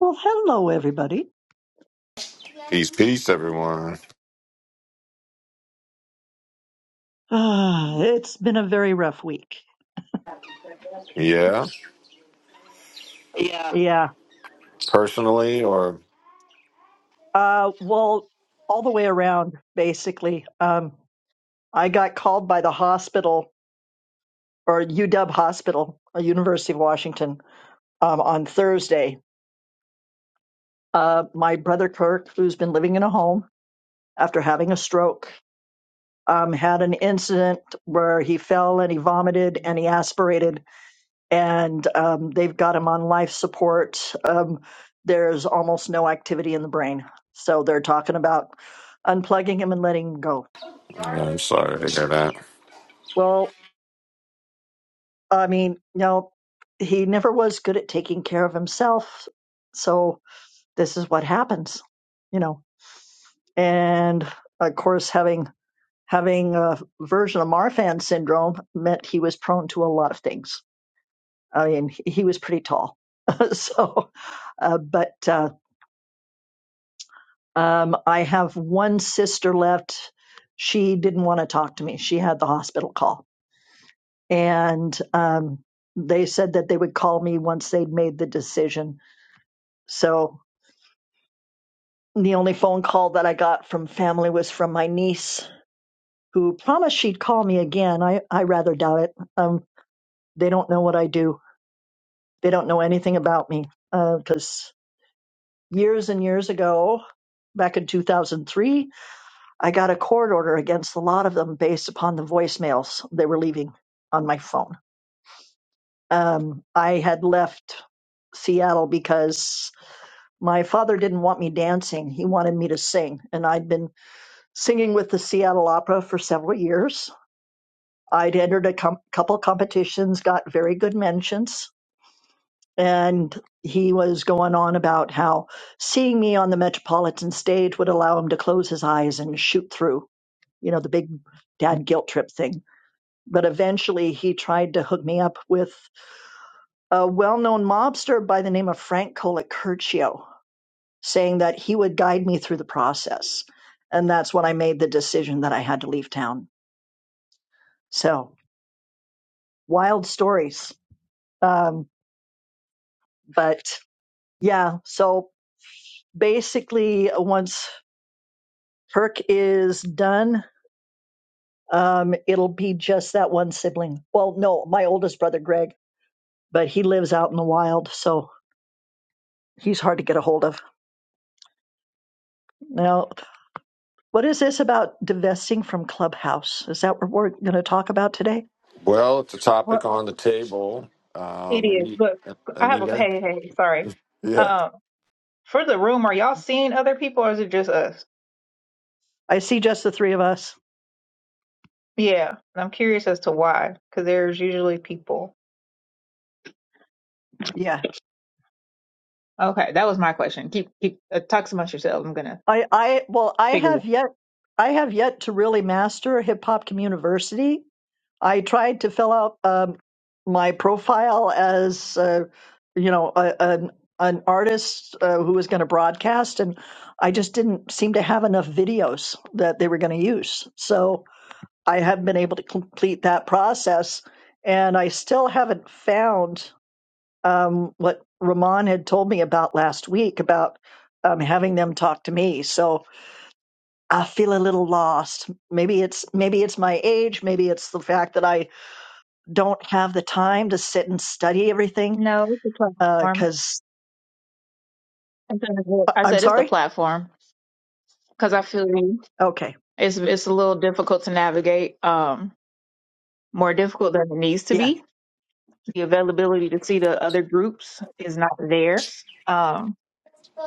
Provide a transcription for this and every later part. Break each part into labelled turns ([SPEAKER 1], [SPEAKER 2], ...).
[SPEAKER 1] Well, hello, everybody.
[SPEAKER 2] Peace, peace, everyone.
[SPEAKER 1] Uh, it's been a very rough week.
[SPEAKER 2] Yeah, Yeah.
[SPEAKER 1] Yeah.
[SPEAKER 2] personally, or
[SPEAKER 1] Uh, well, all the way around, basically. Um, I got called by the hospital or UW Hospital, uh, University of Washington, um, on Thursday. Uh, my brother Kirk, who's been living in a home after having a stroke, um, had an incident where he fell and he vomited and he aspirated and um, they've got him on life support. Um, there's almost no activity in the brain. So they're talking about unplugging him and letting him go.
[SPEAKER 2] yeah, I'm sorry to hear that.
[SPEAKER 1] Well, I mean, no, he never was good at taking care of himself. So this is what happens, you know. And of course, having having a version of Marfan syndrome meant he was prone to a lot of things. I mean, he he was pretty tall, so uh, but uh, Um, I have one sister left. She didn't want to talk to me. She had the hospital call. And um, they said that they would call me once they'd made the decision. So the only phone call that I got from family was from my niece, who promised she'd call me again. I, I rather doubt it. Um, they don't know what I do, they don't know anything about me. Because years and years ago, back in 2003, I got a court order against a lot of them based upon the voicemails they were leaving on my phone. Um, I had left Seattle because my father didn't want me dancing. He wanted me to sing. And I'd been singing with the Seattle Opera for several years. I'd entered a com- couple competitions, got very good mentions. And he was going on about how seeing me on the Metropolitan stage would allow him to close his eyes and shoot through, you know, the big dad guilt trip thing but eventually he tried to hook me up with a well-known mobster by the name of Frank Colicurcio, saying that he would guide me through the process. And that's when I made the decision that I had to leave town. So wild stories. Um, but yeah, so basically once Perk is done, um, it'll be just that one sibling. Well, no, my oldest brother, Greg, but he lives out in the wild. So he's hard to get a hold of. now. What is this about divesting from Clubhouse? Is that what we're going to talk about today?
[SPEAKER 2] Well, it's a topic
[SPEAKER 3] Well,
[SPEAKER 2] on the table,
[SPEAKER 3] it
[SPEAKER 2] um,
[SPEAKER 3] is,
[SPEAKER 2] Ani-
[SPEAKER 3] but I have a
[SPEAKER 2] Anita.
[SPEAKER 3] hey, hey, sorry.
[SPEAKER 2] Yeah,
[SPEAKER 3] Um, for the room, are y'all seeing other people or is it just us?
[SPEAKER 1] I see just the three of us.
[SPEAKER 3] Yeah, and I'm curious as to why, because there's usually people.
[SPEAKER 1] Yeah.
[SPEAKER 3] Okay, that was my question. Keep keep uh, talk amongst yourselves. I'm gonna
[SPEAKER 1] I, I, well, I
[SPEAKER 3] figure. it
[SPEAKER 1] have
[SPEAKER 3] out.
[SPEAKER 1] yet, I have yet to really master Hip Hop Community. I tried to fill out um, my profile as, uh, you know, a, an, an artist uh, who was going to broadcast, and I just didn't seem to have enough videos that they were going to use. So I have been able to complete that process, and I still haven't found um, what Ramon had told me about last week about um, having them talk to me. So I feel a little lost. Maybe it's maybe it's my age. Maybe it's the fact that I don't have the time to sit and study everything.
[SPEAKER 3] No, it's the platform.
[SPEAKER 1] Because
[SPEAKER 3] I said I
[SPEAKER 1] I'm
[SPEAKER 3] said it's the
[SPEAKER 1] sorry.
[SPEAKER 3] platform because I feel
[SPEAKER 1] Okay.
[SPEAKER 3] it's it's a little difficult to navigate. Um, more difficult than it needs to
[SPEAKER 1] Yeah.
[SPEAKER 3] be. The availability to see the other groups is not there. Um.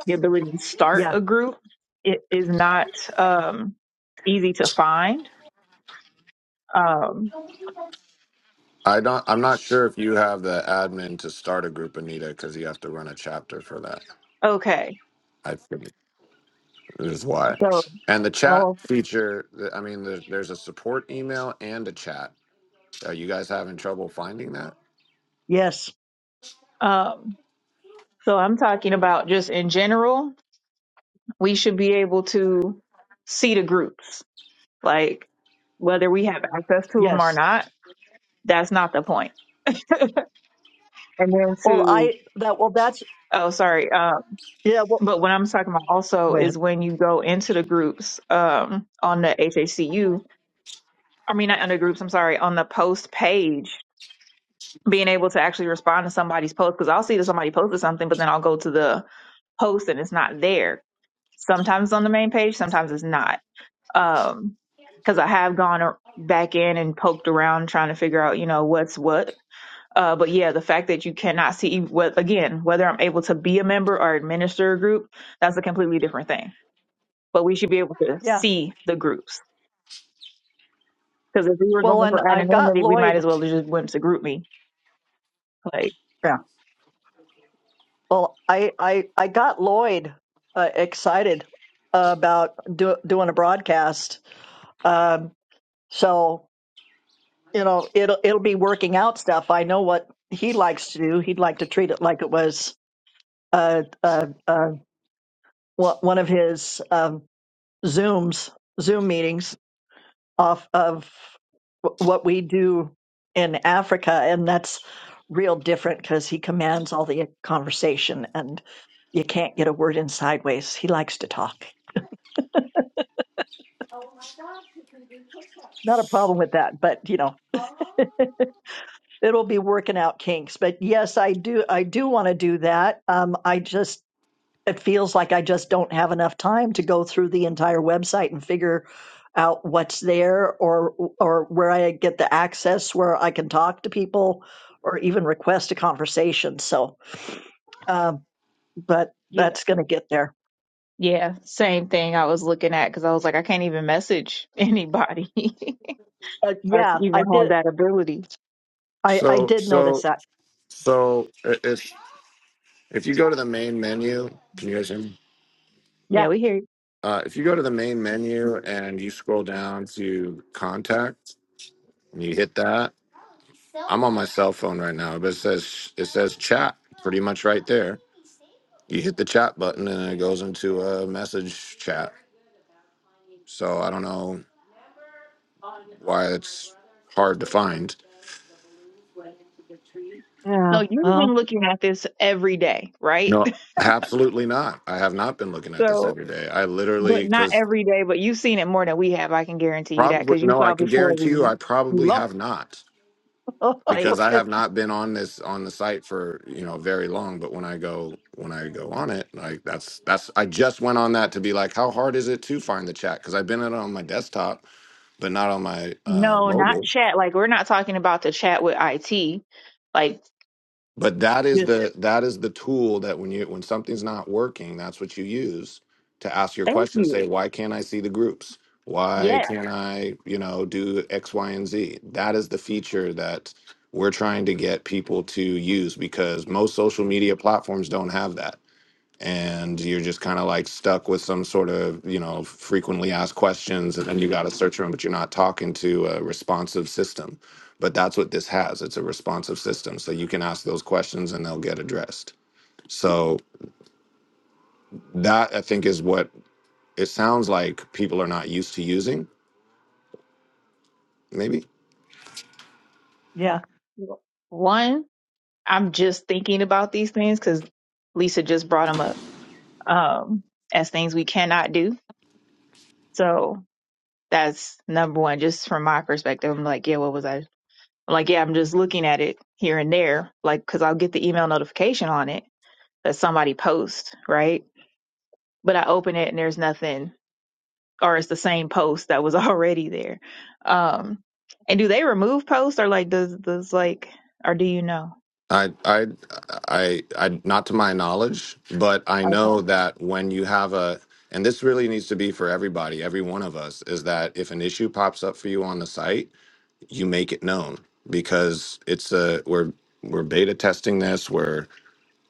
[SPEAKER 3] the ability to start
[SPEAKER 1] Yeah.
[SPEAKER 3] a group it is not um, easy to find. Um,
[SPEAKER 2] I don't. I'm not sure if you have the admin to start a group, Anita, because you have to run a chapter for that.
[SPEAKER 3] okay,
[SPEAKER 2] I think is why.
[SPEAKER 3] so
[SPEAKER 2] And the chat
[SPEAKER 1] Well.
[SPEAKER 2] feature. I mean, there's, there's a support email and a chat. Are you guys having trouble finding that?
[SPEAKER 1] Yes.
[SPEAKER 3] um, so I'm talking about just in general, we should be able to see the groups, like whether we have access to them or
[SPEAKER 1] Yes.
[SPEAKER 3] not. That's not the point. And then
[SPEAKER 1] Well,
[SPEAKER 3] to
[SPEAKER 1] I that well that's
[SPEAKER 3] oh sorry, um,
[SPEAKER 1] yeah. Well,
[SPEAKER 3] but what I'm talking about
[SPEAKER 1] go
[SPEAKER 3] also is
[SPEAKER 1] ahead.
[SPEAKER 3] when you go into the groups um, on the HACU. I mean, not under groups. I'm sorry, on the post page being able to actually respond to somebody's post because I'll see that somebody posted something, but then I'll go to the post and it's not there. Sometimes it's on the main page, sometimes it's not. Um, because I have gone ar- back in and poked around trying to figure out, you know, what's what. Uh, but yeah, the fact that you cannot see what again, whether I'm able to be a member or administer a group, that's a completely different thing. But we should be able to
[SPEAKER 1] Yeah.
[SPEAKER 3] see the groups because if we were
[SPEAKER 1] Well,
[SPEAKER 3] going
[SPEAKER 1] and
[SPEAKER 3] for
[SPEAKER 1] I've got
[SPEAKER 3] anonymity, we might
[SPEAKER 1] Lloyd.
[SPEAKER 3] as well have just went to group me. Like,
[SPEAKER 1] Well, I I I got Lloyd uh, excited about do, doing a broadcast. Um, so you know it'll it'll be working out stuff. I know what he likes to do. He'd like to treat it like it was uh, uh, uh, one one of his um, zooms Zoom meetings. off of what we do in Africa, and that's real different because he commands all the conversation, and you can't get a word in sideways. He likes to talk. Not a problem with that, but you know, it'll be working out kinks. But yes, I do, I do want to do that. Um, I just it feels like I just don't have enough time to go through the entire website and figure out what's there or or where I get the access where I can talk to people or even request a conversation. So, um, but
[SPEAKER 3] yeah.
[SPEAKER 1] that's going to get there.
[SPEAKER 3] Yeah, same thing I was looking at because I was like, I can't even message anybody
[SPEAKER 1] But
[SPEAKER 3] or to
[SPEAKER 1] yeah,
[SPEAKER 3] even
[SPEAKER 1] I
[SPEAKER 3] have
[SPEAKER 1] did.
[SPEAKER 3] that ability.
[SPEAKER 1] I I
[SPEAKER 2] So,
[SPEAKER 1] did notice
[SPEAKER 2] so,
[SPEAKER 1] that.
[SPEAKER 2] so it- it's If you go to the main menu, can you guys hear me?
[SPEAKER 1] Yeah.
[SPEAKER 3] Yeah, we hear you.
[SPEAKER 2] Uh, if you go to the main menu and you scroll down to contact and you hit that, I'm on my cell phone right now, but it says it says chat pretty much right there. You hit the chat button and it goes into a message chat. So I don't know why it's hard to find.
[SPEAKER 3] So
[SPEAKER 1] Yeah.
[SPEAKER 3] you've
[SPEAKER 1] Well.
[SPEAKER 3] been looking at this every day, right?
[SPEAKER 2] No, absolutely not. I have not been looking at this
[SPEAKER 3] So,
[SPEAKER 2] every day. I
[SPEAKER 3] but
[SPEAKER 2] literally
[SPEAKER 3] not
[SPEAKER 2] because
[SPEAKER 3] every day, but you've seen it more than we have. I can guarantee you that
[SPEAKER 2] probably
[SPEAKER 3] because you
[SPEAKER 2] no, I
[SPEAKER 3] saw
[SPEAKER 2] can
[SPEAKER 3] before we
[SPEAKER 2] guarantee you
[SPEAKER 3] we
[SPEAKER 2] I probably
[SPEAKER 3] lost.
[SPEAKER 2] have not.
[SPEAKER 3] Like,
[SPEAKER 2] because I
[SPEAKER 1] okay.
[SPEAKER 2] have not been on this on the site for you know very long. But when I go when I go on it, like that's that's I just went on that to be like, how hard is it to find the chat? Because I've been on it on my desktop, but not on my uh,
[SPEAKER 3] no, not
[SPEAKER 2] mobile.
[SPEAKER 3] chat. Like, we're not talking about the chat with IT. Like,
[SPEAKER 2] But that is
[SPEAKER 3] just
[SPEAKER 2] the that is the tool that when you when something's not working, that's what you use to ask your
[SPEAKER 3] thank
[SPEAKER 2] question.
[SPEAKER 3] you.
[SPEAKER 2] Say, why can't I see the groups? Why
[SPEAKER 3] Yeah.
[SPEAKER 2] can't I, you know, do X, Y, and Z? That is the feature that we're trying to get people to use because most social media platforms don't have that and you're just kind of like stuck with some sort of you know frequently asked questions and then you got a search room but you're not talking to a responsive system but that's what this has it's a responsive system so you can ask those questions and they'll get addressed so that i think is what it sounds like people are not used to using maybe
[SPEAKER 1] Yeah.
[SPEAKER 3] One, I'm just thinking about these things because Lisa just brought them up um, as things we cannot do. So that's number one, just from my perspective. I'm like, yeah, what was I? I'm like, yeah, I'm just looking at it here and there, like, because I'll get the email notification on it that somebody posts, right? But I open it and there's nothing, or it's the same post that was already there. Um, and do they remove posts or like, does, does like, or do you know?
[SPEAKER 2] i i i, I not to my knowledge but i
[SPEAKER 3] Okay.
[SPEAKER 2] know that when you have a and this really needs to be for everybody every one of us is that if an issue pops up for you on the site you make it known because it's a we're we're beta testing this we're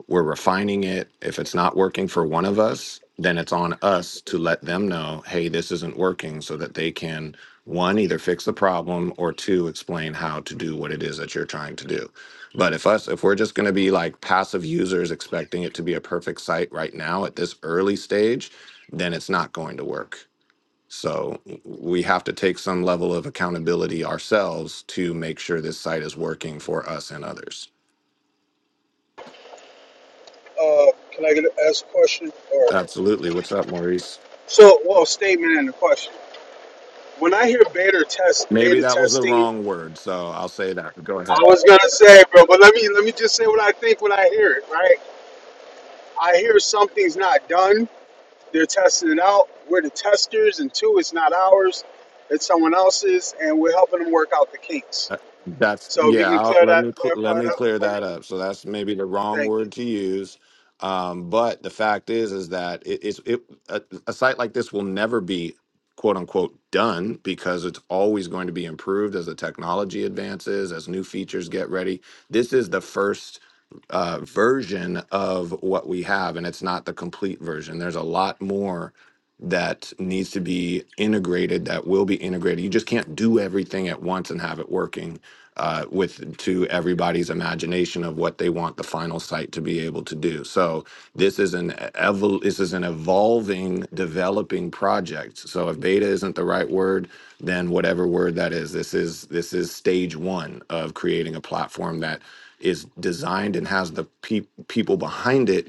[SPEAKER 2] we're refining it if it's not working for one of us then it's on us to let them know hey this isn't working so that they can one either fix the problem or two explain how to do what it is that you're trying to do but if us if we're just going to be like passive users expecting it to be a perfect site right now at this early stage then it's not going to work so we have to take some level of accountability ourselves to make sure this site is working for us and others.
[SPEAKER 4] Uh, can I get ask a question or
[SPEAKER 2] Absolutely. What's up, Maurice?
[SPEAKER 4] so? Well, statement and a question. When I hear beta test,
[SPEAKER 2] Maybe
[SPEAKER 4] beta
[SPEAKER 2] that was the
[SPEAKER 4] testing,
[SPEAKER 2] wrong word, so I'll say that. Go
[SPEAKER 4] I
[SPEAKER 2] ahead.
[SPEAKER 4] was gonna say, bro, but let me let me just say what I think when I hear it. Right? I hear something's not done. They're testing it out. We're the testers, and two, it's not ours. It's someone else's, and we're helping them work out the kinks.
[SPEAKER 2] Uh, That's
[SPEAKER 4] So if you
[SPEAKER 2] yeah.
[SPEAKER 4] can
[SPEAKER 2] I'll,
[SPEAKER 4] clear
[SPEAKER 2] let
[SPEAKER 4] that,
[SPEAKER 2] me cl- let
[SPEAKER 4] clarify
[SPEAKER 2] me
[SPEAKER 4] that
[SPEAKER 2] clear
[SPEAKER 4] for
[SPEAKER 2] that
[SPEAKER 4] me,
[SPEAKER 2] up. So that's maybe the wrong
[SPEAKER 4] thank you.
[SPEAKER 2] word to use, um, but the fact is is that it, it's it a, a site like this will never be quote unquote done because it's always going to be improved as the technology advances, as new features get ready. This is the first uh, version of what we have, and it's not the complete version. There's a lot more that needs to be integrated that will be integrated you just can't do everything at once and have it working uh, with to everybody's imagination of what they want the final site to be able to do so this is an evol- this is an evolving developing project so if beta isn't the right word then whatever word that is this is this is stage one of creating a platform that is designed and has the pe- people behind it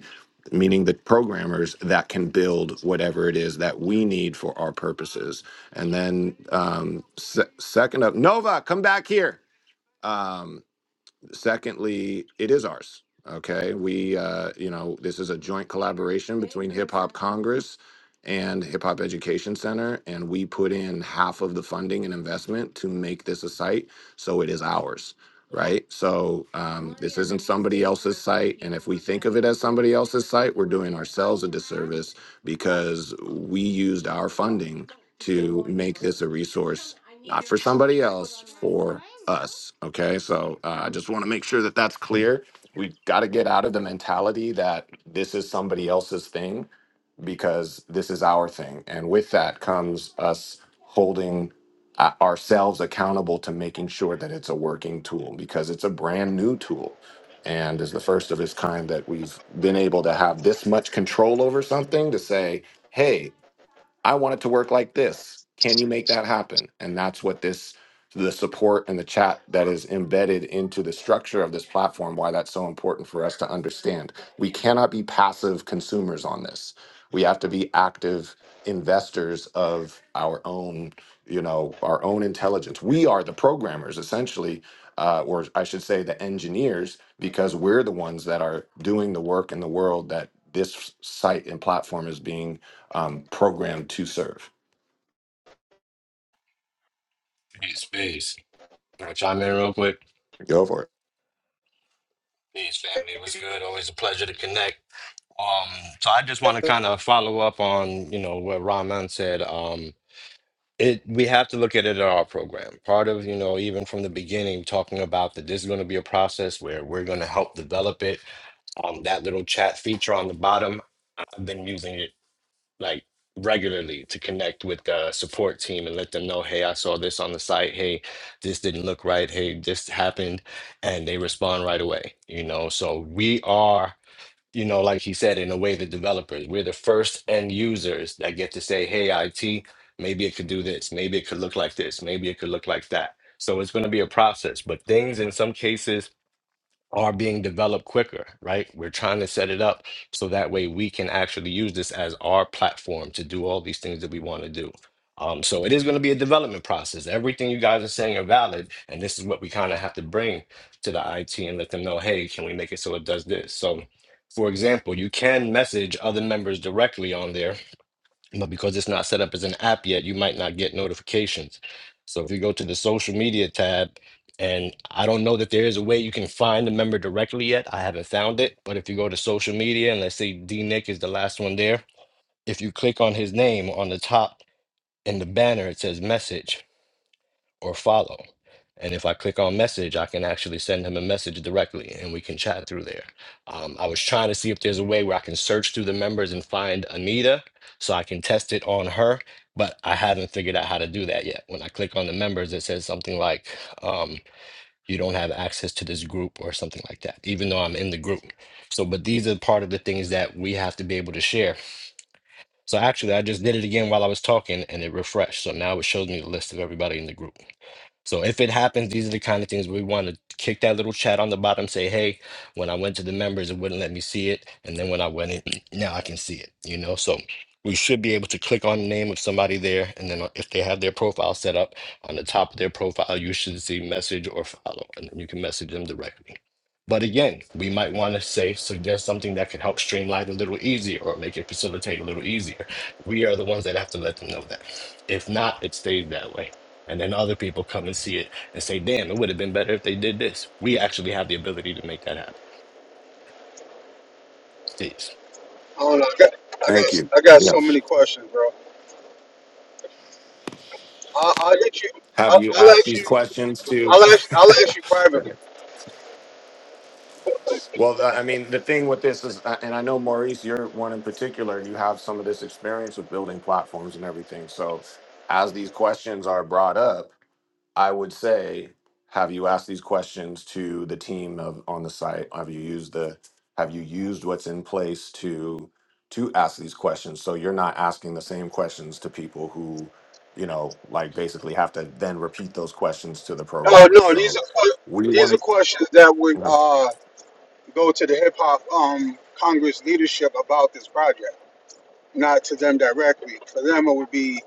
[SPEAKER 2] meaning the programmers that can build whatever it is that we need for our purposes. And then um, se- second up, Nova, come back here. Um, Secondly, it is ours. Okay. We, uh, you know, this is a joint collaboration between Hip Hop Congress and Hip Hop Education Center. And we put in half of the funding and investment to make this a site. So it is ours. Right. So um, this isn't somebody else's site. And if we think of it as somebody else's site, we're doing ourselves a disservice because we used our funding to make this a resource not for somebody else, for us. Okay, so uh, I just want to make sure that that's clear. We got to get out of the mentality that this is somebody else's thing because this is our thing. And with that comes us holding uh, ourselves accountable to making sure that it's a working tool because it's a brand new tool and is the first of its kind that we've been able to have this much control over something to say, hey, I want it to work like this. Can you make that happen? And that's what this the support and the chat that is embedded into the structure of this platform why that's so important for us to understand. We cannot be passive consumers on this. We have to be active investors of our own, you know, our own intelligence. We are the programmers essentially uh, or I should say the engineers because we're the ones that are doing the work in the world that this site and platform is being um, programmed to serve.
[SPEAKER 5] Peace, peace. Can I chime in real quick?
[SPEAKER 2] Go for it.
[SPEAKER 5] Peace, family. What's good? Always a pleasure to connect. Um, so I just want to kind of follow up on, you know, what Rahman said. Um, it we have to look at it at our program. Part of, you know, even from the beginning, talking about that this is going to be a process where we're going to help develop it. Um, that little chat feature on the bottom, I've been using it like regularly to connect with the support team and let them know, hey, I saw this on the site. Hey, this didn't look right. Hey, this happened. And they respond right away, you know? So we are, you know, like he said, in a way, the developers, we're the first end users that get to say, hey, IT, maybe it could do this. Maybe it could look like this. Maybe it could look like that. So it's going to be a process, but things in some cases are being developed quicker, right? We're trying to set it up so that way we can actually use this as our platform to do all these things that we want to do. Um, so it is going to be a development process. Everything you guys are saying are valid, and this is what we kind of have to bring to the IT and let them know, hey, can we make it so it does this? So, for example, you can message other members directly on there but because it's not set up as an app yet, you might not get notifications. So if you go to the social media tab, and I don't know that there is a way you can find the member directly yet. I haven't found it. But if you go to social media, and let's say D Nick is the last one there, if you click on his name on the top in the banner, it says message or follow. And if I click on message, I can actually send him a message directly and we can chat through there. Um, I was trying to see if there's a way where I can search through the members and find Anita so I can test it on her, but I haven't figured out how to do that yet. When I click on the members, it says something like, um, you don't have access to this group or something like that, even though I'm in the group. So, but these are part of the things that we have to be able to share. So actually, I just did it again while I was talking and it refreshed. So now it shows me the list of everybody in the group. So if it happens, these are the kind of things we want to kick that little chat on the bottom, say, hey, when I went to the members, it wouldn't let me see it. And then when I went in, now I can see it, you know? So we should be able to click on the name of somebody there. And then uh, if they have their profile set up on the top of their profile, you should see message or follow, and then you can message them directly. But again, we might want to say, suggest something that could help streamline a little easier or make it facilitate a little easier. We are the ones that have to let them know that. If not, it stays that way. And then other people come and see it and say, damn, it would have been better if they did this. We actually have the ability to make that happen. Peace.
[SPEAKER 4] I don't know. I got, I
[SPEAKER 2] Thank
[SPEAKER 4] got,
[SPEAKER 2] you.
[SPEAKER 4] I got
[SPEAKER 2] Yeah.
[SPEAKER 4] so many questions, bro. I'll, I'll get you.
[SPEAKER 2] Have
[SPEAKER 4] I'll,
[SPEAKER 2] you
[SPEAKER 4] I'll
[SPEAKER 2] asked
[SPEAKER 4] ask
[SPEAKER 2] these
[SPEAKER 4] you.
[SPEAKER 2] questions to?
[SPEAKER 4] I'll ask. I'll ask you privately.
[SPEAKER 2] Good. well, uh, I mean, the thing with this is, uh, and I know Maurice, you're one in particular. You have some of this experience with building platforms and everything. So, as these questions are brought up. I would say, have you asked these questions to the team of on the site? Have you used the have you used what's in place to to ask these questions? So you're not asking the same questions to people who, you know, like basically have to then repeat those questions to the
[SPEAKER 4] Oh
[SPEAKER 2] programmers.
[SPEAKER 4] no, these
[SPEAKER 2] So
[SPEAKER 4] are
[SPEAKER 2] we
[SPEAKER 4] these are
[SPEAKER 2] want
[SPEAKER 4] questions that would
[SPEAKER 2] to
[SPEAKER 4] uh, go to the hip hop um, Congress leadership about this project, not to them directly. For them, it would be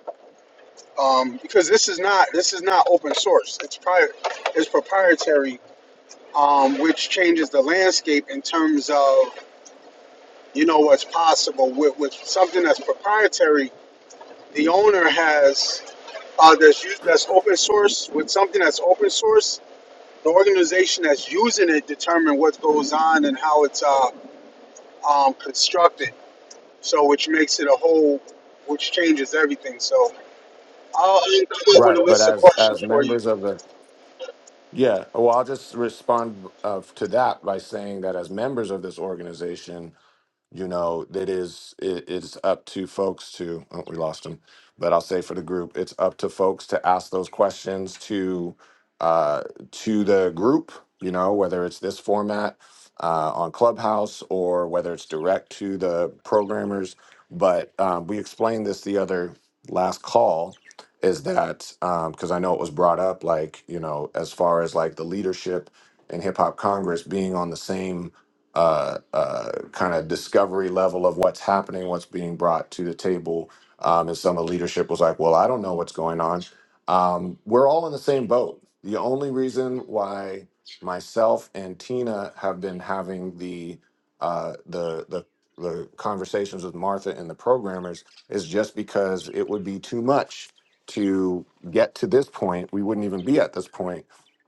[SPEAKER 4] um, because this is not this is not open source. It's pri it's proprietary, um, which changes the landscape in terms of you know what's possible with, with something that's proprietary. The owner has uh, that's used that's open source with something that's open source the organization that's using it determine what goes on and how it's uh, um, constructed. So, which makes it a whole, which changes everything. So, I'll end up with a
[SPEAKER 2] right, but
[SPEAKER 4] list of
[SPEAKER 2] as
[SPEAKER 4] questions
[SPEAKER 2] as
[SPEAKER 4] for you.
[SPEAKER 2] members of the yeah, well, I'll just respond uh, to that by saying that as members of this organization, you know that is it is up to folks to oh, we lost him but i'll say for the group it's up to folks to ask those questions to uh to the group you know whether it's this format uh, on clubhouse or whether it's direct to the programmers but um, we explained this the other last call is that because i know it was brought up like you know as far as like the leadership in hip hop congress being on the same uh, uh, kind of discovery level of what's happening, what's being brought to the table. Um, and some of the leadership was like, well, I don't know what's going on. Um, we're all in the same boat. The only reason why myself and Tina have been having the uh, the the the conversations with Martha and the programmers is just because it would be too much to get to this point. We wouldn't even be at this point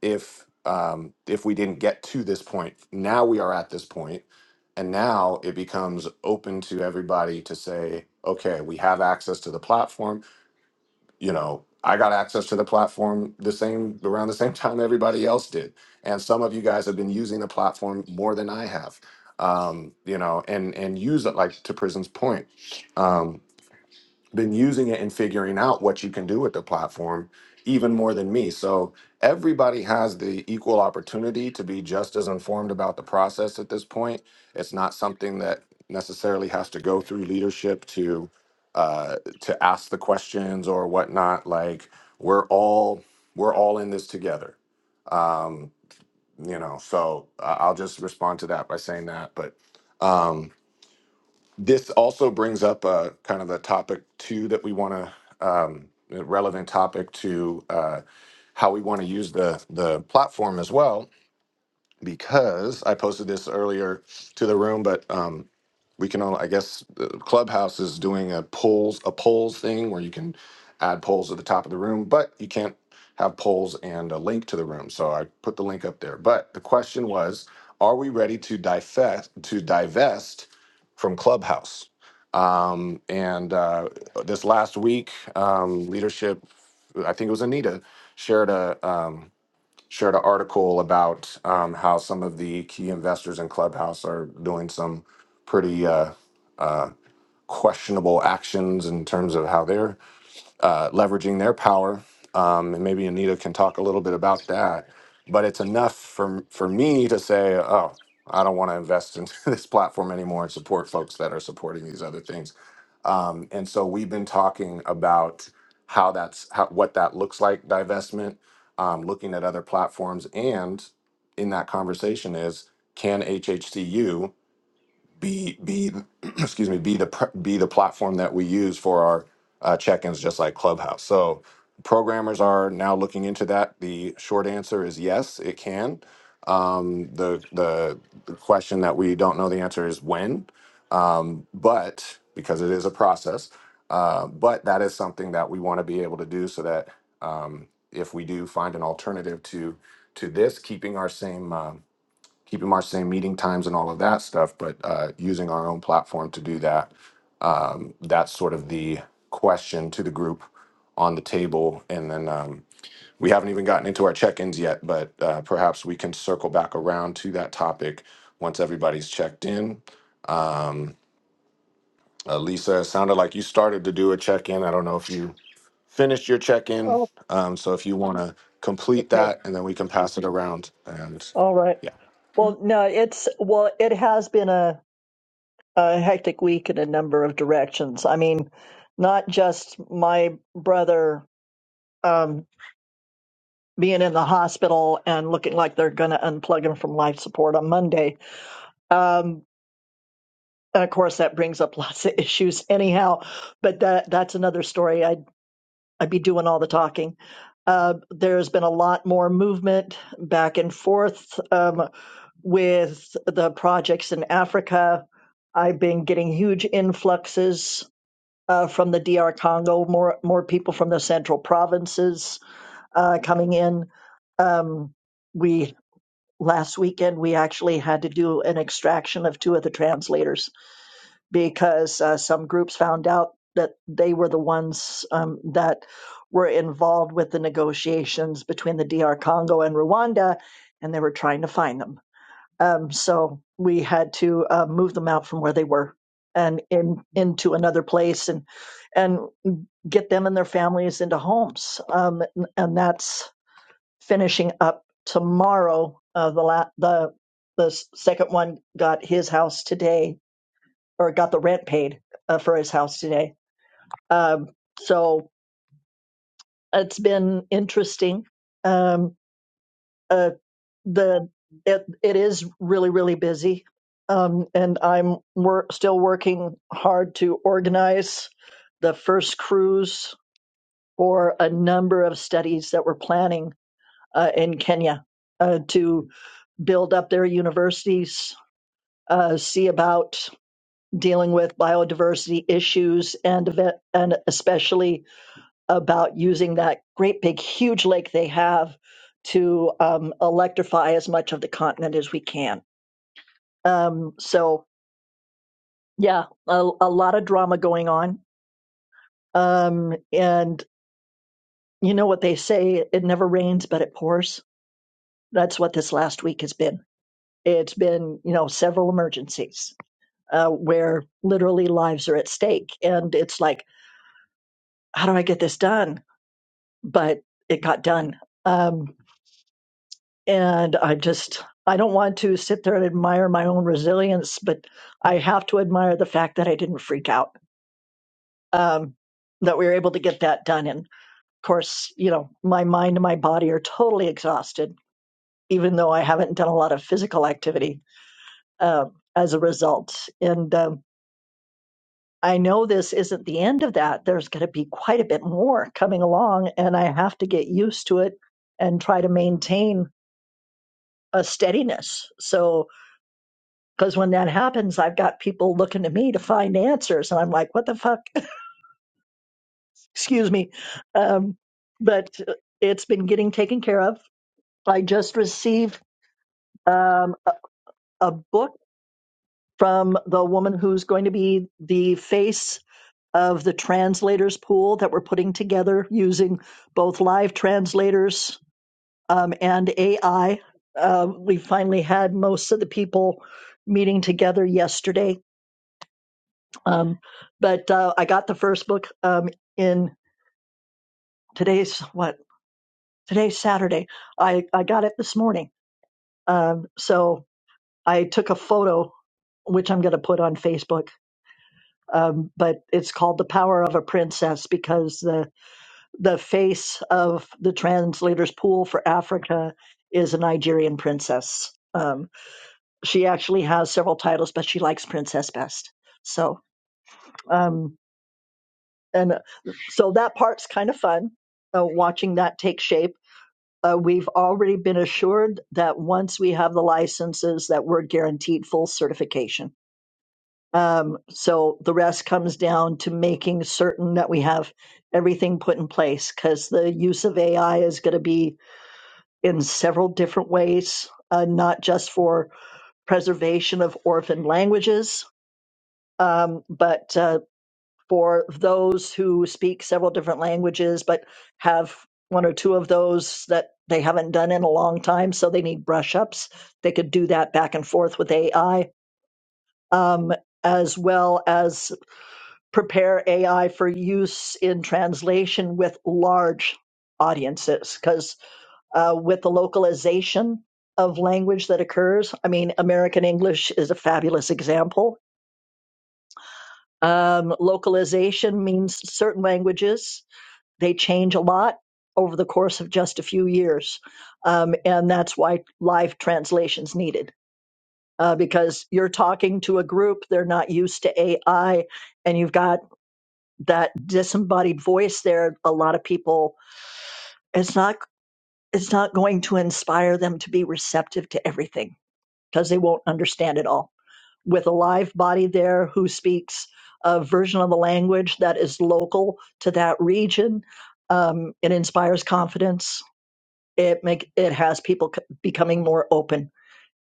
[SPEAKER 2] if um, if we didn't get to this point. Now we are at this point, and now it becomes open to everybody to say, okay, we have access to the platform. You know, I got access to the platform the same around the same time everybody else did, and some of you guys have been using the platform more than I have. Um, you know, and and use it like to Prison's point. um, been using it and figuring out what you can do with the platform even more than me. So everybody has the equal opportunity to be just as informed about the process at this point. It's not something that necessarily has to go through leadership to uh, to ask the questions or whatnot. Like we're all we're all in this together. Um, you know, so I- I'll just respond to that by saying that. But um, this also brings up uh, kind of the topic two that we want to um, a relevant topic to uh, how we want to use the the platform as well because I posted this earlier to the room, but um, we can all, I guess, the Clubhouse is doing a polls a polls thing where you can add polls at the top of the room, but you can't have polls and a link to the room. So I put the link up there. But the question was, are we ready to divest to divest from Clubhouse? Um, and uh, this last week, um, leadership, I think it was Anita, shared a. Um, shared an article about um, how some of the key investors in Clubhouse are doing some pretty uh, uh, questionable actions in terms of how they're uh, leveraging their power. Um, and maybe Anita can talk a little bit about that. But it's enough for for me to say, oh, I don't want to invest in this platform anymore and support folks that are supporting these other things. Um, and so we've been talking about how that's how, what that looks like divestment, um, looking at other platforms, and in that conversation is can HHCU be be excuse me be the pr- be the platform that we use for our uh, check-ins just like clubhouse so programmers are now looking into that the short answer is yes it can um, the, the the question that we don't know the answer is when um, but because it is a process uh, but that is something that we want to be able to do so that um, if we do find an alternative to to this keeping our same Um, keeping our same meeting times and all of that stuff, but uh, using our own platform to do that. Um, that's sort of the question to the group on the table. And then um, we haven't even gotten into our check ins yet, but uh, perhaps we can circle back around to that topic once everybody's checked in. Um, uh, Lisa, it sounded like you started to do a check in. I don't know if you finished your check in.
[SPEAKER 1] Oh.
[SPEAKER 2] Um, so if you want to complete
[SPEAKER 1] Okay.
[SPEAKER 2] that, and then we can pass it around. And
[SPEAKER 1] All right.
[SPEAKER 2] yeah.
[SPEAKER 1] Well, no, it's well, it has been a. a hectic week in a number of directions. I mean, not just my brother um, being in the hospital and looking like they're going to unplug him from life support on Monday. Um, and of course, that brings up lots of issues, anyhow. But that that's another story. I'd I'd be doing all the talking. Uh, there's been a lot more movement back and forth um, with the projects in Africa. I've been getting huge influxes uh, from the D.R. Congo, more more people from the central provinces uh, coming in. Um, we last weekend we actually had to do an extraction of two of the translators because uh, some groups found out that they were the ones um, that were involved with the negotiations between the D.R. Congo and Rwanda, and they were trying to find them. Um, so we had to uh, move them out from where they were and in into another place and and get them and their families into homes. Um, and, that's finishing up tomorrow. Uh, the la- the the second one got his house today, or got the rent paid uh, for his house today. Um, so it's been interesting. Um, uh, the it, it is really really busy, um, and I'm wor- still working hard to organize the first cruise for a number of studies that we're planning uh, in Kenya uh, to build up their universities, uh, see about dealing with biodiversity issues, and eve- and especially about using that great big huge lake they have to um, electrify as much of the continent as we can. Um, so yeah, a, a lot of drama going on, um, and you know what they say: it never rains, but it pours. That's what this last week has been. It's been, you know, several emergencies uh, where literally lives are at stake. And it's like, how do I get this done? But it got done. Um, and I just, I don't want to sit there and admire my own resilience, but I have to admire the fact that I didn't freak out, um, that we were able to get that done. And of course, you know, my mind and my body are totally exhausted, even though I haven't done a lot of physical activity um as a result. And um, I know this isn't the end of that. There's going to be quite a bit more coming along, and I have to get used to it and try to maintain a steadiness. So, because when that happens, I've got people looking to me to find answers, and I'm like, what the fuck? Excuse me. Um, but it's been getting taken care of. I just received um, a, a book from the woman who's going to be the face of the translators pool that we're putting together using both live translators um, and AI. Uh, we finally had most of the people meeting together yesterday. Um, but uh, I got the first book um, in today's what? Today's Saturday. I, I got it this morning. Um, so I took a photo, which I'm going to put on Facebook. Um, but it's called The Power of a Princess because the. the face of the translator's pool for Africa is a Nigerian princess. Um, she actually has several titles, but she likes princess best. So, um, and uh, so that part's kind of fun, uh, watching that take shape. Uh, we've already been assured that once we have the licenses, that we're guaranteed full certification. Um, so the rest comes down to making certain that we have everything put in place because the use of AI is going to be in several different ways, uh, not just for preservation of orphan languages, um, but uh, for those who speak several different languages but have one or two of those that they haven't done in a long time, so they need brush ups. They could do that back and forth with AI, um, as well as prepare AI for use in translation with large audiences, because uh, with the localization of language that occurs. I mean, American English is a fabulous example. Um, localization means certain languages, they change a lot over the course of just a few years. Um, and that's why live translation's needed. Uh, because you're talking to a group, they're not used to AI, and you've got that disembodied voice there. A lot of people, it's not, it's not going to inspire them to be receptive to everything because they won't understand it all. With a live body there who speaks a version of the language that is local to that region, um, it inspires confidence. It make it has people c- becoming more open.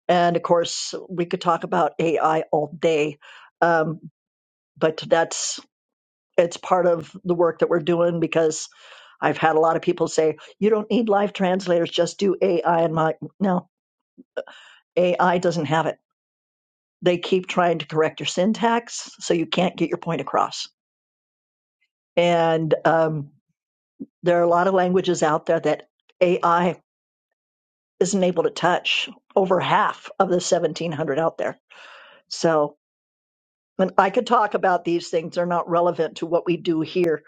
[SPEAKER 1] And of course, we could talk about AI all day, um, but that's it's part of the work that we're doing because I've had a lot of people say you don't need live translators, just do AI. And my no, AI doesn't have it They keep trying to correct your syntax, so you can't get your point across. And um, there are a lot of languages out there that AI isn't able to touch. Over half of the 1,700 out there. So, and I could talk about these things; they're not relevant to what we do here.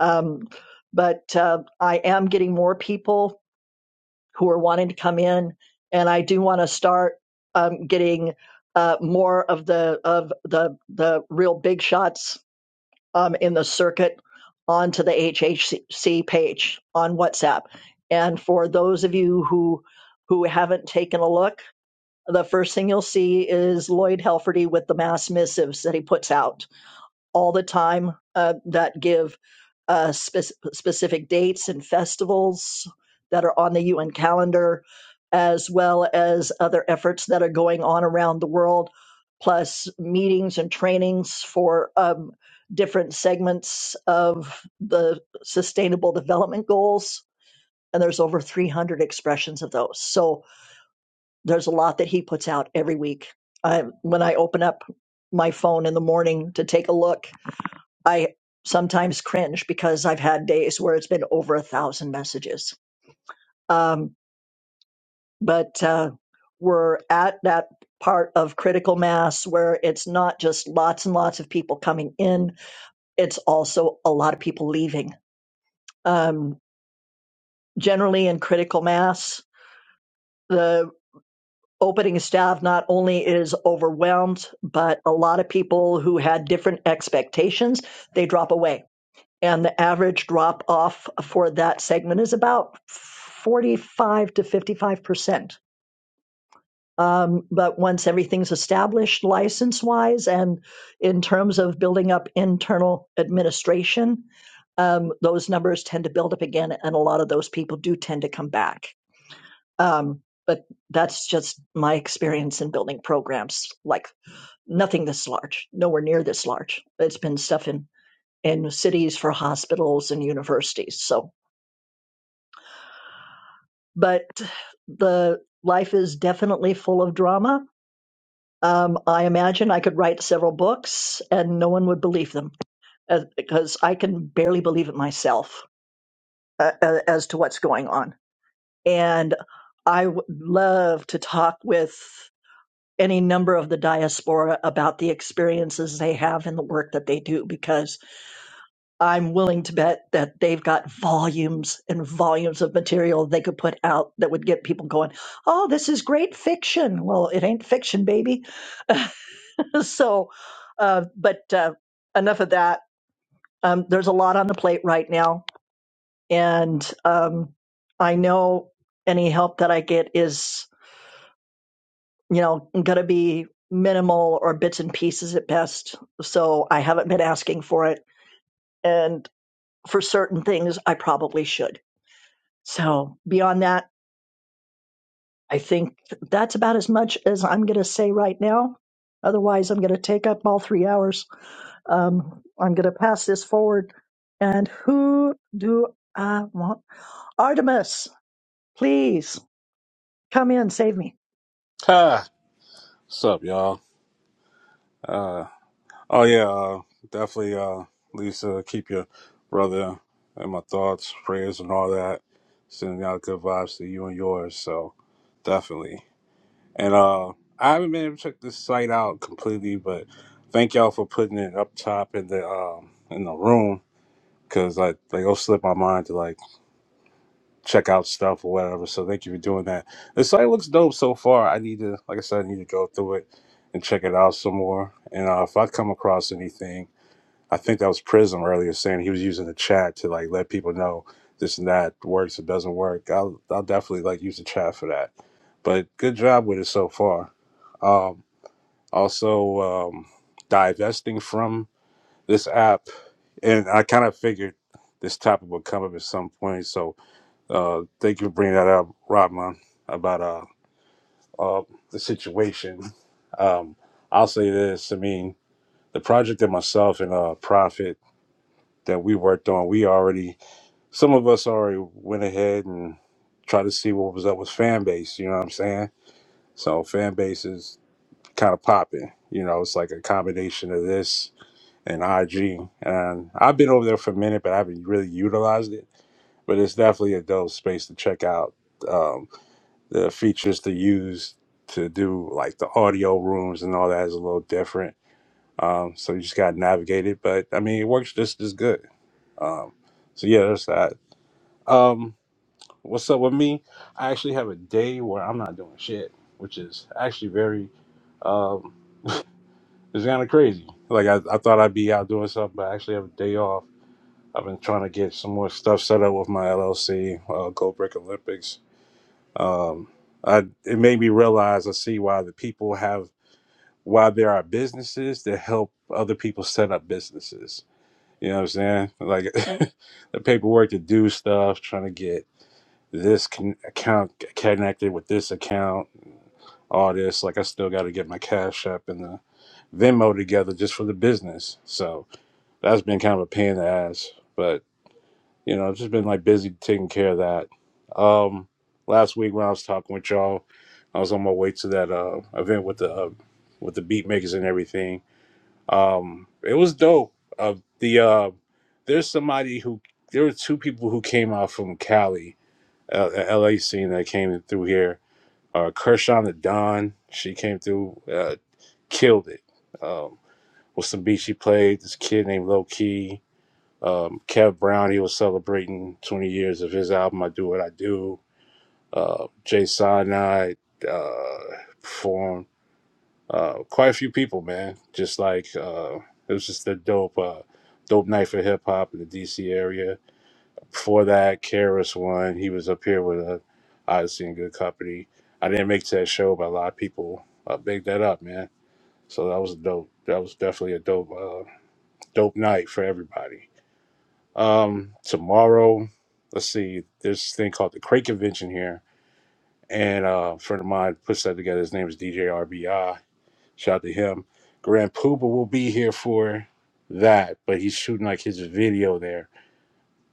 [SPEAKER 1] Um, but uh, I am getting more people who are wanting to come in, and I do want to start um, getting uh, more of the of the the real big shots um, in the circuit onto the HHC page on WhatsApp. And for those of you who who haven't taken a look, the first thing you'll see is Lloyd Helferty with the mass missives that he puts out all the time uh, that give uh, spec- specific dates and festivals that are on the UN calendar, as well as other efforts that are going on around the world, plus meetings and trainings for um, different segments of the Sustainable Development Goals. And there's over 300 expressions of those. So there's a lot that he puts out every week. I, when I open up my phone in the morning to take a look, I sometimes cringe because I've had days where it's been over a thousand messages. Um, but uh, we're at that part of critical mass where it's not just lots and lots of people coming in, it's also a lot of people leaving. Um, generally, in critical mass, the opening staff not only is overwhelmed, but a lot of people who had different expectations, they drop away and the average drop off for that segment is about 45 to 55 percent. Um, but once everything's established license wise and in terms of building up internal administration, um, those numbers tend to build up again, and a lot of those people do tend to come back. Um, but that's just my experience in building programs like nothing this large, nowhere near this large. It's been stuff in, in cities for hospitals and universities. So but the life is definitely full of drama. Um, I imagine I could write several books and no one would believe them uh, because I can barely believe it myself uh, uh, as to what's going on. And I would love to talk with any number of the diaspora about the experiences they have in the work that they do because I'm willing to bet that they've got volumes and volumes of material they could put out that would get people going, oh, this is great fiction. Well, it ain't fiction, baby. so, uh, but uh, enough of that. Um, there's a lot on the plate right now. And um, I know any help that I get is, you know, going to be minimal or bits and pieces at best. So I haven't been asking for it. And for certain things, I probably should. So beyond that, I think that's about as much as I'm going to say right now. Otherwise, I'm going to take up all three hours. Um, I'm going to pass this forward. And who do I want? Artemis, please come in, save me.
[SPEAKER 6] Ha! What's up, y'all? Uh, oh yeah, uh, definitely, uh, Lisa, keep your brother in my thoughts, prayers, and all that. Sending out good vibes to you and yours. So definitely. And uh, I haven't been able to check this site out completely, but thank y'all for putting it up top in the um in the room because I like it'll slip my mind to like. check out stuff or whatever. So thank you for doing that. The site looks dope so far. I need to, like I said, I need to go through it and check it out some more. And uh, if I come across anything, I think that was Prism earlier saying he was using the chat to like let people know this and that works or doesn't work. I'll I'll definitely like use the chat for that. But good job with it so far. Um, also um, divesting from this app, and I kind of figured this topic would come up at some point. So uh, thank you for bringing that up, Rodman, about uh, uh, the situation. Um, I'll say this. I mean, the project that myself and uh, Prophet that we worked on, we already, some of us already went ahead and tried to see what was up with fan base. You know what I'm saying? So fan base is kind of popping. You know, it's like a combination of this and IG. And I've been over there for a minute, but I haven't really utilized it but it's definitely a dope space to check out. um, the features to use to do like the audio rooms and all that is a little different. Um, so you just got to navigate it. But I mean, it works just as good. Um, so yeah, that's that. Um, what's up with me? I actually have a day where I'm not doing shit, which is actually very, um, it's kind of crazy. Like I, I thought I'd be out doing something, but I actually have a day off. I've been trying to get some more stuff set up with my LLC, uh, Go Brick Olympics um, I, it made me realize I see why the people have why there are businesses that help other people set up businesses. You know what I'm saying? Like the paperwork to do stuff, trying to get this con- account connected with this account, all this. Like I still got to get my Cash App and the Venmo together just for the business. So that's been kind of a pain in the ass. but. You know, I've just been like busy taking care of that. Um, last week when I was talking with y'all, I was on my way to that uh, event with the uh, with the beat makers and everything. Um, it was dope. Uh, the uh, there's somebody who there were two people who came out from Cali, uh, uh, LA scene that came through here. Uh, Kershaw the Don, she came through, uh, killed it. Um, with some beats she played. This kid named Low Key. Um, Kev Brown, he was celebrating 20 years of his album, I Do What I Do. Uh, Jay Sinai uh, performed. Uh, quite a few people, man. Just like, uh, it was just a dope, uh, dope night for hip hop in the DC area. Before that, Karis won. He was up here with uh, Odyssey and Good Company. I didn't make it to that show, but a lot of people uh, bigged that up, man. So that was dope. That was definitely a dope, uh, dope night for everybody. Um, tomorrow, let's see, there's this thing called the Crate Convention here, and uh, a friend of mine puts that together. His name is DJ RBI. Shout out to him. Grand Pooba will be here for that, but he's shooting like his video there,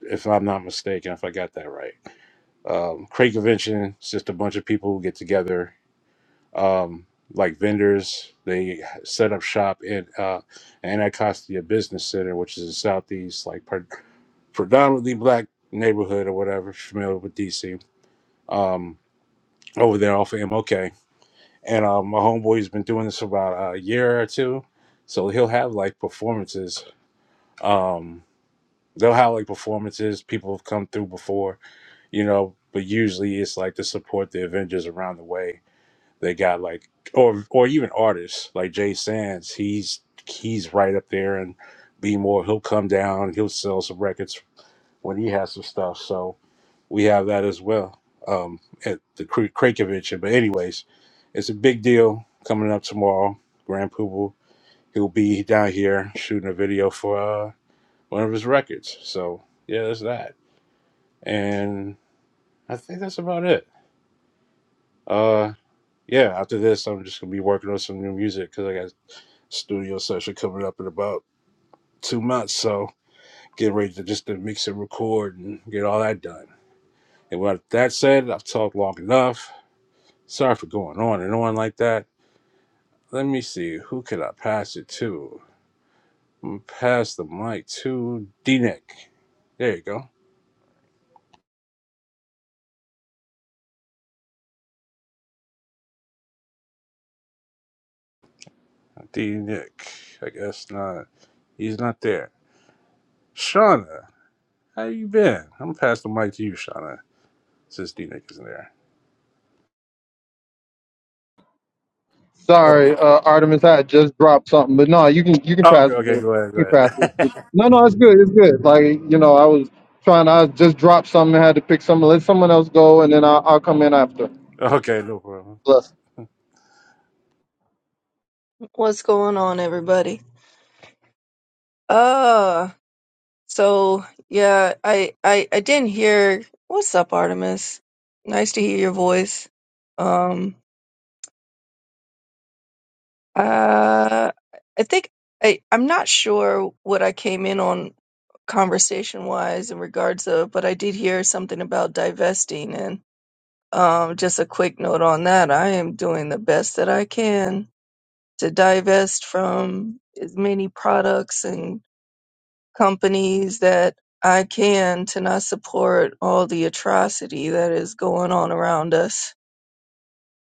[SPEAKER 6] if I'm not mistaken, if I got that right. Um, Crate Convention, it's just a bunch of people who get together um, like vendors. They set up shop in uh, Anacostia Business Center, which is in Southeast, like pre- predominantly black neighborhood or whatever, familiar with DC, um, over there off of MOK. And um, my homeboy's been doing this for about a year or two. So he'll have like performances. Um, they'll have like performances. People have come through before, you know, but usually it's like to support the Avengers around the way They got like, or or even artists like Jay Sands. He's he's right up there, and B More. He'll come down. He'll sell some records when he has some stuff. So we have that as well um, at the Kra- Craig convention. But anyways, it's a big deal coming up tomorrow. Grand Poobah, he'll be down here shooting a video for uh, one of his records. So yeah, that's that. And I think that's about it. Uh, yeah, after this, I'm just gonna be working on some new music because I got. studio session coming up in about two months. So get ready to just to mix and record and get all that done. And with that said, I've talked long enough. Sorry for going on and on like that. Let me see, who could I pass it to? I'm gonna pass the mic to D Nick. There you go. D Nick. I guess not. He's not there. Shauna, how you been? I'm gonna pass the mic to you, Shauna, since D Nick isn't there. Oh,
[SPEAKER 7] Sorry, uh, Artemis, I had just dropped something, but no, you can you can
[SPEAKER 6] Okay,
[SPEAKER 7] pass it.
[SPEAKER 6] okay,
[SPEAKER 7] Good.
[SPEAKER 6] go ahead,
[SPEAKER 7] You can
[SPEAKER 6] go
[SPEAKER 7] pass it.
[SPEAKER 6] ahead.
[SPEAKER 7] No, no, it's good. It's good. Like you know, I was trying. I just dropped something. I had to pick something. Let someone else go, and then I'll, I'll come in after.
[SPEAKER 6] okay, no problem.
[SPEAKER 7] Bless.
[SPEAKER 8] What's going on, everybody? Uh, so yeah, I I I didn't hear. What's up, Artemis? Nice to hear your voice. Um, uh, I think I I'm not sure what I came in on conversation wise in regards of, but I did hear something about divesting and um, just a quick note on that. I am doing the best that I can to divest from as many products and companies that I can to not support all the atrocity that is going on around us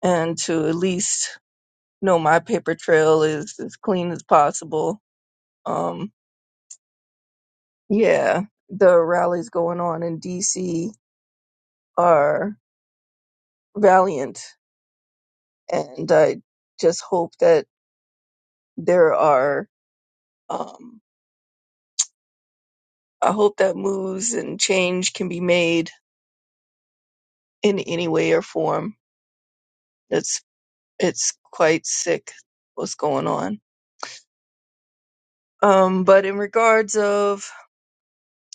[SPEAKER 8] and to at least know my paper trail is as clean as possible. Um, yeah, the rallies going on in DC are valiant and I just hope that there are, um, I hope that moves and change can be made in any way or form. It's, it's quite sick what's going on. Um, but in regards of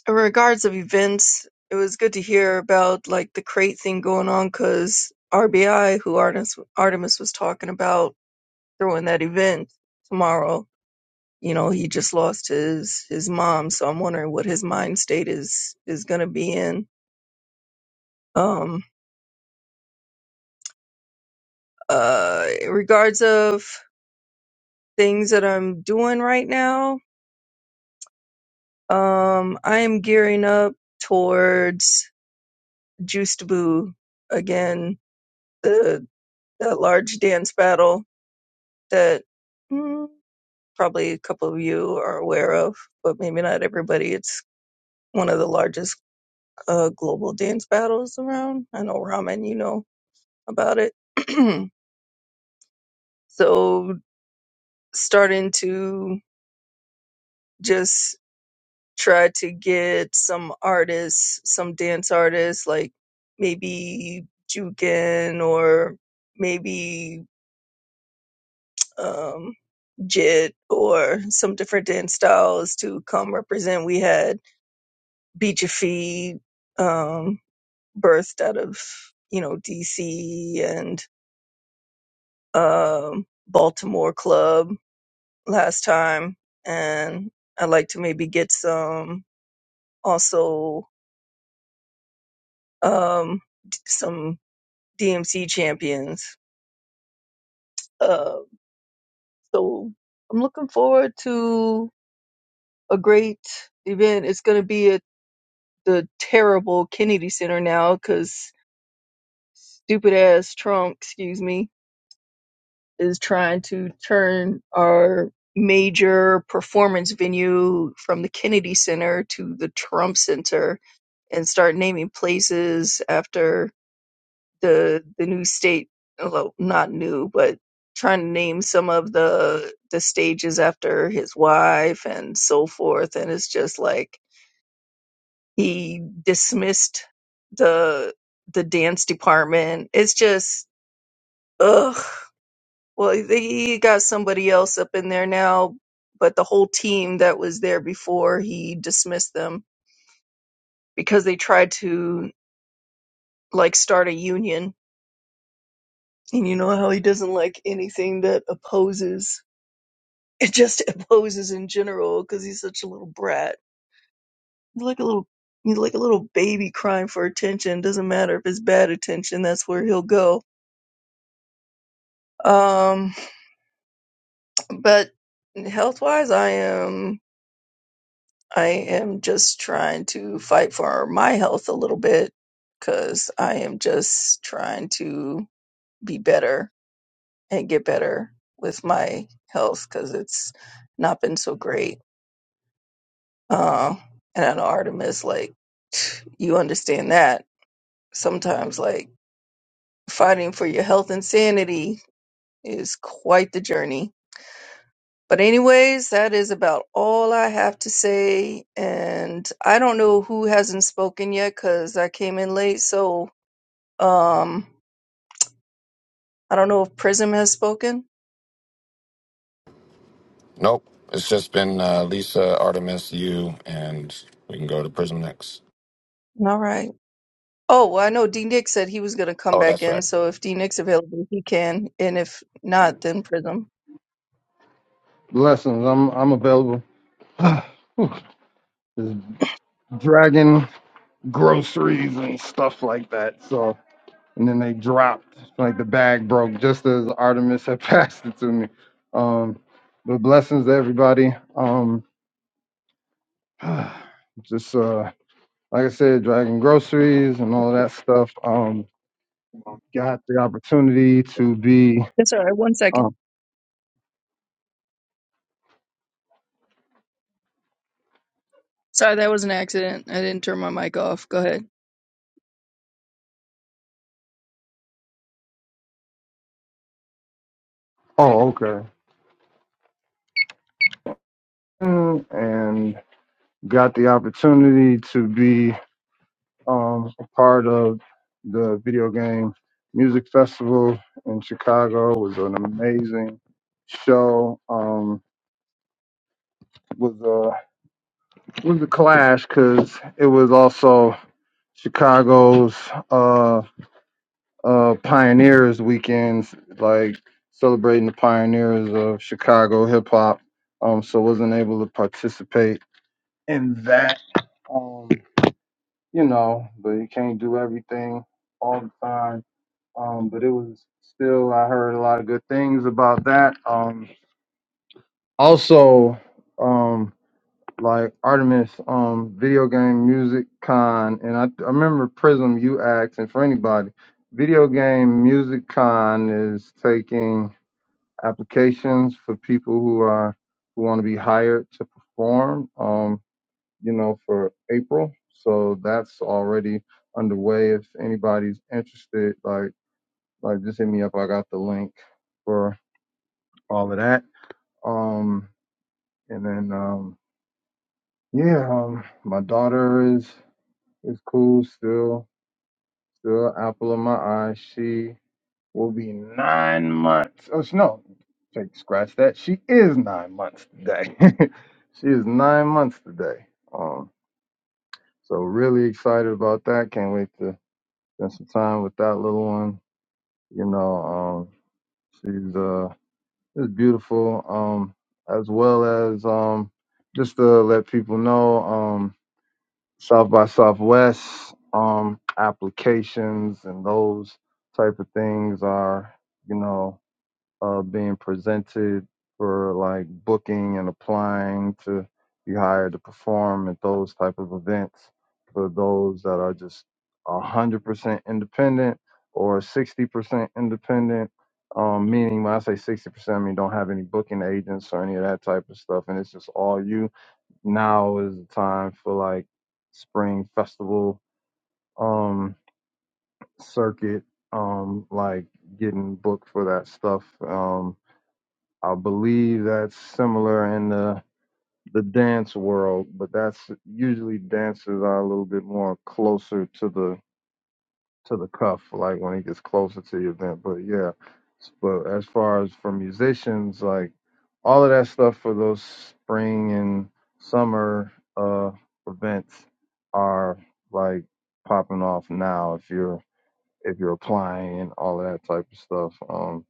[SPEAKER 8] in regards of events, it was good to hear about like the crate thing going on because RBI, who Artemis Artemis was talking about throwing that event tomorrow, you know, he just lost his his mom, so I'm wondering what his mind state is is gonna be in. Um, uh, in regards of things that I'm doing right now, um, I am gearing up towards Juice to Boo again the The large dance battle that mm, probably a couple of you are aware of, but maybe not everybody. It's one of the largest uh, global dance battles around. I know Ramen, you know about it. so starting to just try to get some artists, some dance artists, like maybe Jukin or maybe um, jit or some different dance styles to come represent. We had Bija Feed, um, birthed out of, you know, DC and um, Baltimore Club last time. And I'd like to maybe get some also um, d- some DMC champions. Uh, so I'm looking forward to a great event. It's going to be a the terrible Kennedy Center now because stupid ass Trump, excuse me, is trying to turn our major performance venue from the Kennedy Center to the Trump Center and start naming places after the the new state well not new but trying to name some of the the stages after his wife and so forth and it's just like he dismissed the the dance department. It's just ugh. Well, he got somebody else up in there now, but the whole team that was there before he dismissed them because they tried to like start a union. And you know how he doesn't like anything that opposes. It just opposes in general because he's such a little brat. He's like a little, he's like a little baby crying for attention. Doesn't matter if it's bad attention. That's where he'll go. Um, But health wise, I am I am just trying to fight for my health a little bit because I am just trying to be better and get better with my health because it's not been so great. Uh, and I know Artemis, like you understand that sometimes, like fighting for your health and sanity is quite the journey But anyways, that is about all I have to say. And I don't know who hasn't spoken yet because I came in late. So um, I don't know if Prism has spoken.
[SPEAKER 2] Nope. It's just been uh, Lisa, Artemis, you, and we can go to Prism next.
[SPEAKER 8] All right. Oh, well, I know D Nick said he was going to come
[SPEAKER 2] Oh,
[SPEAKER 8] back
[SPEAKER 2] that's
[SPEAKER 8] in.
[SPEAKER 2] right.
[SPEAKER 8] So if D Nick's available, he can. And if not, then Prism.
[SPEAKER 7] Blessings. I'm I'm available. Whew. Just dragging groceries and stuff like that. So and then they dropped like the bag broke just as Artemis had passed it to me. Um, but blessings to everybody. Um, just uh. like I said, dragging groceries and all that stuff. Um, got the opportunity to be.
[SPEAKER 8] That's all right. One second.
[SPEAKER 7] Um,
[SPEAKER 8] Sorry, that was an accident. I didn't turn my mic off. Go ahead.
[SPEAKER 7] oh, okay. Mm, And got the opportunity to be um, a part of the video game music festival in Chicago. It was an amazing show. Um, was a was a clash because it was also Chicago's. uh, uh pioneers weekends like celebrating the pioneers of chicago hip-hop um so wasn't able to participate in that um you know but you can't do everything all the time um but it was still i heard a lot of good things about that um also um like Artemis um video game music con and I, I remember Prism you asked and for anybody video game music con is taking applications for people who are who want to be hired to perform um you know for April so that's already underway if anybody's interested like like just hit me up I got the link for all of that um and then um yeah um my daughter is It's cool still. Still apple of my eye. She will be nine months. Oh sh- no, take scratch that. She is nine months today. she is nine months today. Um, so really excited about that. Can't wait to spend some time with that little one. You know, um, she's uh, just beautiful. Um, as well as um, just to let people know. um. South by Southwest um, applications and those type of things are, you know, uh, being presented for like booking and applying to be hired to perform at those type of events for those that are just 100% independent or 60% independent. Um, meaning when I say 60%, I mean don't have any booking agents or any of that type of stuff. And it's just all you now is the time for like spring festival um circuit um like getting booked for that stuff um i believe that's similar in the the dance world but that's usually dancers are a little bit more closer to the to the cuff, like when it gets closer to the event. But yeah, s- but as far as for musicians, like all of that stuff for those spring and summer uh events are like popping off now if you're if you're applying and all of that type of stuff. Um,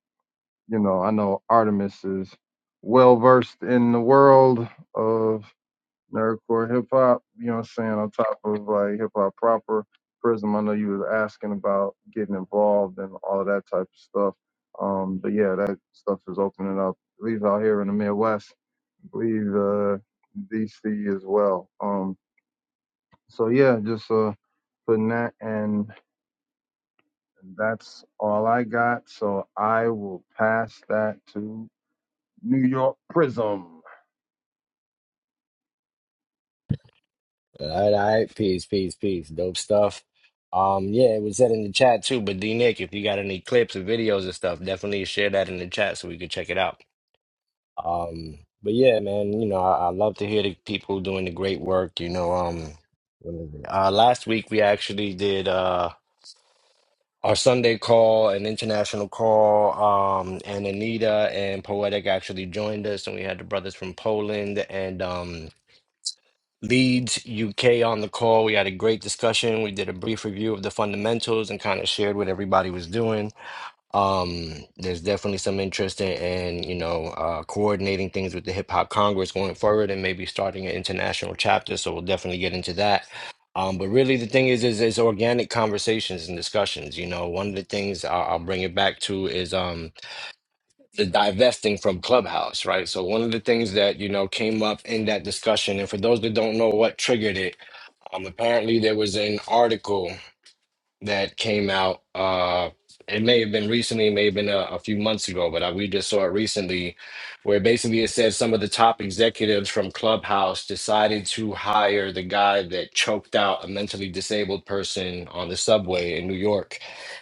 [SPEAKER 7] you know, I know Artemis is well versed in the world of nerdcore hip hop, you know what I'm saying, on top of like hip hop proper. Prism, I know you was asking about getting involved and all of that type of stuff. Um, but yeah, that stuff is opening up, at least out here in the Midwest, I believe uh, DC as well. Um, so yeah, just uh, putting that, and that's all I got. So I will pass that to New York Prism.
[SPEAKER 5] All right, all right. Peace, peace, peace. Dope stuff. Um, yeah, it was said in the chat too. But D Nick, if you got any clips or videos and stuff, definitely share that in the chat so we could check it out. Um, but yeah, man, you know, I, I love to hear the people doing the great work. You know, um, when is it? uh, last week we actually did. Uh, our Sunday call, an international call, um, and Anita and Poetic actually joined us, and we had the brothers from Poland and um, Leeds, UK on the call. We had a great discussion. We did a brief review of the fundamentals and kind of shared what everybody was doing. Um, there's definitely some interest in, in you know, uh, coordinating things with the Hip Hop Congress going forward and maybe starting an international chapter. So we'll definitely get into that. Um, but really, the thing is, is, is organic conversations and discussions. You know, one of the things I'll, I'll bring it back to is um, the divesting from Clubhouse, right? So one of the things that you know came up in that discussion, and for those that don't know what triggered it, um, apparently there was an article that came out. Uh, it may have been recently, it may have been a, a few months ago, but I, we just saw it recently, where basically it said some of the top executives from Clubhouse decided to hire the guy that choked out a mentally disabled person on the subway in New York,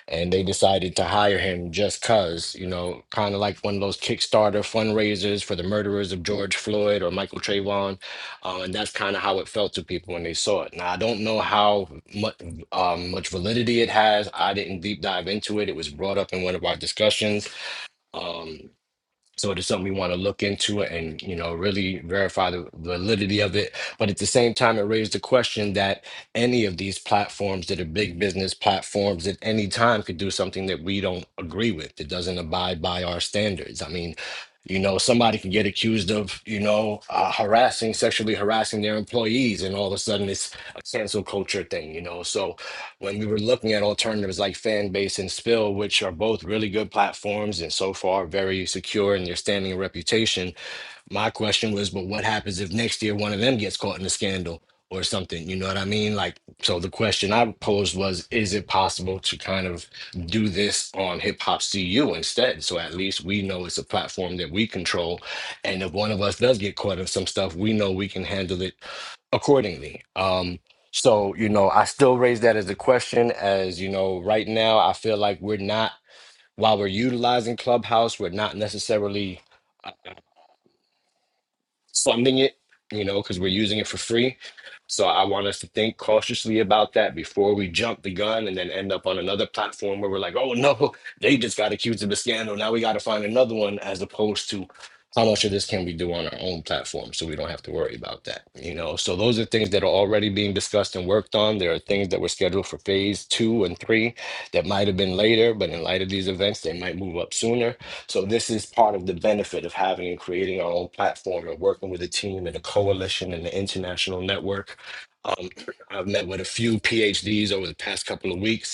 [SPEAKER 5] and they decided to hire him just cause, you know, kind of like one of those Kickstarter fundraisers for the murderers of George Floyd or Michael Trayvon, uh, and that's kind of how it felt to people when they saw it. Now I don't know how much um, much validity it has. I didn't deep dive into it. It was brought up in one of our discussions. Um, so it is something we want to look into and you know really verify the validity of it. But at the same time, it raised the question that any of these platforms that are big business platforms at any time could do something that we don't agree with. It doesn't abide by our standards. I mean, you know, somebody can get accused of, you know, uh, harassing, sexually harassing their employees, and all of a sudden it's a cancel culture thing, you know. So when we were looking at alternatives like Fanbase and Spill, which are both really good platforms and so far very secure in their standing and reputation, my question was, but what happens if next year one of them gets caught in a scandal or something? You know what I mean? Like, so the question I posed was, is it possible to kind of do this on Hip Hop CU instead? So at least we know it's a platform that we control. And if one of us does get caught in some stuff, we know we can handle it accordingly. Um, so you know, I still raise that as a question. As you know, right now I feel like we're not while we're utilizing Clubhouse, we're not necessarily funding it, you know, because we're using it for free. So I want us to think cautiously about that before we jump the gun and then end up on another platform where we're like, oh no, they just got accused of a scandal. Now we got to find another one, as opposed to how much of this can we do on our own platform so we don't have to worry about that. You know, so those are things that are already being discussed and worked on. There are things that were scheduled for phase two and three that might have been later, but in light of these events, they might move up sooner so this is part of the benefit of having and creating our own platform and working with a team and a coalition and an international network. Um, I've met with a few PhDs over the past couple of weeks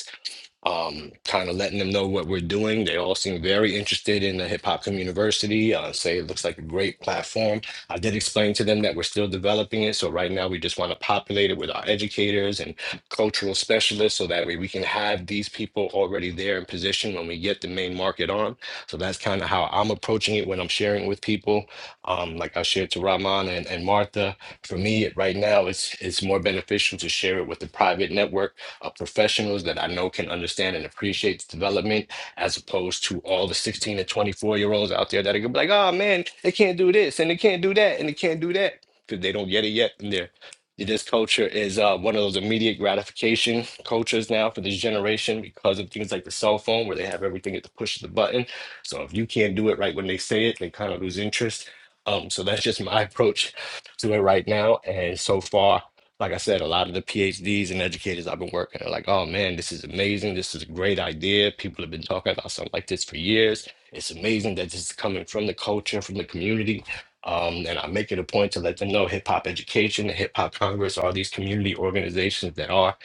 [SPEAKER 5] um, kind of letting them know what we're doing. They all seem very interested in the Hip Hop Community University. Uh, say it looks like a great platform. I did explain to them that we're still developing it. So right now we just want to populate it with our educators and cultural specialists so that way we can have these people already there in position when we get the main market on. So that's kind of how I'm approaching it when I'm sharing with people. Um, like I shared to Rahman and, and Martha. For me, it- right now, it's it's more beneficial to share it with the private network uh, professionals that I know can understand and appreciate the development, as opposed to all the 16 to 24 year olds out there that are gonna be like, oh man, they can't do this and they can't do that and they can't do that because they don't get it yet. And they're this culture is uh, one of those immediate gratification cultures now for this generation because of things like the cell phone where they have everything at the push of the button. So if you can't do it right when they say it, they kind of lose interest. Um, so that's just my approach to it right now. And so far, like I said, a lot of the PhDs and educators I've been working are like, oh man, this is amazing. This is a great idea. People have been talking about something like this for years. It's amazing that this is coming from the culture, from the community. Um, and I make it a point to let them know Hip Hop Education Hip Hop Congress all these community organizations that are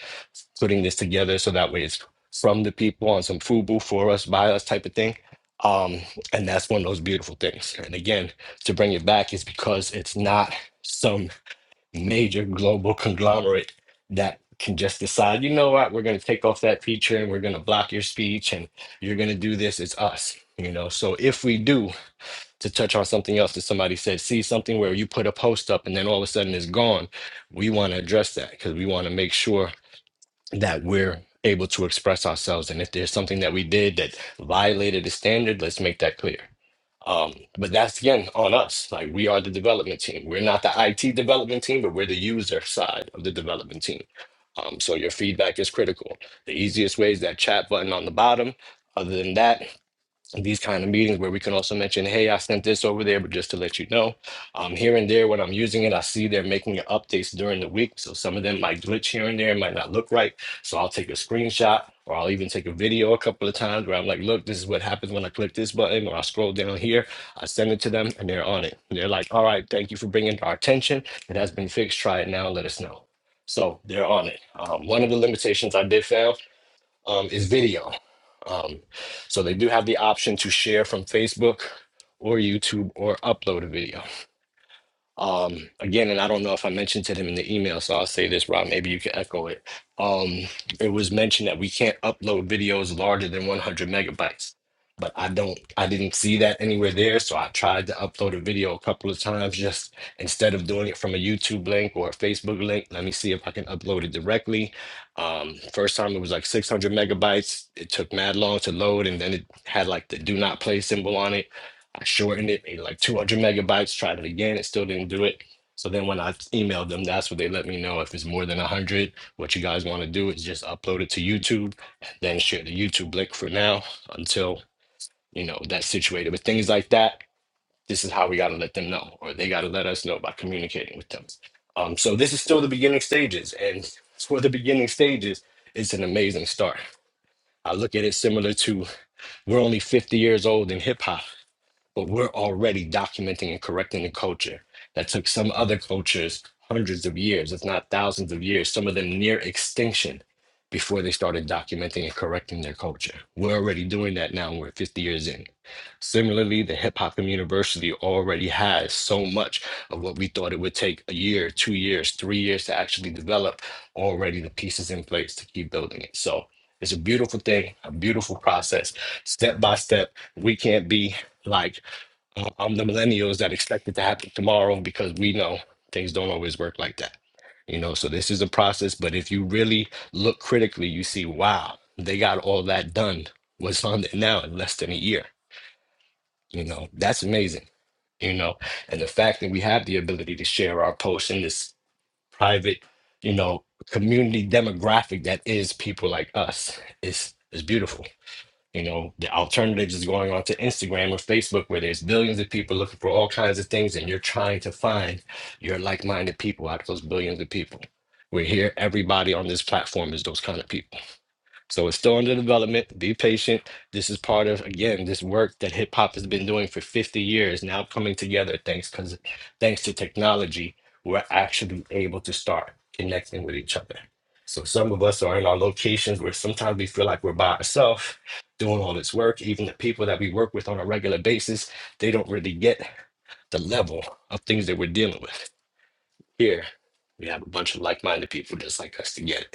[SPEAKER 5] putting this together so that way it's from the people on some FUBU for us, by us type of thing. Um, and that's one of those beautiful things. And again, to bring it back is because it's not some major global conglomerate that can just decide, you know what, we're going to take off that feature and we're going to block your speech and you're going to do this. It's us, you know. So if we do, to touch on something else that somebody said, see something where you put a post up and then all of a sudden it's gone, we want to address that because we want to make sure that we're able to express ourselves. And if there's something that we did that violated the standard, let's make that clear. Um, but that's again on us. Like we are the development team. We're not the IT development team, but we're the user side of the development team. Um, so your feedback is critical. The easiest way is that chat button on the bottom. Other than that, these kind of meetings where we can also mention, hey, I sent this over there, but just to let you know, um, here and there when I'm using it, I see they're making updates during the week. So some of them might glitch here and there, might not look right. So I'll take a screenshot or I'll even take a video a couple of times where I'm like, look, this is what happens when I click this button or I scroll down here. I send it to them and they're on it. And they're like, all right, thank you for bringing it to our attention. It has been fixed. Try it now. Let us know. So they're on it. Um, one of the limitations I did found um, is video. Um, so they do have the option to share from Facebook or YouTube or upload a video. Um, again, and I don't know if I mentioned to them in the email, so I'll say this, Rob, maybe you can echo it. Um, it was mentioned that we can't upload videos larger than 100 megabytes, but I don't, I didn't see that anywhere there. So I tried to upload a video a couple of times, just instead of doing it from a YouTube link or a Facebook link, let me see if I can upload it directly. Um, first time it was like 600 megabytes. It took mad long to load, and then it had like the do not play symbol on it I shortened it, made it like 200 megabytes, tried it again, it still didn't do it. So then when I emailed them, that's what they let me know. If it's more than 100, what you guys want to do is just upload it to YouTube and then share the YouTube link for now until, you know, that's situated. But things like that, this is how we got to let them know, or they got to let us know by communicating with them. Um, so this is still the beginning stages. And for the beginning stages, it's an amazing start. I look at it similar to we're only 50 years old in hip hop but we're already documenting and correcting the culture that took some other cultures hundreds of years, if not thousands of years, some of them near extinction before they started documenting and correcting their culture. We're already doing that now. We're 50 years in. Similarly, the Hip Hop University already has so much of what we thought it would take a year, two years, three years to actually develop, already the pieces in place to keep building it. So it's a beautiful thing, a beautiful process, step by step. We can't be like uh, I'm the millennials that expect it to happen tomorrow because we know things don't always work like that. You know, so this is a process, but if you really look critically, you see, wow, they got all that done. What's on it now in less than a year? You know, that's amazing. You know, and the fact that we have the ability to share our posts in this private, you know, community demographic that is people like us is is beautiful. You know, the alternative is going on to Instagram or Facebook where there's billions of people looking for all kinds of things and you're trying to find your like-minded people out of those billions of people. We're here, everybody on this platform is those kind of people. So it's still under development. Be patient. This is part of, again, this work that hip hop has been doing for 50 years now coming together thanks because thanks to technology, we're actually able to start connecting with each other. So some of us are in our locations where sometimes we feel like we're by ourselves doing all this work. Even the people that we work with on a regular basis, they don't really get the level of things that we're dealing with. Here, we have a bunch of like minded people just like us together.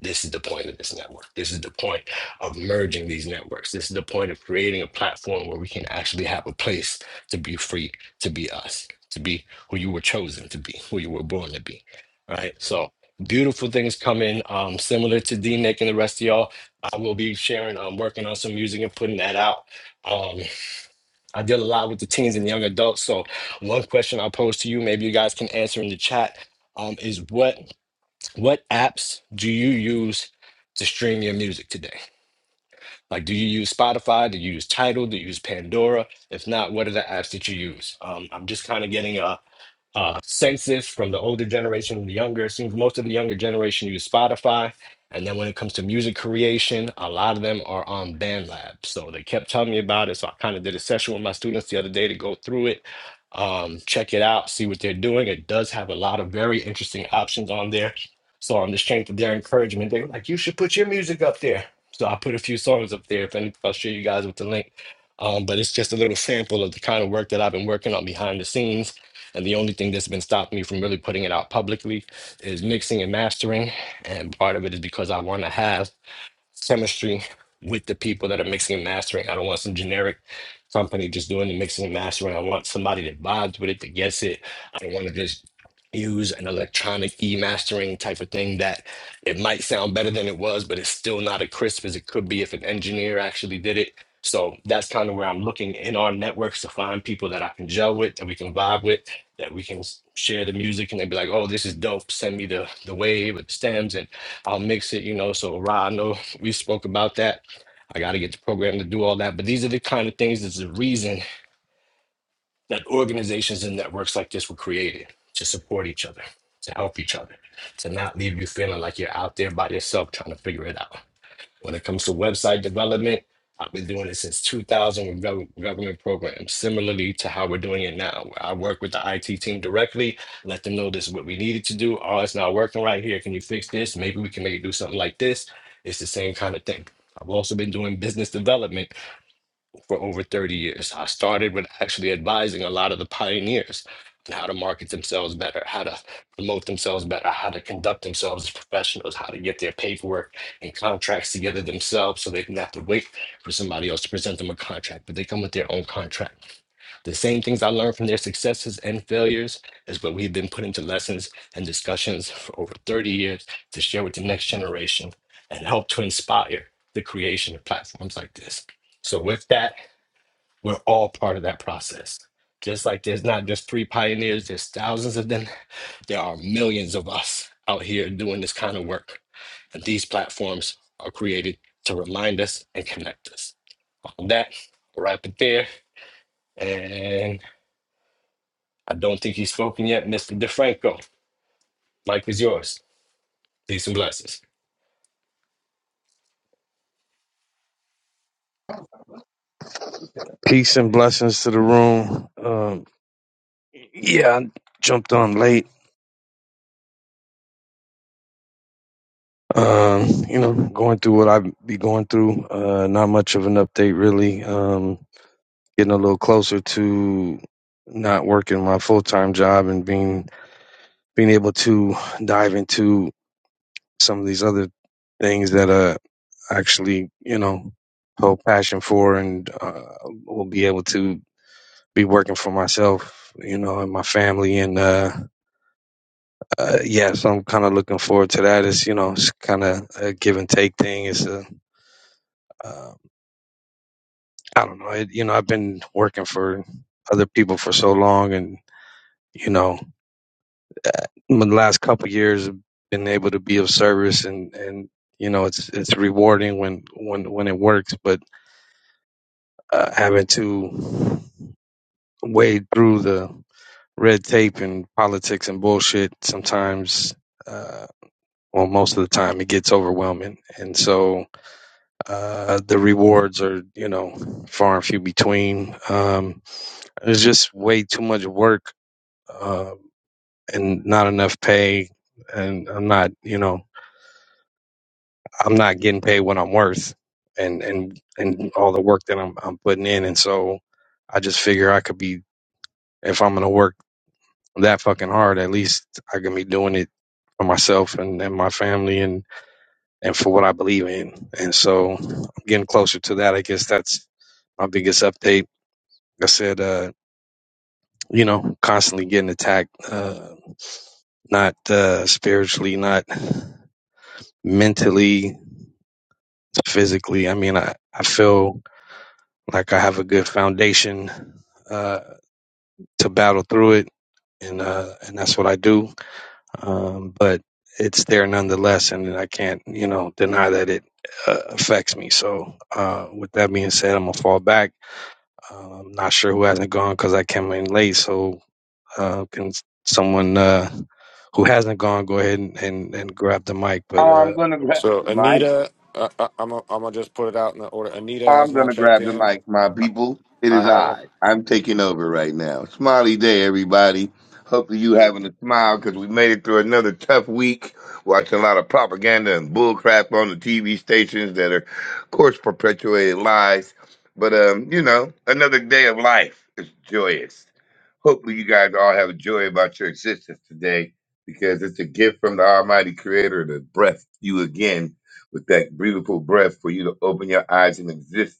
[SPEAKER 5] This is the point of this network. This is the point of merging these networks. This is the point of creating a platform where we can actually have a place to be free, to be us, to be who you were chosen to be, who you were born to be. Right. So, beautiful things coming. Um, similar to D Nick and the rest of y'all, I will be sharing, I'm working on some music and putting that out. Um, I deal a lot with the teens and young adults. So one question I'll pose to you, maybe you guys can answer in the chat, um, is what what apps do you use to stream your music today? Like, do you use Spotify? Do you use Tidal? Do you use Pandora? If not, what are the apps that you use? Um, I'm just kind of getting a uh, census from the older generation to the younger. seems most of the younger generation use Spotify. And then when it comes to music creation, a lot of them are on BandLab. So they kept telling me about it. So I kind of did a session with my students the other day to go through it, um, check it out, see what they're doing. It does have a lot of very interesting options on there. So on the strength of their encouragement, they were like, you should put your music up there. So I put a few songs up there. If any, I'll share you guys with the link. Um, but it's just a little sample of the kind of work that I've been working on behind the scenes and the only thing that's been stopping me from really putting it out publicly is mixing and mastering. And part of it is because I want to have chemistry with the people that are mixing and mastering. I don't want some generic company just doing the mixing and mastering. I want somebody that vibes with it, that gets it. I don't want to just use an electronic e-mastering type of thing that it might sound better than it was, but it's still not as crisp as it could be if an engineer actually did it. So that's kind of where I'm looking in our networks to find people that I can gel with, that we can vibe with, that we can s- share the music and they'd be like, oh, this is dope. Send me the the wave with the stems. and. I'll mix it, you know. So Ra, I know we spoke about that. I got to get the program to do all that. But these are the kind of things that's the reason that organizations and networks like this were created to support each other, to help each other, to not leave you feeling like you're out there by yourself trying to figure it out. When it comes to website development, I've been doing it since 2000 with gov- government programs, similarly to how we're doing it now. where I work with the IT team directly, let them know this is what we needed to do. Oh, it's not working right here. Can you fix this? Maybe we can make it do something like this. It's the same kind of thing. I've also been doing business development for over 30 years. I started with actually advising a lot of the pioneers on how to market themselves better, how to promote themselves better, how to conduct themselves as professionals, how to get their paperwork and contracts together themselves so they don't have to wait for somebody else to present them a contract, but they come with their own contract. The same things I learned from their successes and failures is what we've been put into lessons and discussions for over 30 years to share with the next generation and help to inspire the creation of platforms like this. So with that, we're all part of that process. Just like there's not just three pioneers, there's thousands of them. There are millions of us out here doing this kind of work. And these platforms are created to remind us and connect us. On that, we'll wrap it there. And I don't think he's spoken yet. Mr. DeFranco, Mic is yours. Peace and blessings.
[SPEAKER 9] Peace and blessings to the room. Um, yeah, I jumped on late. Um, you know, going through what I be going through. Uh, not much of an update, really. Um, getting a little closer to not working my full time job and being being able to dive into some of these other things that uh actually you know hold passion for and uh, will be able to be working for myself, you know, and my family and uh uh, yeah, so I'm kind of looking forward to that. It's you know, it's kind of a give and take thing. It's a, uh, I don't know. It, you know, I've been working for other people for so long, and you know, in the last couple of years, I've been able to be of service, and and you know, it's it's rewarding when when when it works. But uh, having to wade through the red tape and politics and bullshit sometimes, uh, well, most of the time, it gets overwhelming, and so. Uh, the rewards are, you know, far and few between. Um, it's just way too much work uh, and not enough pay. And I'm not, you know, I'm not getting paid what I'm worth, and and and all the work that I'm I'm putting in. And so I just figure I could be if I'm gonna work that fucking hard, at least I can be doing it for myself and, and my family and and for what I believe in. And so I'm getting closer to that. I guess that's my biggest update I said, uh, you know, constantly getting attacked, uh, not uh, spiritually, not mentally, physically. I mean, I, I feel like I have a good foundation uh, to battle through it, and uh, and that's what I do. Um, but it's there nonetheless, and I can't, you know, deny that it uh, affects me. So, uh, with that being said, I'm gonna fall back. Uh, I'm not sure who hasn't gone because I came in late. So, Uh, can s- someone uh, who hasn't gone go ahead and, and, and grab the mic?
[SPEAKER 10] Oh,
[SPEAKER 9] But uh,
[SPEAKER 10] I'm gonna grab
[SPEAKER 2] So
[SPEAKER 10] the mic.
[SPEAKER 2] Anita, uh, uh, I'm i I'm gonna just put it out in the order. Anita has
[SPEAKER 10] I'm
[SPEAKER 2] not
[SPEAKER 10] gonna
[SPEAKER 2] checked
[SPEAKER 10] grab the
[SPEAKER 2] in.
[SPEAKER 10] mic, my people. It
[SPEAKER 2] I
[SPEAKER 10] is I.
[SPEAKER 2] haven't.
[SPEAKER 10] I'm taking over right now. Smiley day, everybody. Hopefully you having a smile because we made it through another tough week. Watching a lot of propaganda and bullcrap on the TV stations that are, of course, perpetuated lies. But um, you know, another day of life is joyous. Hopefully you guys all have a joy about your existence today because it's a gift from the Almighty Creator to breath you again with that breathable breath for you to open your eyes and exist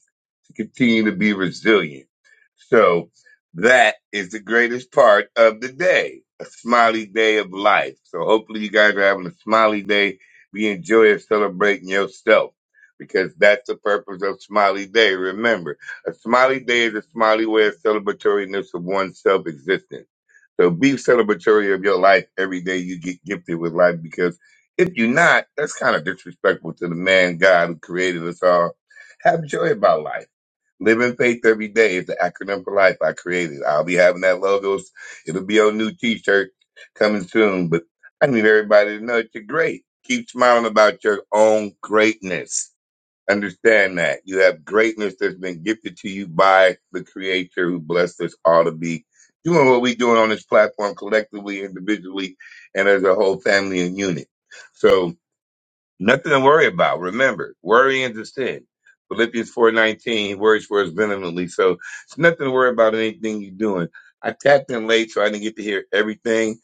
[SPEAKER 10] to continue to be resilient. So that is the greatest part of the day, a smiley day of life. So hopefully you guys are having a smiley day, be enjoying celebrating yourself because that's the purpose of smiley day. Remember, a smiley day is a smiley way of celebratoriness of one's self existence. So be celebratory of your life every day you get gifted with life because if you're not, that's kind of disrespectful to the man God who created us all. Have joy about life. Live in faith every day is the acronym for life I created. I'll be having that logos. It'll be on new t-shirt coming soon. But I need everybody to know that you're great. Keep smiling about your own greatness. Understand that you have greatness that's been gifted to you by the creator who blessed us all to be doing what we're doing on this platform collectively, individually, and as a whole family and unit. So Nothing to worry about. Remember, worrying is a sin. Philippians 4.19, he worries for us vehemently. So it's nothing to worry about anything you're doing. I tapped in late, so I didn't get to hear everything,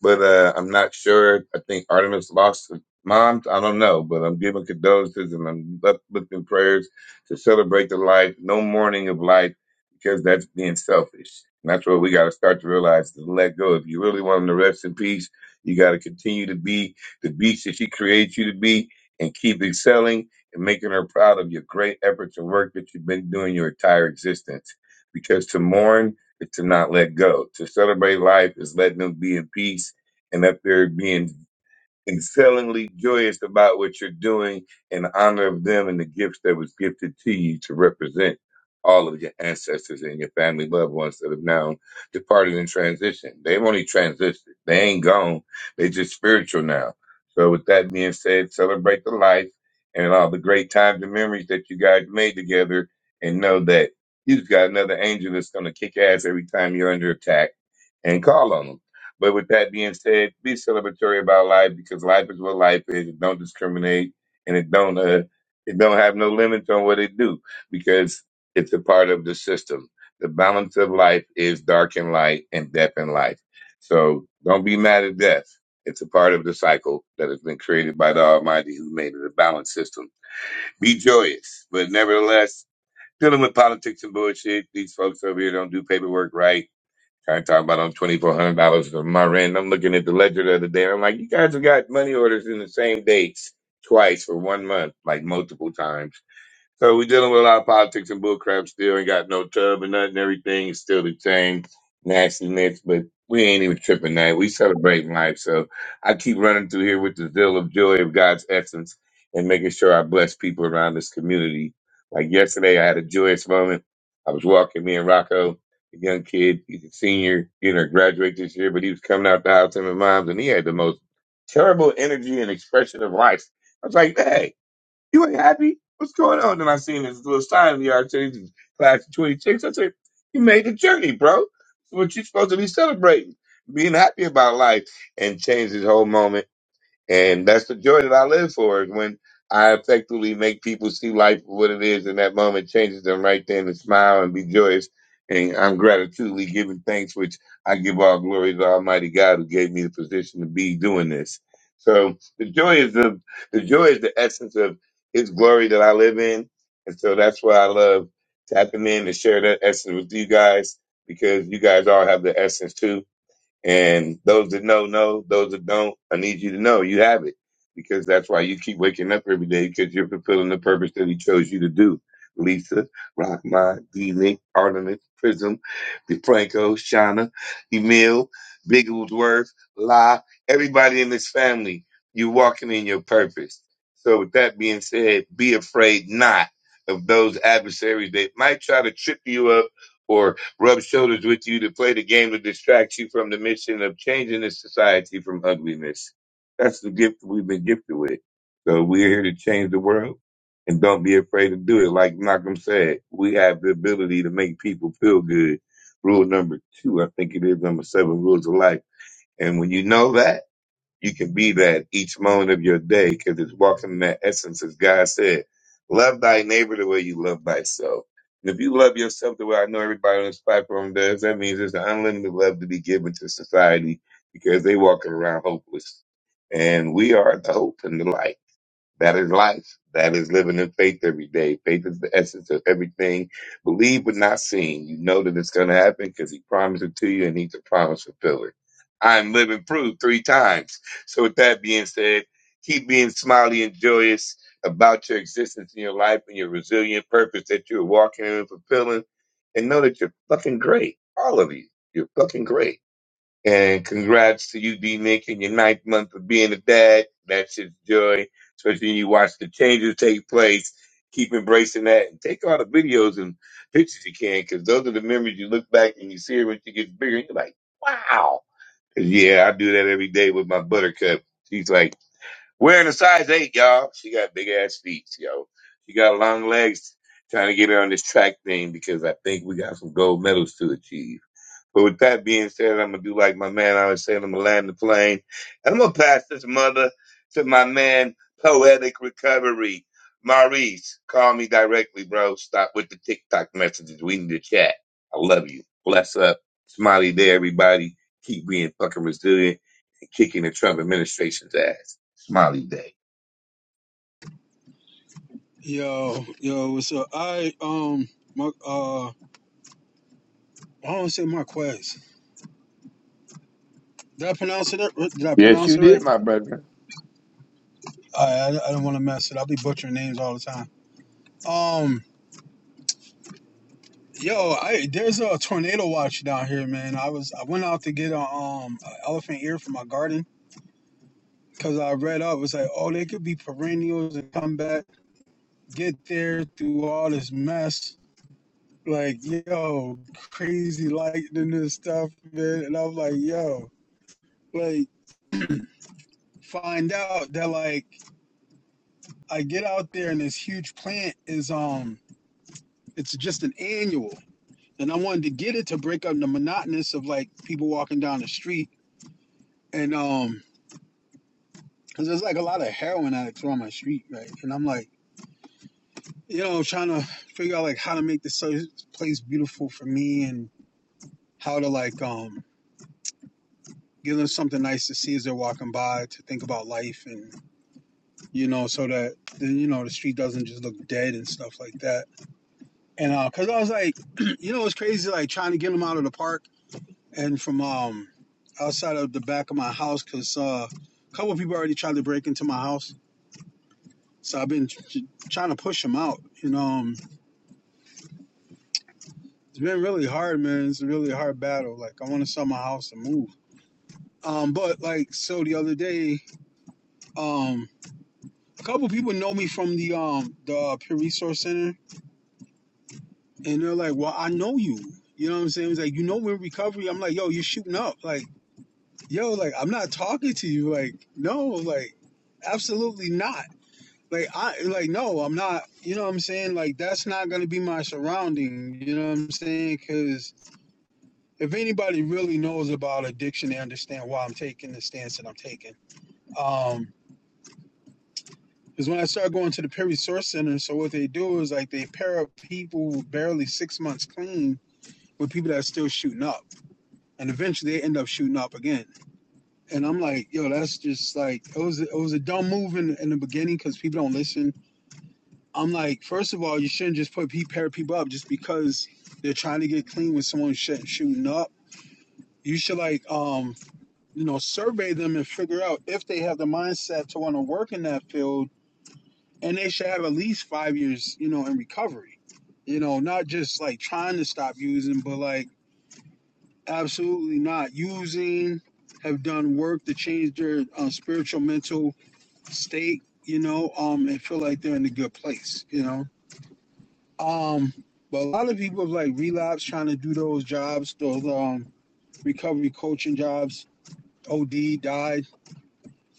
[SPEAKER 10] but uh, I'm not sure. I think Artemis lost her mom. I don't know, but I'm giving condolences and I'm uplifting prayers to celebrate the life. No mourning of life because that's being selfish. And that's what we got to start to realize to let go. If you really want them to rest in peace, you got to continue to be the beast that she created you to be, and keep excelling and making her proud of your great efforts and work that you've been doing your entire existence. Because to mourn is to not let go. To celebrate life is letting them be in peace and up there being excellently joyous about what you're doing in honor of them and the gifts that was gifted to you to represent all of your ancestors and your family loved ones that have now departed in transition. They've only transitioned. They ain't gone. They just spiritual now. So with that being said, celebrate the life and all the great times and memories that you guys made together and know that you've got another angel that's gonna kick ass every time you're under attack and call on them. But with that being said, be celebratory about life because life is what life is. It don't discriminate and it don't uh, it don't have no limits on what it do because it's a part of the system. The balance of life is dark and light and death and life. So don't be mad at death. It's a part of the cycle that has been created by the Almighty who made it a balanced system. Be joyous, but nevertheless, dealing with politics and bullshit, these folks over here don't do paperwork right I talk about I'm twenty four hundred dollars for my rent. I'm looking at the ledger the other day. and I'm like, you guys have got money orders in the same dates twice for one month, like multiple times. So we're dealing with a lot of politics and bullcrap still. Ain't got no tub and nothing. Everything is still the same nastiness, but we ain't even tripping that. We celebrating life. So I keep running through here with the zeal of joy of God's essence and making sure I bless people around this community. Like yesterday, I had a joyous moment. I was walking me and Rocco, a young kid. He's a senior, you know, graduate this year, but he was coming out the house, him and mom's, and he had the most terrible energy and expression of life. I was like, hey, you ain't happy? What's going on? And I seen this little sign in the Archangel class of 26. I said, You made the journey, bro. What you supposed to be celebrating, being happy about life, and changed his whole moment. And that's the joy that I live for is when I effectively make people see life for what it is in that moment, changes them right then to smile and be joyous. And I'm gratitudely giving thanks, which I give all glory to Almighty God who gave me the position to be doing this. So the joy is the the joy is the essence of his glory that I live in. And so that's why I love tapping in and share that essence with you guys because you guys all have the essence too and those that know, know. Those that don't, I need you to know you have it because that's why you keep waking up every day because you're fulfilling the purpose that He chose you to do. Lisa, Rockmont, D Link, Artemis, Prism, DeFranco, Shauna, Emil, Bigglesworth, La, everybody in this family, you're walking in your purpose. So, with that being said, be afraid not of those adversaries that might try to trip you up rub shoulders with you to play the game to distract you from the mission of changing this society from ugliness. That's the gift we've been gifted with. So we're here to change the world and don't be afraid to do it. Like Malcolm said, we have the ability to make people feel good. Rule number two, I think it is number seven, rules of life. And when you know that, you can be that each moment of your day because it's walking in that essence, as God said. Love thy neighbor the way you love thyself. And if you love yourself the way I know everybody on this platform does, that means there's an unlimited love to be given to society because they walking around hopeless. And we are the hope and the light. That is life. That is living in faith every day. Faith is the essence of everything. Believe but not seen. You know that it's going to happen because he promised it to you and he's a promise fulfiller. I'm living proof three times. So with that being said, keep being smiley and joyous about your existence in your life and your resilient purpose that you're walking in and fulfilling. And know that you're fucking great. All of you. You're fucking great. And congrats to you, D Nick, in your ninth month of being a dad. That's shit's joy. Especially when you watch the changes take place. Keep embracing that and take all the videos and pictures you can because those are the memories you look back and you see her when she gets bigger. And you're like, wow. 'Cause, Yeah, I do that every day with my buttercup. She's like, wearing a size eight, y'all. She got big ass feet, yo. She got long legs. Trying to get her on this track thing because I think we got some gold medals to achieve. But with that being said, I'm gonna do like my man always said, I'm gonna land the plane. And I'm gonna pass this mother to my man, Poetic Recovery. Maurice, call me directly, bro. Stop with the TikTok messages. We need to chat. I love you. Bless up. Smiley day, everybody. Keep being fucking resilient and kicking the Trump administration's ass. Smiley day.
[SPEAKER 4] Yo, yo, what's up? I um, my uh, I don't say Marquez. Did I pronounce it? right- Did I
[SPEAKER 10] Yes,
[SPEAKER 4] pronounce
[SPEAKER 10] you
[SPEAKER 4] it
[SPEAKER 10] did,
[SPEAKER 4] right?
[SPEAKER 10] my brother.
[SPEAKER 4] I I, I don't want to mess it. I'll be butchering names all the time. Um, yo, I there's a tornado watch down here, man. I was I went out to get a um a elephant ear for my garden. Cause I read up, it's like, oh, they could be perennials and come back, get there through all this mess. Like, yo, crazy lightning and stuff, man. And I'm like, yo, like, find out that like I get out there and this huge plant is um it's just an annual. And I wanted to get it to break up the monotonous of like people walking down the street. And um, cause there's like a lot of heroin addicts on my street, right? And I'm like, you know, trying to figure out like how to make this so- place beautiful for me and how to like um give them something nice to see as they're walking by to think about life and you know so that then you know the street doesn't just look dead and stuff like that and uh because i was like you know it's crazy like trying to get them out of the park and from um outside of the back of my house because uh a couple of people already tried to break into my house so i've been tr- trying to push them out you know um, it's been really hard man it's a really hard battle like i want to sell my house and move Um, but like so the other day, um, a couple people know me from the um the Peer Resource Center, and they're like, "Well, I know you." You know what I'm saying? It's like you know we're in recovery. I'm like, "Yo, you're shooting up." Like, "Yo, like I'm not talking to you." Like, no, like absolutely not. Like I like no, I'm not. You know what I'm saying? Like that's not gonna be my surrounding. You know what I'm saying? Because if anybody really knows about addiction, they understand why I'm taking the stance that I'm taking. Um, Because when I started going to the Perry Source Center, so what they do is like they pair up people barely six months clean with people that are still shooting up, and eventually they end up shooting up again. And I'm like, yo, that's just like it was. It was a dumb move in, in the beginning because people don't listen. I'm like, first of all, you shouldn't just put pair people up just because they're trying to get clean with someone shooting up. You should like, um, you know, survey them and figure out if they have the mindset to want to work in that field, and they should have at least five years, you know, in recovery You know, not just like trying to stop using, but like absolutely not using. Have done work to change their uh, spiritual mental state. You know, um, and feel like they're in a good place. You know, um, but a lot of people have like relapsed trying to do those jobs, those um recovery coaching jobs. OD died,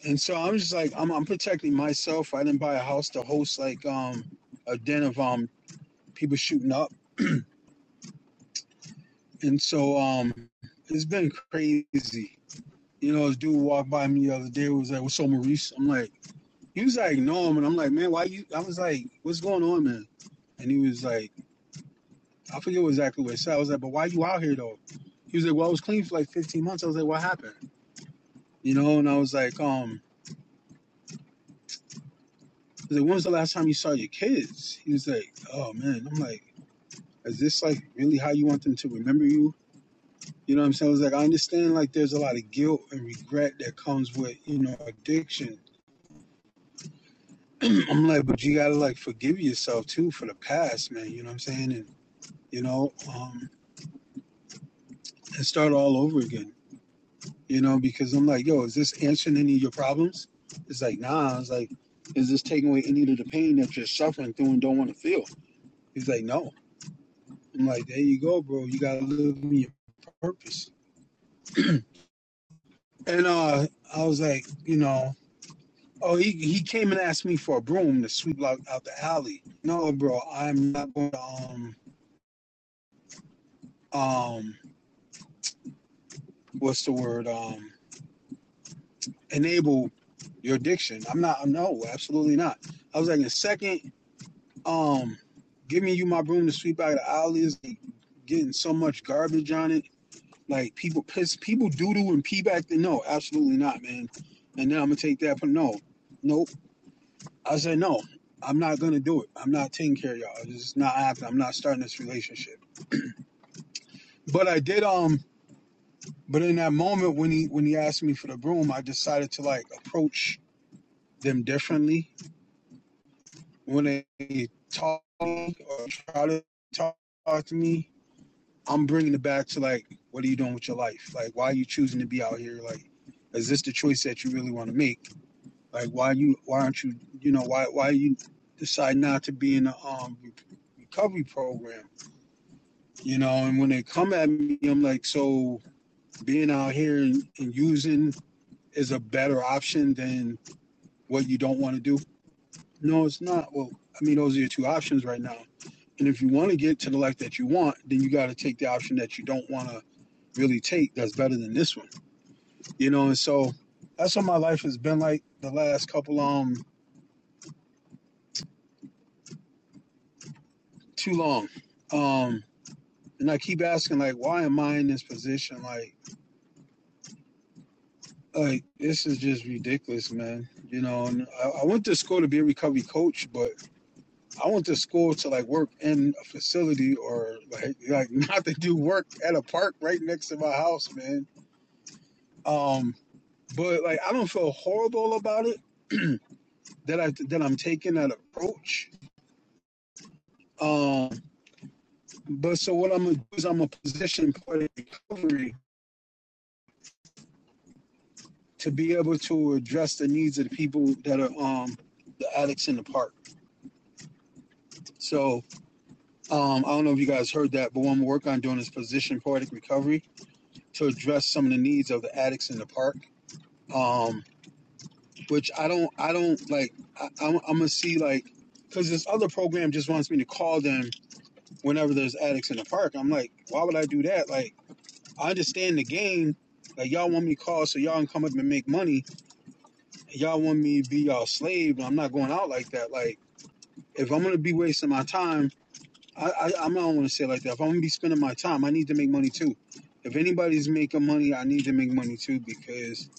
[SPEAKER 4] and so I'm just like I'm, I'm protecting myself. I didn't buy a house to host like um a den of um people shooting up, and so um it's been crazy. you know, this dude walked by me the other day. Was like, "What's up, Maurice?" I'm like, he was like, "No," man. I'm like, "Man, why you?" I was like, "What's going on, man?" And he was like, "I forget exactly what he said." I was like, "But why you out here though?" He was like, "Well, I was clean for like 15 months." I was like, "What happened?" You know, and I was like, "Um," I was like, "When was the last time you saw your kids?" He was like, "Oh man," I'm like, "Is this like really how you want them to remember you?" You know what I'm saying? I was like, I understand like there's a lot of guilt and regret that comes with you know addiction I'm like, but you gotta like forgive yourself too for the past, man. You know what I'm saying? And you know, um, and start all over again. You know, because I'm like, yo, is this answering any of your problems? It's like, nah. It's like, is this taking away any of the pain that you're suffering through and don't want to feel? He's like, no. I'm like, there you go, bro. You gotta live in your purpose. And uh, I was like, you know, oh, he he came and asked me for a broom to sweep out, out the alley. No, bro, I'm not going to um um what's the word um enable your addiction. I'm not. No, absolutely not. I was like, in a second, um, giving you my broom to sweep out of the alley is like getting so much garbage on it. Like people piss, people doo doo and pee back. Then no, absolutely not, man. And then I'm gonna take that. But no, nope. I said no. I'm not gonna do it. I'm not taking care of y'all. It's just not happening. I'm not starting this relationship. But I did. Um. But in that moment when he when he asked me for the broom, I decided to like approach them differently when they talk or try to talk to me, I'm bringing it back to like, what are you doing with your life? Like, why are you choosing to be out here? Like, is this the choice that you really want to make? Like, why you? Why aren't you? You know, why why you decide not to be in a um recovery program? You know, and when they come at me, I'm like, so being out here and, and using is a better option than what you don't want to do. No, it's not. Well, I mean, those are your two options right now And if you want to get to the life that you want, then you got to take the option that you don't want to really take. That's better than this one, you know. And so that's what my life has been like the last couple um too long. Um, and I keep asking like, why am I in this position? Like, like this is just ridiculous, man. You know, and I, I went to school to be a recovery coach, but I went to school to like work in a facility or like like not to do work at a park right next to my house, man. Um. but like I don't feel horrible about it that I that I'm taking that approach. Um, but so what I'm gonna do is I'm gonna position part of recovery to be able to address the needs of the people that are um the addicts in the park. So um, I don't know if you guys heard that, but what I'm gonna work on doing is position poetic recovery to address some of the needs of the addicts in the park. Um, which I don't I don't like I, I'm, I'm gonna see like because this other program just wants me to call them whenever there's addicts in the park. I'm like, why would I do that? Like, I understand the game. Like, y'all want me to call so y'all can come up and make money. Y'all want me to be y'all slave, but I'm not going out like that. Like, if I'm gonna be wasting my time, I, I I'm not gonna say it like that. If I'm gonna be spending my time, I need to make money too. If anybody's making money, I need to make money too because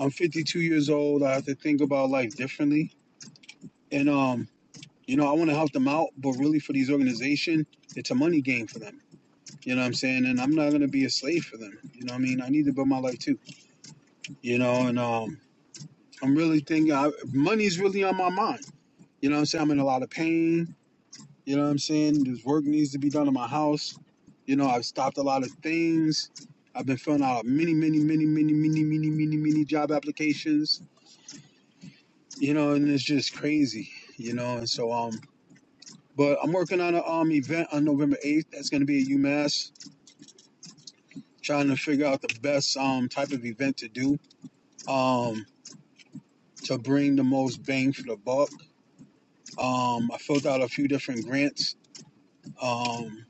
[SPEAKER 4] I'm 52 years old. I have to think about life differently, and um, you know, I want to help them out, but really for these organization, it's a money game for them You know what I'm saying? And I'm not gonna be a slave for them. You know what I mean? I need to build my life too. You know, and um, I'm really thinking I, money's really on my mind. You know what I'm saying? I'm in a lot of pain. You know what I'm saying? There's work needs to be done in my house. You know, I've stopped a lot of things. I've been filling out many, many, many, many, many, many, many, many job applications. You know, and it's just crazy. You know, and so um, but I'm working on an um event on November 8th. That's gonna be at UMass. Trying to figure out the best um type of event to do. Um, to bring the most bang for the buck. Um, I filled out a few different grants um,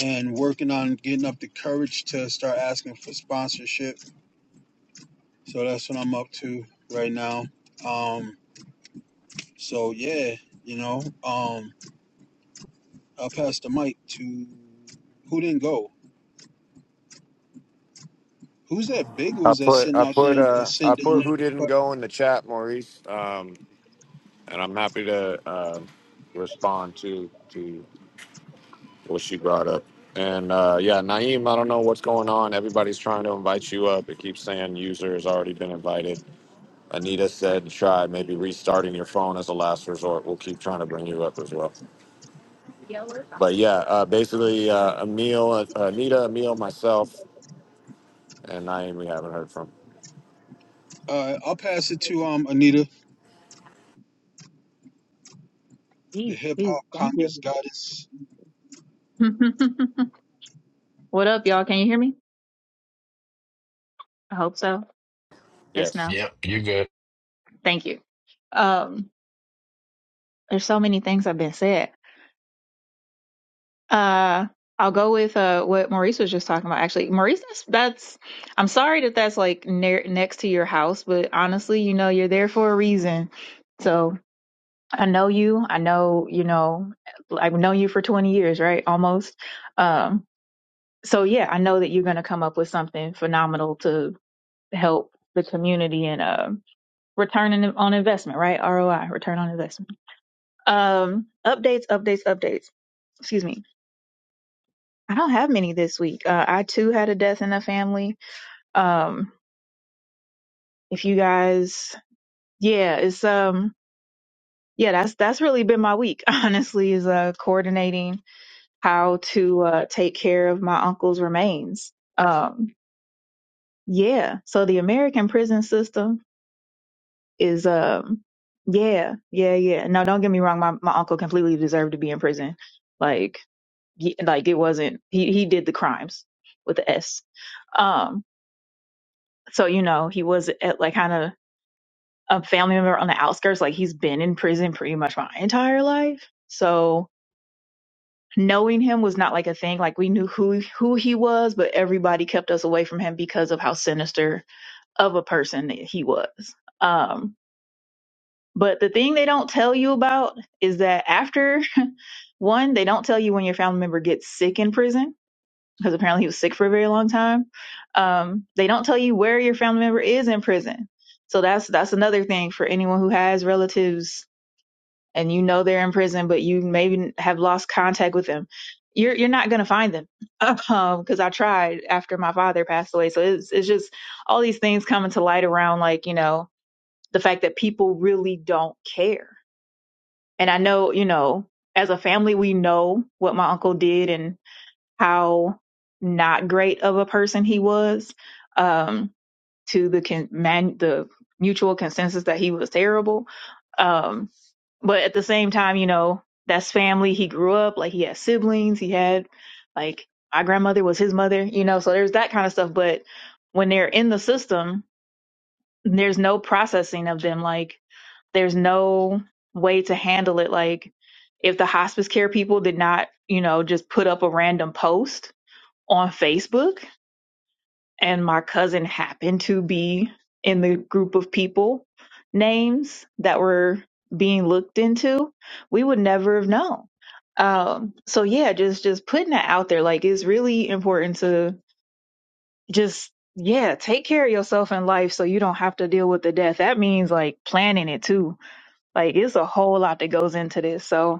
[SPEAKER 4] and working on getting up the courage to start asking for sponsorship. So that's what I'm up to right now. Um, so yeah, you know, um, I'll pass the mic to who didn't go. Who's that
[SPEAKER 2] I
[SPEAKER 4] Biggles that's
[SPEAKER 2] put
[SPEAKER 4] sitting
[SPEAKER 2] I
[SPEAKER 4] out
[SPEAKER 2] put
[SPEAKER 4] there
[SPEAKER 2] uh
[SPEAKER 4] that's sitting
[SPEAKER 2] I
[SPEAKER 4] down
[SPEAKER 2] put who
[SPEAKER 4] there?
[SPEAKER 2] didn't
[SPEAKER 4] But
[SPEAKER 2] go in the chat, Maurice. Um, and I'm happy to uh, respond to to what she brought up. And uh, yeah, Naeem, I don't know what's going on. Everybody's trying to invite you up. It keeps saying user has already been invited. Anita said, try maybe restarting your phone as a last resort. We'll keep trying to bring you up as well. But yeah, uh, basically, uh, Emil, uh, Anita, Emil, myself, and Naeem, we haven't heard from.
[SPEAKER 4] uh, I'll pass it to um Anita, the
[SPEAKER 3] Jeez,
[SPEAKER 4] hip
[SPEAKER 3] jeez,
[SPEAKER 4] hop
[SPEAKER 3] thank
[SPEAKER 4] Congress
[SPEAKER 3] you.
[SPEAKER 4] goddess.
[SPEAKER 3] what up, y'all? Can you hear me? I hope so. Yes,
[SPEAKER 2] Yes.
[SPEAKER 3] no.
[SPEAKER 5] Yep, you're good.
[SPEAKER 3] Thank you. Um, there's so many things have been said. Uh, I'll go with uh what Maurice was just talking about. Actually, Maurice, that's, that's I'm sorry that that's like near next to your house, but honestly, you know, you're there for a reason. So I know you. I know you know. I've known you for 20 years, right? Almost. Um, so yeah, I know that you're gonna come up with something phenomenal to help the community and um return on investment, right? ROI, return on investment. Um, updates, updates, updates. Excuse me. I don't have many this week. Uh, I too had a death in the family. Um, if you guys, yeah, it's um, yeah, that's that's really been my week. Honestly, is uh coordinating how to uh take care of my uncle's remains. Um, yeah. So the American prison system is um, yeah, yeah, yeah. No, don't get me wrong. My my uncle completely deserved to be in prison. Like He, like it wasn't he he did the crimes with the S. Um, so you know he was at like kind of a family member on the outskirts. Like he's been in prison pretty much my entire life. So knowing him was not like a thing. Like we knew who who he was, but everybody kept us away from him because of how sinister of a person that he was. Um, but the thing they don't tell you about is that after one, they don't tell you when your family member gets sick in prison because apparently he was sick for a very long time. Um, they don't tell you where your family member is in prison, so that's that's another thing for anyone who has relatives and you know they're in prison, but you maybe have lost contact with them. You're you're not gonna find them um, because I tried after my father passed away. So it's it's just all these things coming to light around like you know the fact that people really don't care. And I know you know as a family we know what my uncle did and how not great of a person he was um, to the con- man- the mutual consensus that he was terrible. Um, but at the same time, you know, that's family. He grew up like he had siblings. He had like my grandmother was his mother, you know, so there's that kind of stuff. But when they're in the system, there's no processing of them. Like there's no way to handle it. Like if the hospice care people did not, you know, just put up a random post on Facebook, and my cousin happened to be in the group of people names that were being looked into, we would never have known. Um, so yeah, just just putting that out there, like it's really important to just yeah take care of yourself in life so you don't have to deal with the death. That means like planning it too. Like it's a whole lot that goes into this. So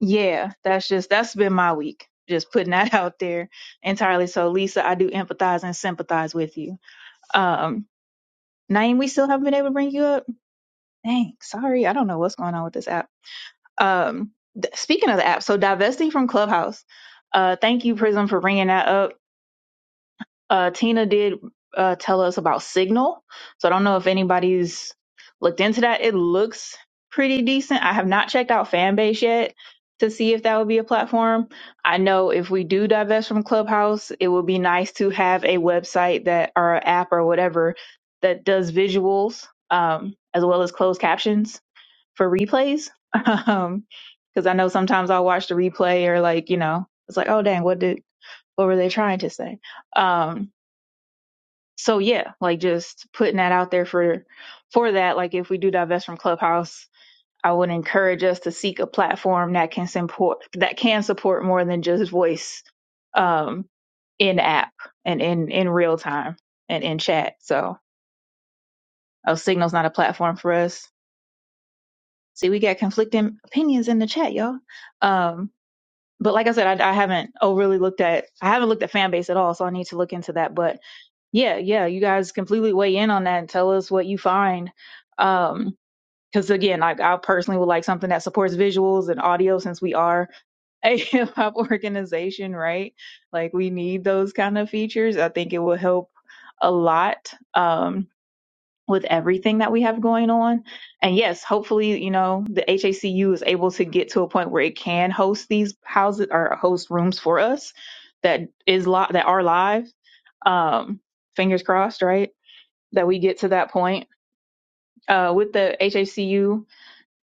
[SPEAKER 3] Yeah, that's just that's been my week. Just putting that out there entirely. So Lisa, I do empathize and sympathize with you. Um, Naeem, we still haven't been able to bring you up. Dang, sorry, I don't know what's going on with this app. Um, th- speaking of the app, so divesting from Clubhouse. Uh, thank you, Prism, for bringing that up. Uh, Tina did uh, tell us about Signal, so I don't know if anybody's looked into that. It looks pretty decent. I have not checked out Fanbase yet to see if that would be a platform. I know if we do divest from Clubhouse, it would be nice to have a website that or an app or whatever that does visuals um, as well as closed captions for replays. Um, because I know sometimes I'll watch the replay or like you know it's like oh dang what did what were they trying to say? Um, so yeah, like just putting that out there for for that. Like if we do divest from Clubhouse, I would encourage us to seek a platform that can support that can support more than just voice um in app and in in real time and in chat. So oh Signal's not a platform for us. See, we got conflicting opinions in the chat, y'all. Um but like I said, I, I haven't overly looked at I haven't looked at fan base at all, so I need to look into that. But yeah, yeah, you guys completely weigh in on that and tell us what you find. Um, because again, like I personally would like something that supports visuals and audio since we are a hip hop organization, right? Like we need those kind of features. I think it will help a lot. Um, with everything that we have going on. And yes, hopefully, you know, the HACU is able to get to a point where it can host these houses or host rooms for us that is li- that are live. Um, fingers crossed, right? That we get to that point. Uh, with the HACU,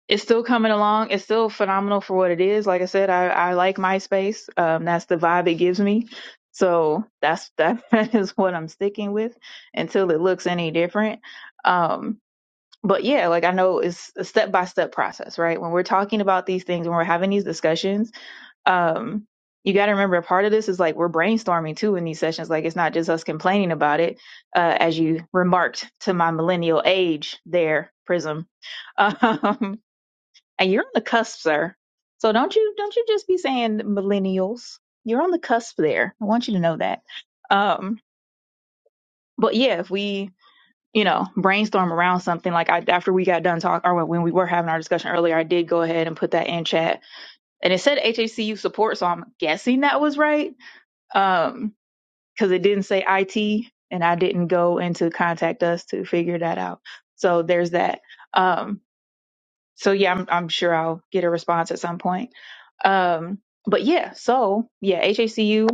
[SPEAKER 3] it's still coming along. It's still phenomenal for what it is. Like I said, I, I like MySpace. Um, that's the vibe it gives me. So that's that, that is what I'm sticking with until it looks any different. Um, but yeah, like I know it's a step by step process, right? When we're talking about these things, when we're having these discussions, um, you got to remember part of this is like we're brainstorming too in these sessions. Like it's not just us complaining about it, uh, as you remarked to my millennial age there, Prism. Um, and you're on the cusp, sir. So don't you don't you just be saying millennials. You're on the cusp there. I want you to know that. Um, but yeah, if we you know, brainstorm around something. Like I, after we got done talking, or when we were having our discussion earlier, I did go ahead and put that in chat, and it said HACU support, so I'm guessing that was right, um, because it didn't say IT, and I didn't go into contact us to figure that out. So there's that. Um, so yeah, I'm, I'm sure I'll get a response at some point. Um, but yeah, so yeah, HACU.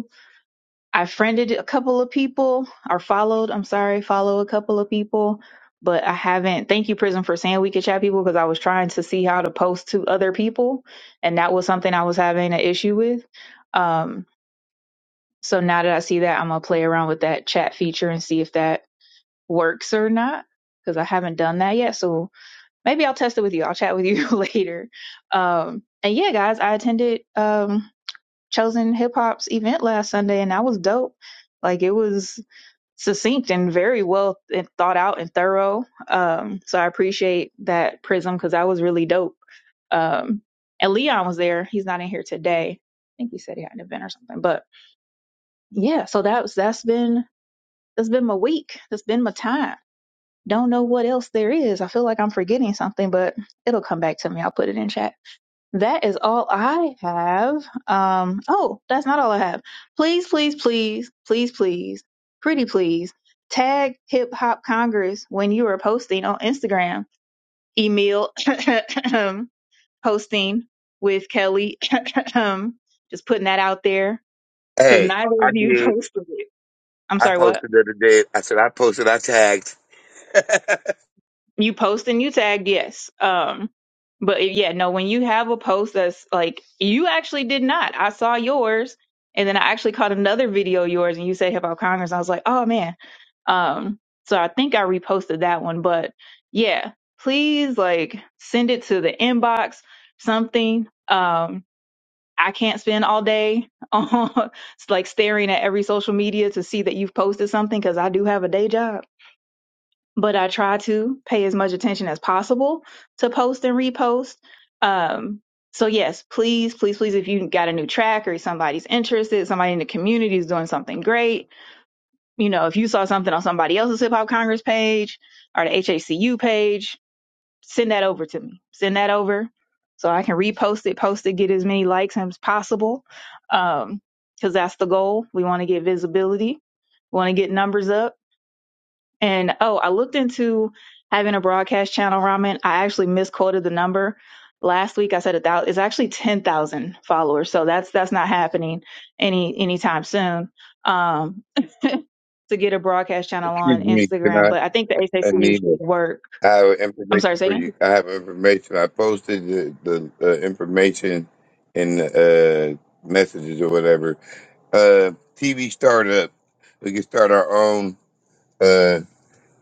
[SPEAKER 3] I friended a couple of people or followed, I'm sorry, follow a couple of people, but I haven't. Thank you, Prism, for saying we could chat people because I was trying to see how to post to other people. And that was something I was having an issue with. Um, so now that I see that, I'm going to play around with that chat feature and see if that works or not because I haven't done that yet. So maybe I'll test it with you. I'll chat with you later. Um, and yeah, guys, I attended um, Chosen Hip Hop's event last Sunday and that was dope. Like it was succinct and very well and thought out and thorough. Um, so I appreciate that Prism because that was really dope. Um, and Leon was there. He's not in here today. I think he said he had an event or something. But yeah, so that's that's been that's been my week. That's been my time. Don't know what else there is. I feel like I'm forgetting something, but it'll come back to me. I'll put it in chat. That is all I have. Um, oh, that's not all I have. Please, please, please, please, please, pretty please, tag Hip Hop Congress when you are posting on Instagram. Emil posting with Kelly. Just putting that out there because
[SPEAKER 10] Hey,
[SPEAKER 3] neither of
[SPEAKER 10] I
[SPEAKER 3] you
[SPEAKER 10] did.
[SPEAKER 3] posted it. I'm
[SPEAKER 10] I
[SPEAKER 3] sorry, what?
[SPEAKER 10] posted the other day. I said I posted. I tagged. Excuse
[SPEAKER 3] you post and you tagged yes um but it- yeah no when you have a post that's like you actually did not i saw yours and then i actually caught another video of yours and you said about congress i was like oh man um so i think i reposted that one but yeah please like send it to the inbox something um i can't spend all day on like staring at every social media to see that you've posted something because i do have a day job but I try to pay as much attention as possible to post and repost. Um, so yes, please, please, please, if you got a new track or somebody's interested, somebody in the community is doing something great. You know, if you saw something on somebody else's Hip Hop Congress page or the HACU page, send that over to me. Send that over so I can repost it, post it, get as many likes as possible. Um, cause that's the goal. We want to get visibility. We want to get numbers up and oh, I looked into having a broadcast channel, Ramen. I actually misquoted the number. Last week I said a thousand. It's actually ten thousand followers, so that's that's not happening any anytime soon. Um, to get a broadcast channel on
[SPEAKER 10] me, can
[SPEAKER 3] Instagram,
[SPEAKER 10] I,
[SPEAKER 3] but I think the HACU
[SPEAKER 10] Anita?
[SPEAKER 3] should work.
[SPEAKER 10] I have
[SPEAKER 3] I'm sorry,
[SPEAKER 10] information
[SPEAKER 3] say
[SPEAKER 10] for you.
[SPEAKER 3] again.
[SPEAKER 10] I have information. I posted the, the, the information in uh, messages or whatever. Uh, TV startup. We can start our own. Uh,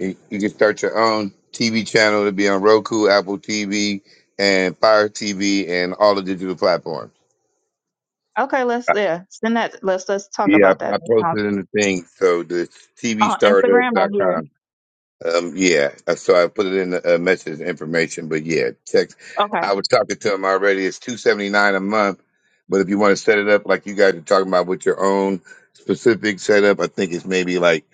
[SPEAKER 10] you, you can start your own TV channel to be on Roku, Apple TV, and Fire TV, and all the digital platforms.
[SPEAKER 3] Okay, let's
[SPEAKER 10] I-
[SPEAKER 3] yeah, send that. Let's let's talk
[SPEAKER 10] Yeah,
[SPEAKER 3] about
[SPEAKER 10] I,
[SPEAKER 3] that.
[SPEAKER 10] I
[SPEAKER 3] That sounds-
[SPEAKER 10] posted in the thing. So the T V
[SPEAKER 3] On
[SPEAKER 10] startup
[SPEAKER 3] Instagram right
[SPEAKER 10] dot
[SPEAKER 3] here.
[SPEAKER 10] Com. Um, yeah, uh, so I put it in the uh, message information, but yeah, text.
[SPEAKER 3] Okay.
[SPEAKER 10] I was talking to him already. It's two seventy nine a month, but if you want to set it up like you guys are talking about with your own specific setup, I think it's maybe like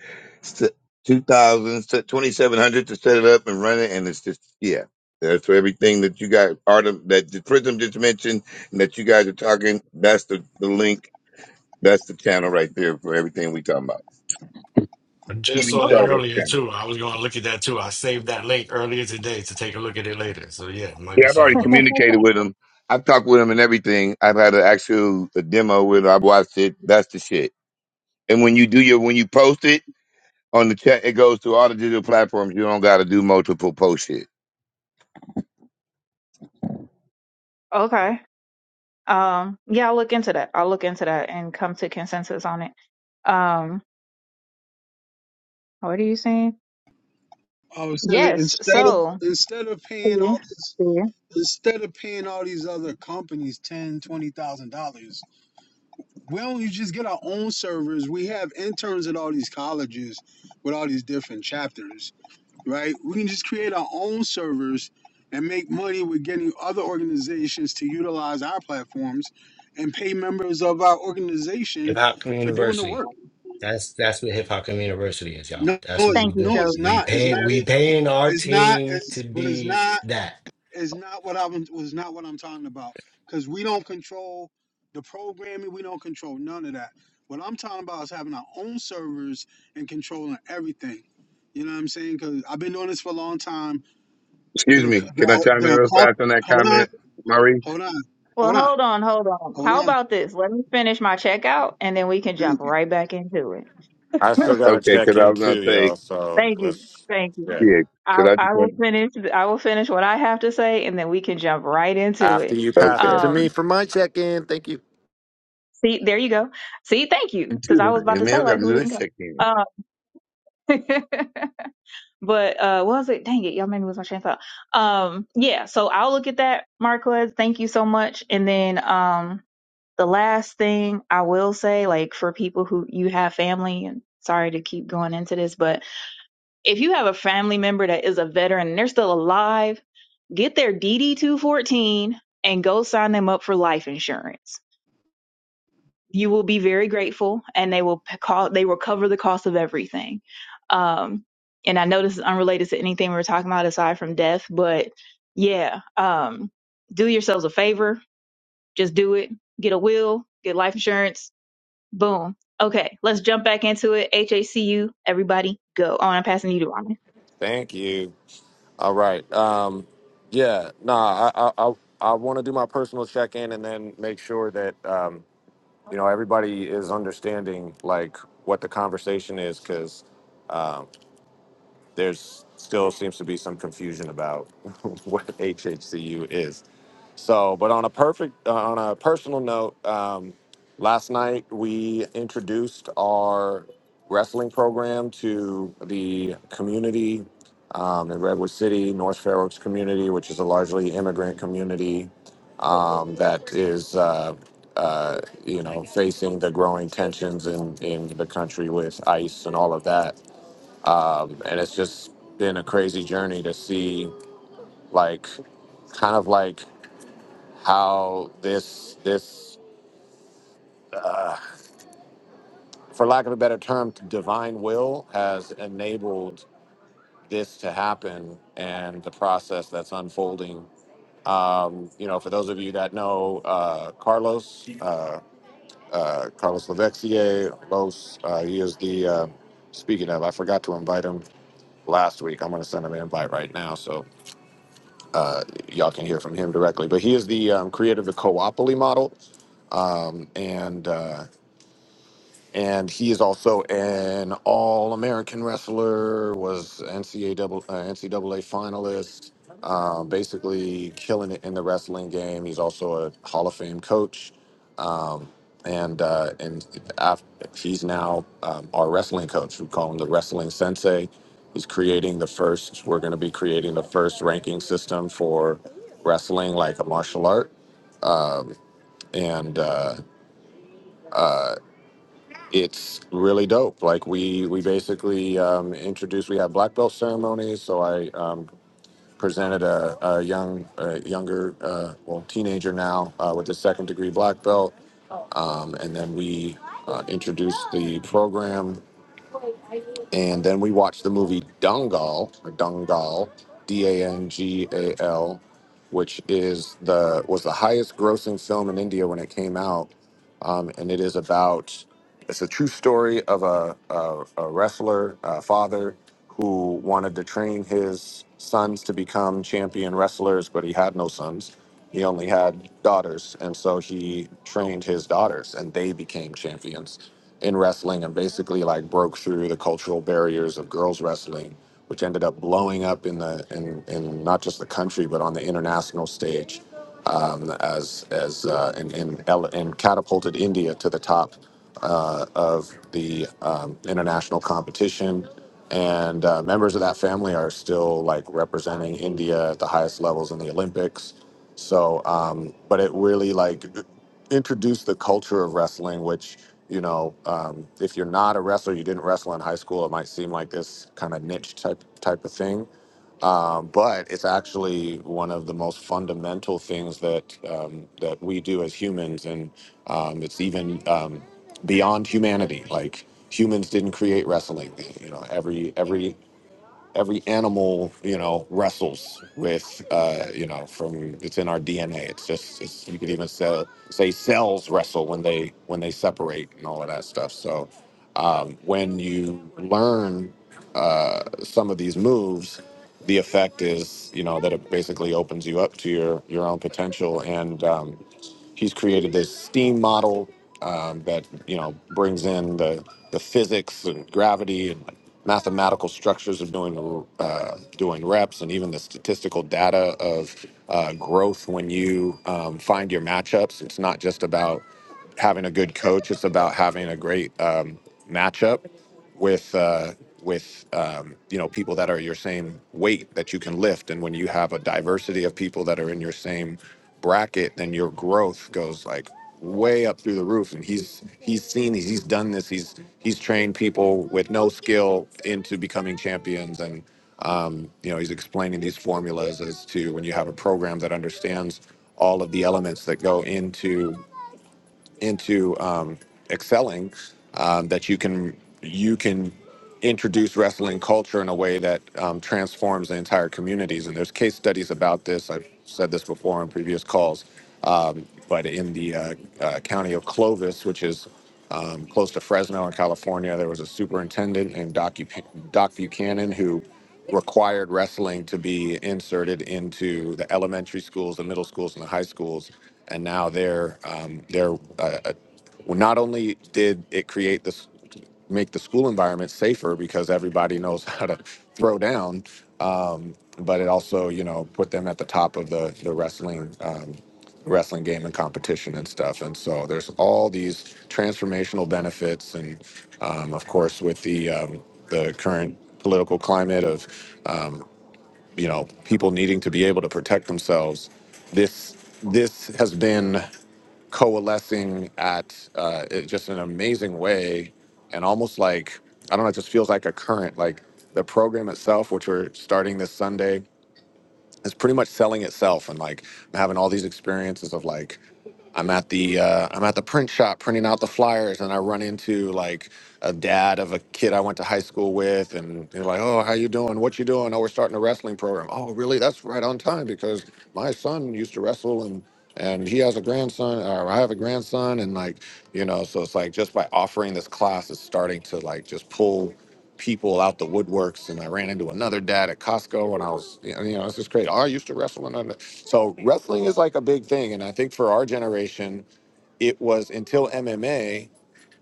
[SPEAKER 10] two thousand twenty seven hundred to set it up and run it, and it's just yeah. That's for everything that you guys are that the Prism just mentioned and that you guys are talking. That's the, the link. That's the channel right there for everything we talking about.
[SPEAKER 5] I
[SPEAKER 10] TV
[SPEAKER 5] just saw that
[SPEAKER 3] Okay.
[SPEAKER 10] show.
[SPEAKER 5] earlier too. I was going to look at that too. I saved that link earlier today to take a look at it later. So yeah, it might
[SPEAKER 10] Yeah,
[SPEAKER 5] be
[SPEAKER 10] I've
[SPEAKER 5] something
[SPEAKER 10] already
[SPEAKER 5] to look at.
[SPEAKER 10] communicated with him. I've talked with him and everything. I've had an actual a demo with him. I've watched it. That's the shit. And when you do your when you post it on the chat, it goes to all the digital platforms. You don't got to do multiple post shit.
[SPEAKER 3] Okay. Um. Yeah, I'll look into that. I'll look into that and come to consensus on it. Um. What are you saying?
[SPEAKER 4] I was saying
[SPEAKER 3] Yes.
[SPEAKER 4] instead of
[SPEAKER 3] So.
[SPEAKER 4] instead of paying
[SPEAKER 3] See.
[SPEAKER 4] all this
[SPEAKER 3] See.
[SPEAKER 4] Instead of paying all these other companies ten, twenty thousand dollars, why don't you just get our own servers? We have interns at all these colleges with all these different chapters, right? We can just create our own servers and make money with getting other organizations to utilize our platforms and pay members of our
[SPEAKER 5] Hip
[SPEAKER 4] organization
[SPEAKER 5] Hop
[SPEAKER 4] for doing the
[SPEAKER 5] University.
[SPEAKER 4] work.
[SPEAKER 5] That's that's what Hip Hop University is, y'all.
[SPEAKER 4] No,
[SPEAKER 5] That's
[SPEAKER 4] no,
[SPEAKER 5] what
[SPEAKER 4] it's,
[SPEAKER 5] we
[SPEAKER 3] Thank you,
[SPEAKER 4] no,
[SPEAKER 5] doing.
[SPEAKER 4] it's
[SPEAKER 3] Chosen.
[SPEAKER 5] We
[SPEAKER 4] not. It's
[SPEAKER 5] pay
[SPEAKER 4] not.
[SPEAKER 5] we paying our
[SPEAKER 4] It's not.
[SPEAKER 5] team to
[SPEAKER 4] It's but it's
[SPEAKER 5] be
[SPEAKER 4] not.
[SPEAKER 5] that.
[SPEAKER 4] is not what I was was not what I'm talking about. Because we don't control the programming, we don't control none of that. What I'm talking about is having our own servers and controlling everything. You know what I'm saying? Because I've been doing this for a long time.
[SPEAKER 10] Excuse
[SPEAKER 4] The
[SPEAKER 10] me. Can I
[SPEAKER 4] the,
[SPEAKER 10] chime in
[SPEAKER 4] the
[SPEAKER 10] real fast on that
[SPEAKER 4] hold on,
[SPEAKER 10] comment, Maurice?
[SPEAKER 4] hold on,
[SPEAKER 3] Well,
[SPEAKER 4] hold on,
[SPEAKER 3] hold on, hold on.
[SPEAKER 4] hold
[SPEAKER 3] How
[SPEAKER 4] on.
[SPEAKER 3] about this? Let me finish my checkout, and then we can
[SPEAKER 4] Thank
[SPEAKER 3] jump
[SPEAKER 4] you.
[SPEAKER 3] right back into it.
[SPEAKER 2] I
[SPEAKER 4] All right.
[SPEAKER 2] still got to
[SPEAKER 10] Okay, because
[SPEAKER 2] check
[SPEAKER 10] I
[SPEAKER 2] in
[SPEAKER 10] was gonna
[SPEAKER 2] too,
[SPEAKER 10] say
[SPEAKER 2] y'all. So
[SPEAKER 3] Thank you.
[SPEAKER 2] let's,
[SPEAKER 3] Thank you.
[SPEAKER 2] yeah.
[SPEAKER 10] yeah. Because
[SPEAKER 3] I,
[SPEAKER 10] I
[SPEAKER 3] I
[SPEAKER 10] just
[SPEAKER 3] will
[SPEAKER 10] want
[SPEAKER 3] finish I will finish what I have to say and then we can jump right into
[SPEAKER 2] After
[SPEAKER 3] it.
[SPEAKER 2] you pass it
[SPEAKER 10] okay.
[SPEAKER 2] to
[SPEAKER 3] Um
[SPEAKER 2] me for my check in. Thank you.
[SPEAKER 3] See, there you go. See, thank you. Because I
[SPEAKER 10] Too.
[SPEAKER 3] was about
[SPEAKER 10] And
[SPEAKER 3] to
[SPEAKER 10] man,
[SPEAKER 3] say,
[SPEAKER 10] we got
[SPEAKER 3] like,
[SPEAKER 10] to
[SPEAKER 3] who
[SPEAKER 10] do
[SPEAKER 3] didn't
[SPEAKER 10] this
[SPEAKER 3] go?
[SPEAKER 10] check in.
[SPEAKER 3] Uh, but uh, what was it? Dang it, y'all made me lose my train of thought. Um, yeah, so I'll look at that, Marquez. Thank you so much. And then um, the last thing I will say, like, for people who you have family, and sorry to keep going into this, but if you have a family member that is a veteran and they're still alive, get their DD 214 and go sign them up for life insurance you will be very grateful and they will call they will cover the cost of everything um and i know this is unrelated to anything we were talking about aside from death but yeah um do yourselves a favor just do it get a will get life insurance boom okay let's jump back into it hacu everybody go on i'm passing you to Rhonda.
[SPEAKER 2] Thank you. All right. Um, yeah, nah, I, I, I, I want to do my personal check in and then make sure that. Um, you know everybody is understanding like what the conversation is because um, there's still seems to be some confusion about what HHCU is. So, but on a perfect, uh, on a personal note, um, last night we introduced our wrestling program to the community um, in Redwood City, North Fair Oaks community, which is a largely immigrant community um, that is, uh, uh, you know, facing the growing tensions in, in the country with ICE and all of that. Um, and it's just been a crazy journey to see, like, kind of like how this this uh, for lack of a better term divine will has enabled this to happen and the process that's unfolding um, you know for those of you that know uh, carlos uh, uh, carlos Lavexier, los uh, he is the uh, speaking of i forgot to invite him last week i'm going to send him an invite right now so uh, y'all can hear from him directly but he is the um, creator of the coopoly model um, and uh, and he is also an All-American wrestler. Was NCAA uh, NCAA finalist. Um, basically, killing it in the wrestling game. He's also a Hall of Fame coach, um, and uh, and af he's now um, our wrestling coach. We call him the Wrestling Sensei. He's creating the first. We're going to be creating the first ranking system for wrestling, like a martial art. Um, and uh, uh, it's really dope. Like we we basically um, introduced. We had black belt ceremonies, so I um, presented a, a young, a younger, uh, well, teenager now uh, with a second degree black belt, um, and then we uh, introduced the program and then we watched the movie Dangal, or Dungal, D A N G A L, which is the was the highest grossing film in India when it came out, um, and it is about it's a true story of a a, a wrestler uh father who wanted to train his sons to become champion wrestlers, but he had no sons. He only had daughters, and so he trained his daughters, and they became champions in wrestling and basically like broke through the cultural barriers of girls wrestling, which ended up blowing up in the in, in not just the country but on the international stage, um, as as uh, and, and ele- and catapulted India to the top uh, of the um, international competition. And uh, members of that family are still like representing India at the highest levels in the Olympics. So, um, but it really like introduced the culture of wrestling, which you know, um, if you're not a wrestler, you didn't wrestle in high school, it might seem like this kind of niche type type of thing. Um, but it's actually one of the most fundamental things that um, that we do as humans, and um, it's even um, beyond humanity. Like humans didn't create wrestling. You know, every every every animal you know wrestles with uh you know from it's in our dna it's just it's you could even say, say cells wrestle when they when they separate and all of that stuff so um when you learn uh some of these moves the effect is you know that it basically opens you up to your your own potential and um He's created this steam model um, that you know brings in the the physics and gravity and mathematical structures of doing uh, doing reps and even the statistical data of uh, growth when you um, find your matchups. It's not just about having a good coach; it's about having a great um, matchup with uh, with um, you know people that are your same weight that you can lift, and when you have a diversity of people that are in your same bracket, then your growth goes like way up through the roof. And he's he's seen these, he's done this, he's he's trained people with no skill into becoming champions, and um, you know he's explaining these formulas as to when you have a program that understands all of the elements that go into into um, excelling um, that you can you can introduce wrestling culture in a way that um, transforms the entire communities and there's case studies about this i've said this before on previous calls um, but in the uh, uh, county of clovis which is um, close to Fresno in California. There was a superintendent named Doc, Bu- Doc Buchanan who required wrestling to be inserted into the elementary schools, the middle schools, and the high schools. And now they're um, they're uh, uh, well, not only did it create this make the school environment safer because everybody knows how to throw down. Um, but it also, you know, put them at the top of the the wrestling um, wrestling game and competition and stuff. And so there's all these transformational benefits, and um, of course, with the um, the current political climate of um, you know people needing to be able to protect themselves this this has been coalescing at uh, it- just an amazing way and almost like i don't know it just feels like a current like the program itself which we're starting this sunday it's pretty much selling itself and like I'm having all these experiences of like I'm at the uh, I'm at the print shop printing out the flyers and I run into like a dad of a kid I went to high school with and they're like, "Oh, how you doing? What you doing? Oh, we're starting a wrestling program." "Oh, really? That's right on time because my son used to wrestle and and he has a grandson or I have a grandson and like, you know, so it's like just by offering this class it's starting to like just pull people out the woodworks, and I ran into another dad at Costco, and I was, you know, this is crazy. I used to wrestle, and I- so wrestling is like a big thing, and I think for our generation, it was until MMA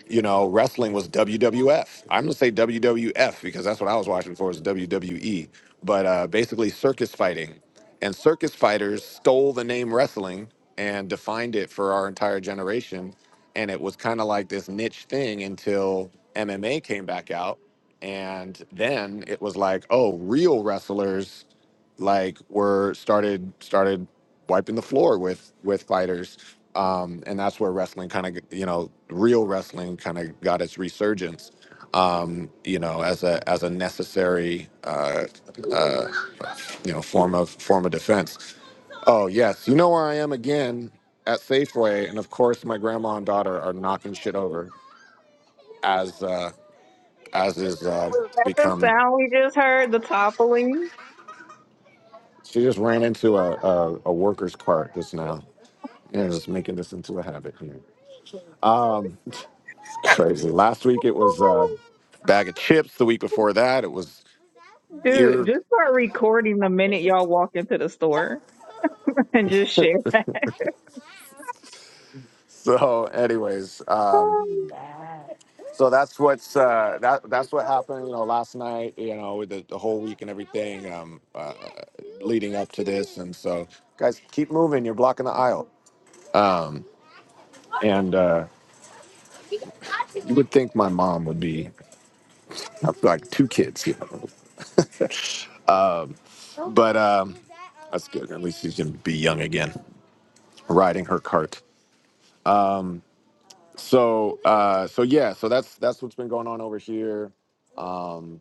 [SPEAKER 2] you know, wrestling was WWF. I'm gonna say WWF because that's what I was watching for was WWE. But uh, basically, circus fighting, and circus fighters stole the name wrestling and defined it for our entire generation. And it was kind of like this niche thing until MMA came back out, and then it was like, oh, real wrestlers like were started started wiping the floor with with fighters um and that's where wrestling kind of you know real wrestling kind of got its resurgence um you know as a as a necessary uh uh you know form of form of defense oh yes you know where i am again at safeway and of course my grandma and daughter are knocking shit over as uh as is uh
[SPEAKER 3] Was that the
[SPEAKER 2] become
[SPEAKER 3] sound we just heard? The toppling?
[SPEAKER 2] she just ran into a a, a worker's cart just now Yeah, it's making this into a habit here. Um, it's crazy. Last week it was a bag of chips. The week before that it was
[SPEAKER 3] Dude,
[SPEAKER 2] beer.
[SPEAKER 3] just start recording the minute y'all walk into the store and just share.
[SPEAKER 2] So, anyways, um, so that's what's uh, that that's what happened. You know, last night. You know, with the, the whole week and everything um, uh, leading up to this, and so guys, keep moving. You're blocking the aisle. Um, and uh, you would think my mom would be I've got like two kids. You know. Um, But um, that's good. At least she's gonna be young again, riding her cart. Um, so uh, so yeah, so that's that's what's been going on over here. Um,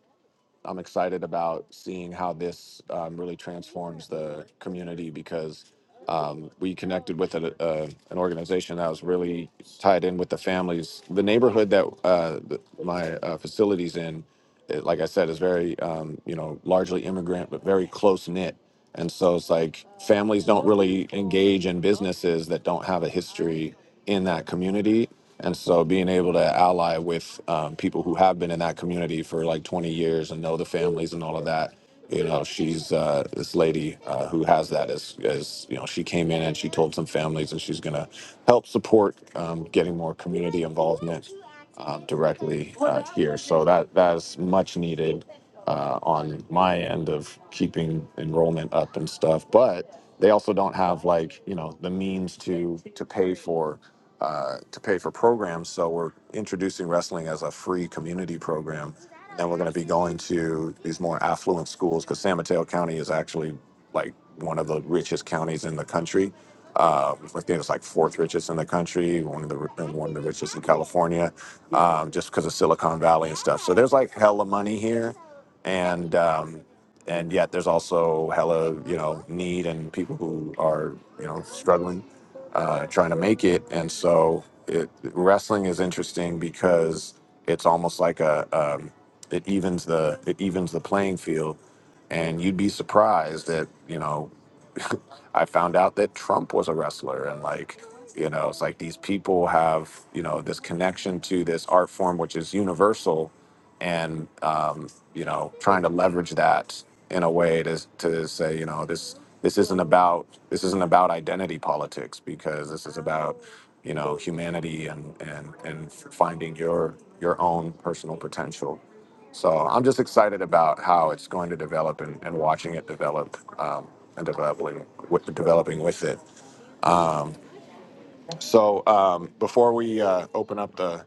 [SPEAKER 2] I'm excited about seeing how this um, really transforms the community because um, we connected with a, a, an organization that was really tied in with the families. The neighborhood that uh, th- my uh, facilities in, it, like I said, is very um, you know largely immigrant but very close knit. And so it's like families don't really engage in businesses that don't have a history in that community. And so being able to ally with um, people who have been in that community for like 20 years and know the families and all of that, you know, she's uh, this lady uh, who has that as, as, you know, she came in and she told some families and she's going to help support um, getting more community involvement um, directly uh, here. So that that's much needed uh, on my end of keeping enrollment up and stuff. But they also don't have like you know the means to to pay for. Uh, to pay for programs, so we're introducing wrestling as a free community program, and then we're going to be going to these more affluent schools because San Mateo County is actually like one of the richest counties in the country, uh, I think it's like fourth richest in the country, one of the and one of the richest in California, um, just because of Silicon Valley and stuff. So there's like hella money here, and um, and yet there's also hella you know need and people who are you know struggling, uh, trying to make it. And so it, wrestling is interesting because it's almost like a um, it evens the it evens the playing field, and you'd be surprised that you know. I found out that Trump was a wrestler and like you know it's like these people have you know this connection to this art form which is universal and um, you know trying to leverage that in a way to to say you know this this isn't about this isn't about identity politics because this is about you know humanity and and and finding your your own personal potential so I'm just excited about how it's going to develop and, and watching it develop um, and developing with developing with it. So um, before we uh, open up the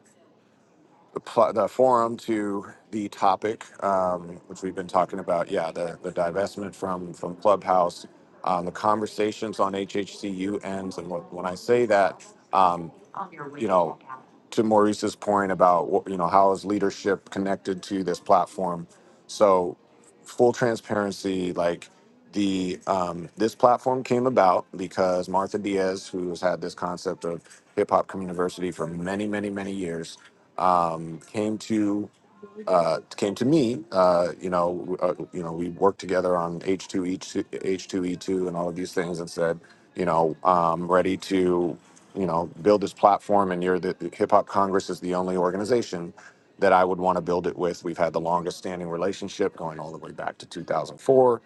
[SPEAKER 2] the, pl- the forum to the topic, um, which we've been talking about. Yeah, the, the divestment from from Clubhouse, um, the conversations on HHCU ends, and wh- when I say that, um, you know, to Maurice's point about wh- you know how is leadership connected to this platform. So, full transparency, like the um, this platform came about because Martha Diaz, who has had this concept of hip hop community University for many, many, many years um, came to uh, came to me. Uh, you know, uh, you know, we worked together on H two E two H two E two and all of these things, and said, you know, I'm ready to, you know, build this platform. And you're the Hip Hop Congress is the only organization that I would want to build it with. We've had the longest standing relationship, going all the way back to 2004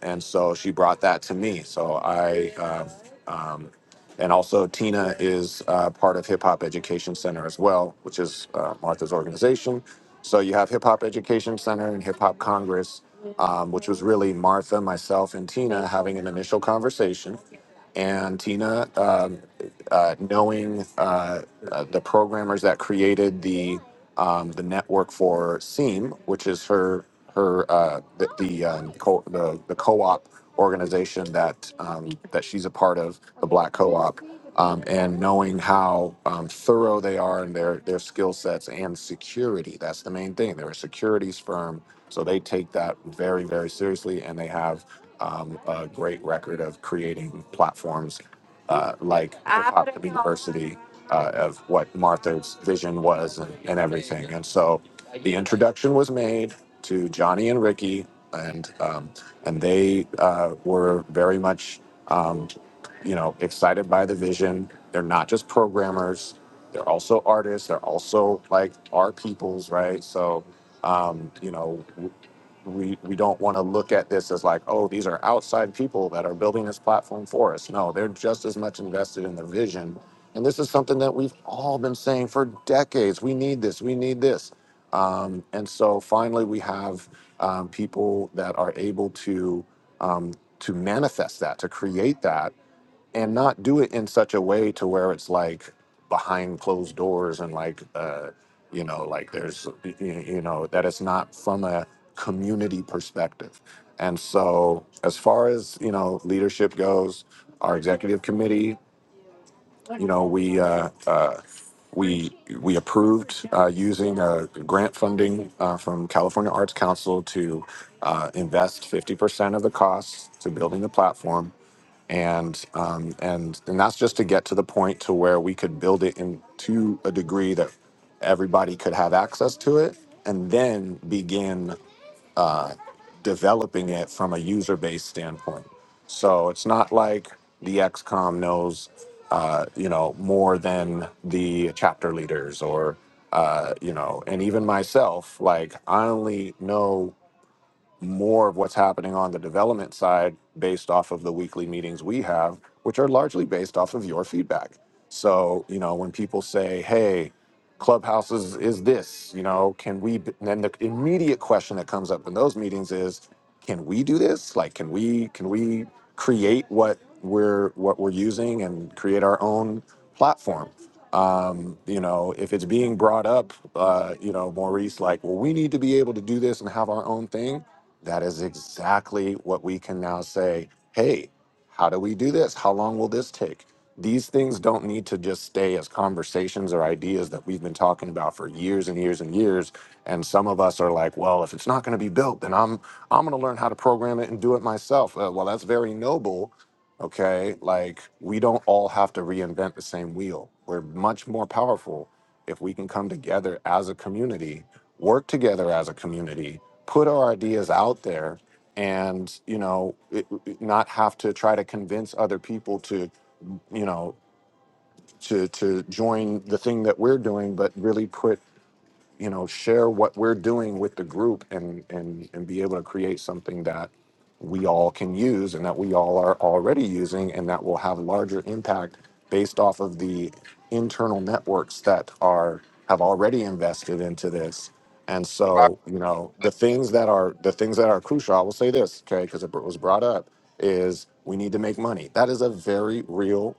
[SPEAKER 2] and and so she brought that to me. So I, uh, um, and also Tina is uh, part of Hip Hop Education Center as well, which is uh, Martha's organization. So you have Hip Hop Education Center and Hip Hop Congress, um, which was really Martha, myself, and Tina having an initial conversation, and Tina. Um, uh, knowing uh, uh, the programmers that created the um, the network for Seam, which is her her uh, the the, um, co- the the co-op organization that um, that she's a part of, the Black Co-op, um, and knowing how um, thorough they are in their their skill sets and security. That's the main thing. They're a securities firm, so they take that very very seriously, and they have. Um, a great record of creating platforms uh, like the pop university uh, of what Martha's vision was and, and everything. And so the introduction was made to Johnny and Ricky, and um, and they uh, were very much um, you know excited by the vision. They're not just programmers; they're also artists. They're also like our peoples, right? So um, you know we we don't want to look at this as like oh these are outside people that are building this platform for us no they're just as much invested in the vision and this is something that we've all been saying for decades we need this we need this um, and so finally we have um, people that are able to um, to manifest that to create that and not do it in such a way to where it's like behind closed doors and like uh you know like there's y- y- you know that it's not from a community perspective and so as far as you know leadership goes our executive committee you know we uh, uh we we approved uh, using uh, grant funding uh, from California Arts Council to uh, invest 50% of the costs to building the platform and um, and and that's just to get to the point to where we could build it into a degree that everybody could have access to it, and then begin uh, developing it from a user base standpoint. So it's not like the XCOM knows, uh, you know, more than the chapter leaders or, uh, you know, and even myself. Like I only know more of what's happening on the development side based off of the weekly meetings we have, which are largely based off of your feedback. So, you know, when people say, hey, Clubhouse is, is this, you know, can we, b- then the immediate question that comes up in those meetings is, can we do this? Like, can we, can we create what we're, what we're using and create our own platform? um, you know, if it's being brought up, uh, you know, Maurice, like, well, we need to be able to do this and have our own thing. That is exactly what we can now say. Hey, how do we do this? How long will this take? These things don't need to just stay as conversations or ideas that we've been talking about for years and years and years. And some of us are like, well, if it's not going to be built, then I'm I'm going to learn how to program it and do it myself. Uh, well, that's very noble. Okay, like we don't all have to reinvent the same wheel. We're much more powerful if we can come together as a community, work together as a community, put our ideas out there and you know it, it- not have to try to convince other people to you know to to join the thing that we're doing but really put you know share what we're doing with the group and and and be able to create something that we all can use and that we all are already using and that will have larger impact based off of the internal networks that are have already invested into this and so you know the things that are the things that are crucial i will say this okay because it was brought up is we need to make money that is a very real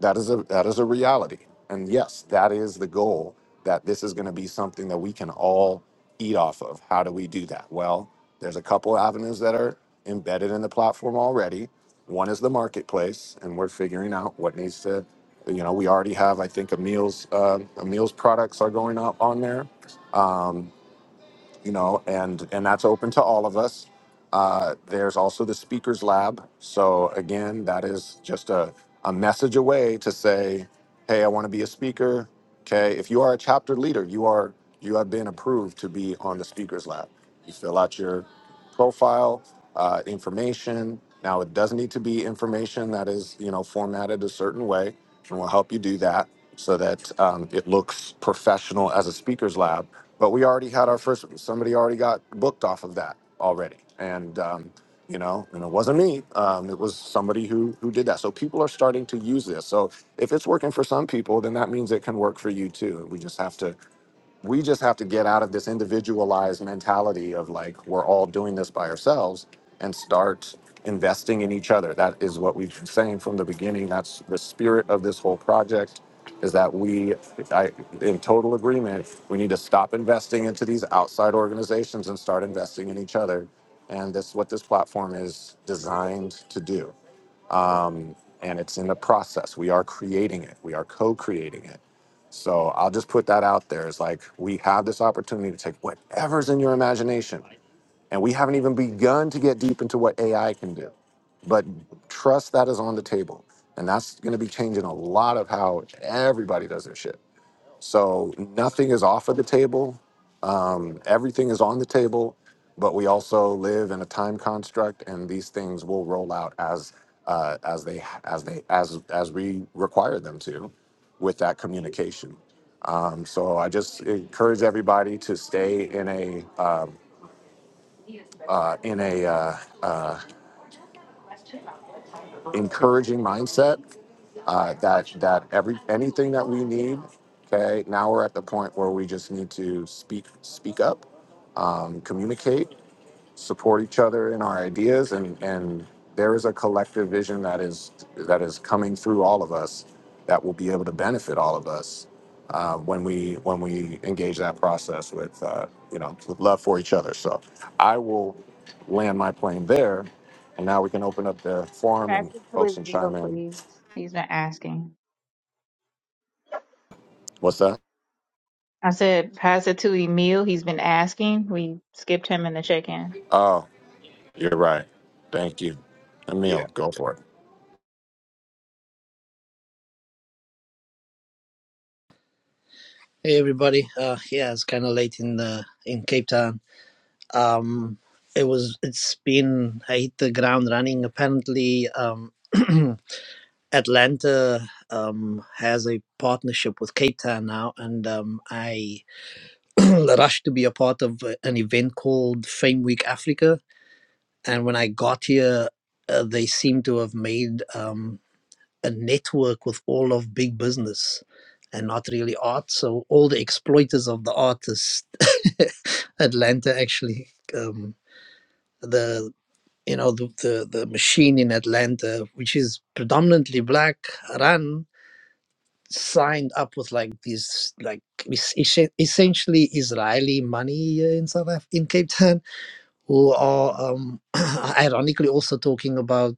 [SPEAKER 2] that is a that is a reality. And yes, that is the goal that this is going to be something that we can all eat off of. How do we do that? Well, there's a couple avenues that are embedded in the platform already. One is the marketplace, and we're figuring out what needs to, you know, we already have, I think, a meals, uh, a meals products are going up on there. Um, you know, and and that's open to all of us. Uh, there's also the speakers lab. So again, that is just a, a message away to say, hey, I want to be a speaker. Okay, if you are a chapter leader, you are you have been approved to be on the speakers lab. You fill out your profile, uh, information. Now it does need to be information that is you know formatted a certain way, and we'll help you do that so that um, it looks professional as a speakers lab but we already had our first. Somebody already got booked off of that already, and um, you know, and it wasn't me. Um, it was somebody who who did that. So people are starting to use this. So if it's working for some people, then that means it can work for you too. We just have to we just have to get out of this individualized mentality of like we're all doing this by ourselves and start investing in each other that is what we've been saying from the beginning that's the spirit of this whole project is that we I, in total agreement we need to stop investing into these outside organizations and start investing in each other and that's what this platform is designed to do and it's in the process. We are creating it. We are co-creating it. So I'll just put that out there. It's like we have this opportunity to take whatever's in your imagination, and we haven't even begun to get deep into what AI can do. But trust that is on the table, and that's going to be changing a lot of how everybody does their shit. So nothing is off of the table. Um, everything is on the table, but we also live in a time construct, and these things will roll out as uh, as they as they as as we require them to, with that communication. Um, so I just encourage everybody to stay in a um uh, in a uh, uh, encouraging mindset uh, that that every anything that we need. Okay, now we're at the point where we just need to speak speak up, um, communicate, support each other in our ideas and and there is a collective vision that is that is coming through all of us that will be able to benefit all of us uh, when we when we engage that process with uh, you know with love for each other so i will land my plane there and now we can open up the forum
[SPEAKER 3] Pass
[SPEAKER 2] and
[SPEAKER 3] it to
[SPEAKER 2] folks
[SPEAKER 3] Emil,
[SPEAKER 2] can chime in
[SPEAKER 3] please. He's been asking.
[SPEAKER 2] what's that
[SPEAKER 3] I said, pass it to Emil. He's been asking. We skipped him in the check-in.
[SPEAKER 2] oh you're right thank you
[SPEAKER 10] Yeah.
[SPEAKER 2] emil go for it
[SPEAKER 11] Hey everybody. Uh yeah, it's kind of late in uh, in Cape Town. Um it was it's been I hit the ground running apparently um Atlanta um has a partnership with Cape Town now and um I rushed to be a part of uh, an event called Fame Week Africa and when I got here uh, they seem to have made um a network with all of big business and not really art. So all the exploiters of the artists, Atlanta actually, um, the you know the, the the machine in Atlanta, which is predominantly black, run signed up with like these like es- es- essentially Israeli money here in South Af- in Cape Town, who are um, ironically also talking about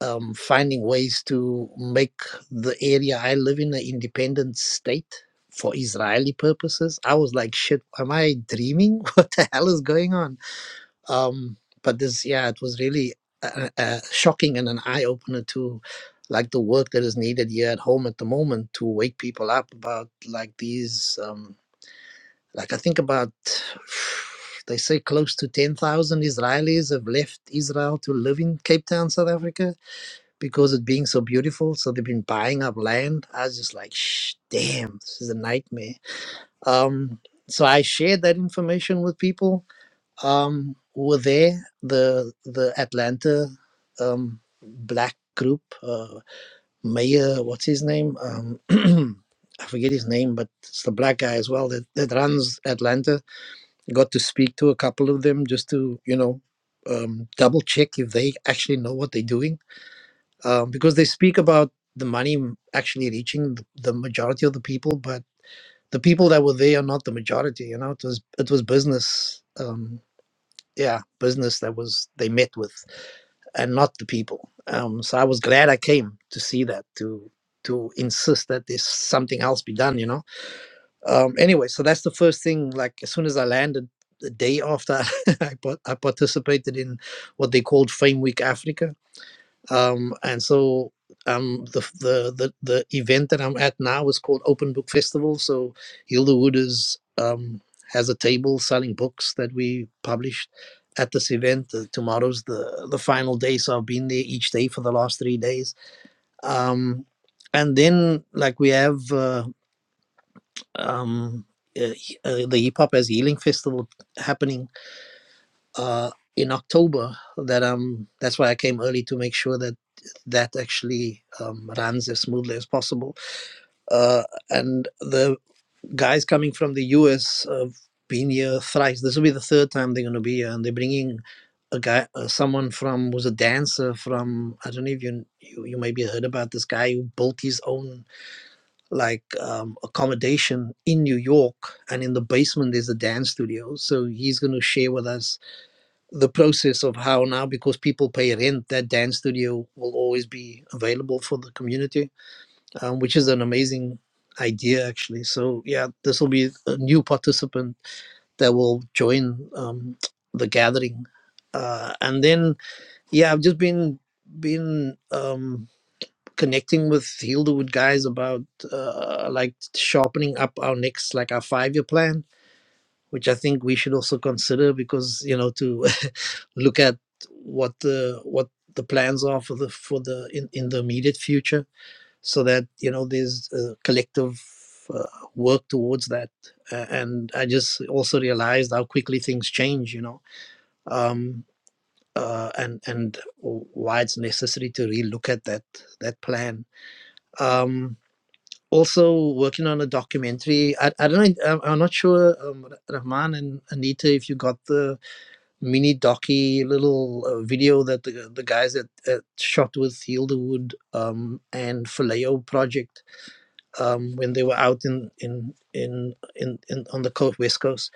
[SPEAKER 11] um, finding ways to make the area I live in an independent state for Israeli purposes. I was like, shit, am I dreaming? What the hell is going on? Um, but this, yeah, it was really uh, uh, shocking and an eye opener to like the work that is needed here at home at the moment to wake people up about like these, um, like I think about. They say close to 10,000 Israelis have left Israel to live in Cape Town, South Africa because it being so beautiful. So they've been buying up land. I was just like, Shh, damn, this is a nightmare. Um, so I shared that information with people um, who were there. The the Atlanta um, black group, uh, Mayor, what's his name? Um, I forget his name, but it's the black guy as well that, that runs Atlanta. Got to speak to a couple of them just to, you know, um, double check if they actually know what they're doing um, because they speak about the money actually reaching the majority of the people, but the people that were there are not the majority. You know, it was it was business. Um, yeah, business that was they met with, and not the people. Um, so I was glad I came to see that to to insist that there's something else be done. You know. Um, anyway, so that's the first thing. Like as soon as I landed, the day after I, par- I participated in what they called Fame Week Africa um, and so um, the, the the the event that I'm at now is called Open Book Festival. So Hilda Wood is um, has a table selling books that we published at this event. Uh, tomorrow's the the final day, so I've been there each day for the last three days. Um, and then like we have uh, um, uh, uh, the Hip Hop as Healing Festival happening uh, in October that um that's why I came early to make sure that that actually um, runs as smoothly as possible. Uh, and the guys coming from the US have been here thrice. This will be the third time they're going to be here, and they're bringing a guy, uh, someone from who's a dancer from I don't know if you you, you maybe heard about this guy who built his own like um, accommodation in New York, and in the basement there's a dance studio. So he's going to share with us the process of how now because people pay rent that dance studio will always be available for the community um, which is an amazing idea actually so yeah this will be a new participant that will join um, the gathering uh, and then yeah i've just been been um, connecting with Hilderwood guys about uh, like sharpening up our next like our five year plan which I think we should also consider because you know to look at what the what the plans are for the for the in, in the immediate future so that you know there's a collective uh, work towards that uh, and I just also realized how quickly things change you know um, uh, and and why it's necessary to relook at that that plan um, also working on a documentary I, I don't know I'm not sure um, Rahman and Anita if you got the mini docky little uh, video that the, the guys at, at shot with Hildewood um, and Faleo project um, when they were out in in in, in, in on the coast, west coast.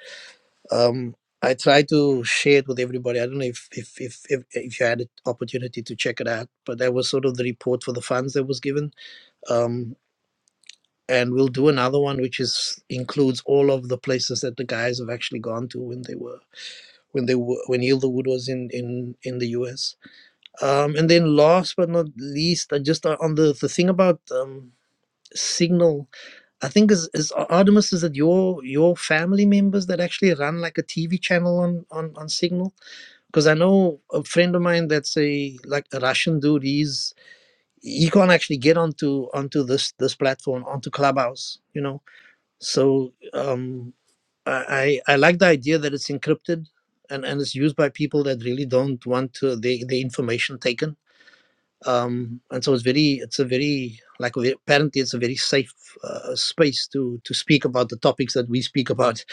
[SPEAKER 11] Um, I try to share it with everybody. I don't know if if, if if if you had an opportunity to check it out, but that was sort of the report for the funds that was given. Um, and we'll do another one, which is includes all of the places that the guys have actually gone to when they were when they were when Hildewood was in in in the U.S Um, and then last but not least, I just uh, on the, the thing about um, Signal, I think is, is Ar- Artemis, is it your your family members that actually run like a TV channel on on, on Signal? Because I know a friend of mine that's a like a Russian dude. He's he can't actually get onto onto this this platform onto Clubhouse, you know. So um, I I I like the idea that it's encrypted and and it's used by people that really don't want to, their their information taken um, and so it's very it's a very like apparently it's a very safe uh, space to to speak about the topics that we speak about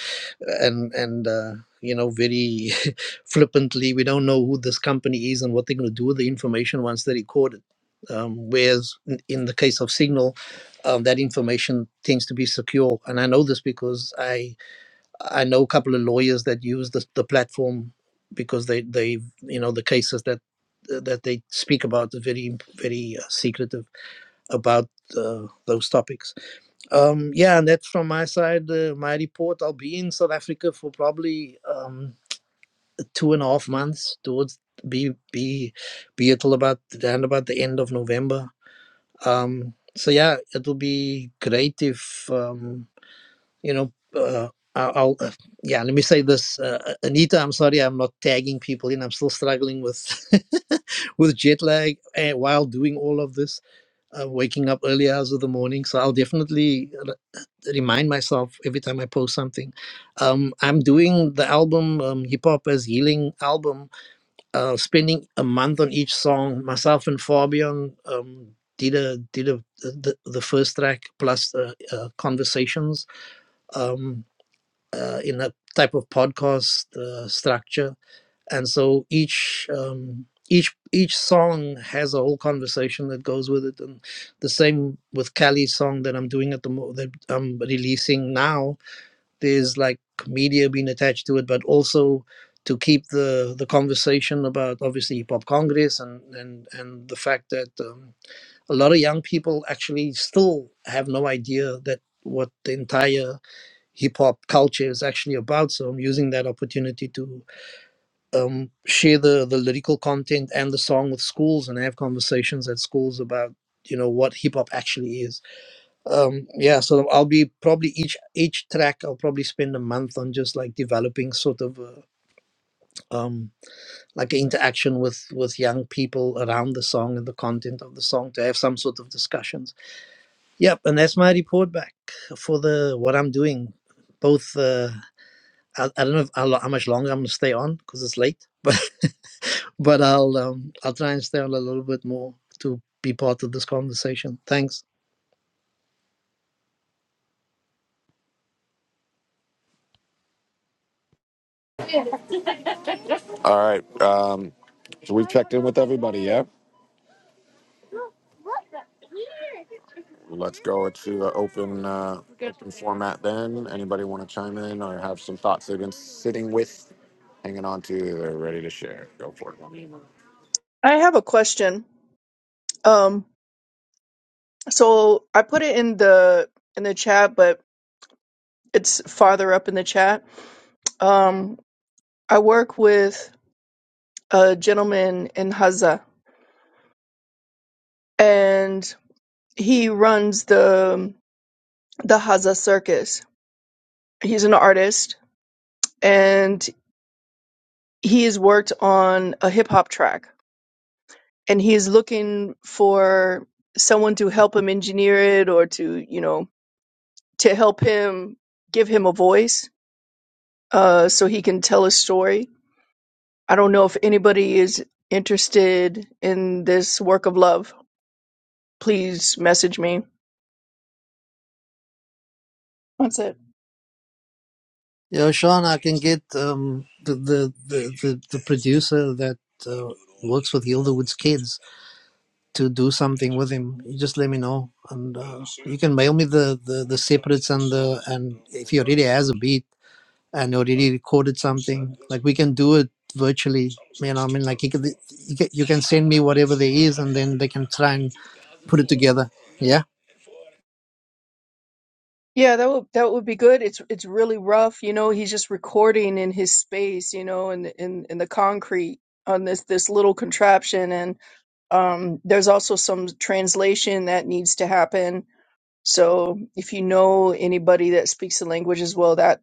[SPEAKER 11] and and uh, you know very flippantly we don't know who this company is and what they're going to do with the information once they record it um, whereas in, in the case of signal um, that information tends to be secure and i know this because i I know a couple of lawyers that use the, the platform because they they you know the cases that that they speak about are very very uh, secretive about uh, those topics. Um, yeah, and that's from my side. Uh, my report. I'll be in South Africa for probably um, two and a half months. Towards be be be until about around about the end of November. Um, so yeah, it will be great if. Um, you know, uh, I- I'll, uh, yeah, let me say this, uh, Anita. I'm sorry, I'm not tagging people in. I'm still struggling with with jet lag uh, while doing all of this, uh, waking up early hours of the morning. So I'll definitely r- remind myself every time I post something. Um, I'm doing the album um, Hip Hop as Healing album, uh, spending a month on each song. Myself and Fabian um, did a did a the, the the first track plus uh, uh, conversations. Um, uh, in a type of podcast uh, structure and so each um, each each song has a whole conversation that goes with it and the same with Cali's song that I'm doing at the mo- that I'm releasing now there's like media being attached to it but also to keep the the conversation about obviously hip hop congress and and and the fact that um, a lot of young people actually still have no idea that what the entire hip hop culture is actually about. So I'm using that opportunity to um, share the, the lyrical content and the song with schools and have conversations at schools about you know what hip hop actually is. Um, yeah, so I'll be probably each each track I'll probably spend a month on just like developing sort of a, um, like an interaction with with young people around the song and the content of the song to have some sort of discussions. Yep, and that's my report back for the what I'm doing, both. Uh, I, I don't know if, how, lo- how much longer I'm gonna stay on because it's late, but but I'll um, I'll try and stay on a little bit more to be part of this conversation. Thanks.
[SPEAKER 2] all right um, so we've checked in with everybody yeah Let's go to the open uh, open format then. Anybody want to chime in or have some thoughts they've been sitting with, hanging on to, they're ready to share. Go for it.
[SPEAKER 8] I have a question. Um, so I put it in the in the chat, but It's farther up in the chat. Um, I work with a gentleman in Haza, and he runs the the Haza Circus. He's an artist, and he has worked on a hip hop track, and he is looking for someone to help him engineer it or to you know to help him give him a voice uh, so he can tell a story. I don't know if anybody is interested in this work of love. please message me. That's it.
[SPEAKER 11] Yeah, Sean, I can get um, the, the, the the the producer that uh, works with Gilderwood's kids to do something with him. You just let me know, and uh, you can mail me the, the the separates and the and if he already has a beat, and already recorded something. Like we can do it virtually. You know, I mean, like you can, you can you can send me whatever there is, and then they can try and put it together. Yeah.
[SPEAKER 8] Yeah, that would that would be good. It's it's really rough, you know. He's just recording in his space, you know, in in in the concrete on this this little contraption, and um, there's also some translation that needs to happen. So if you know anybody that speaks the language as well, that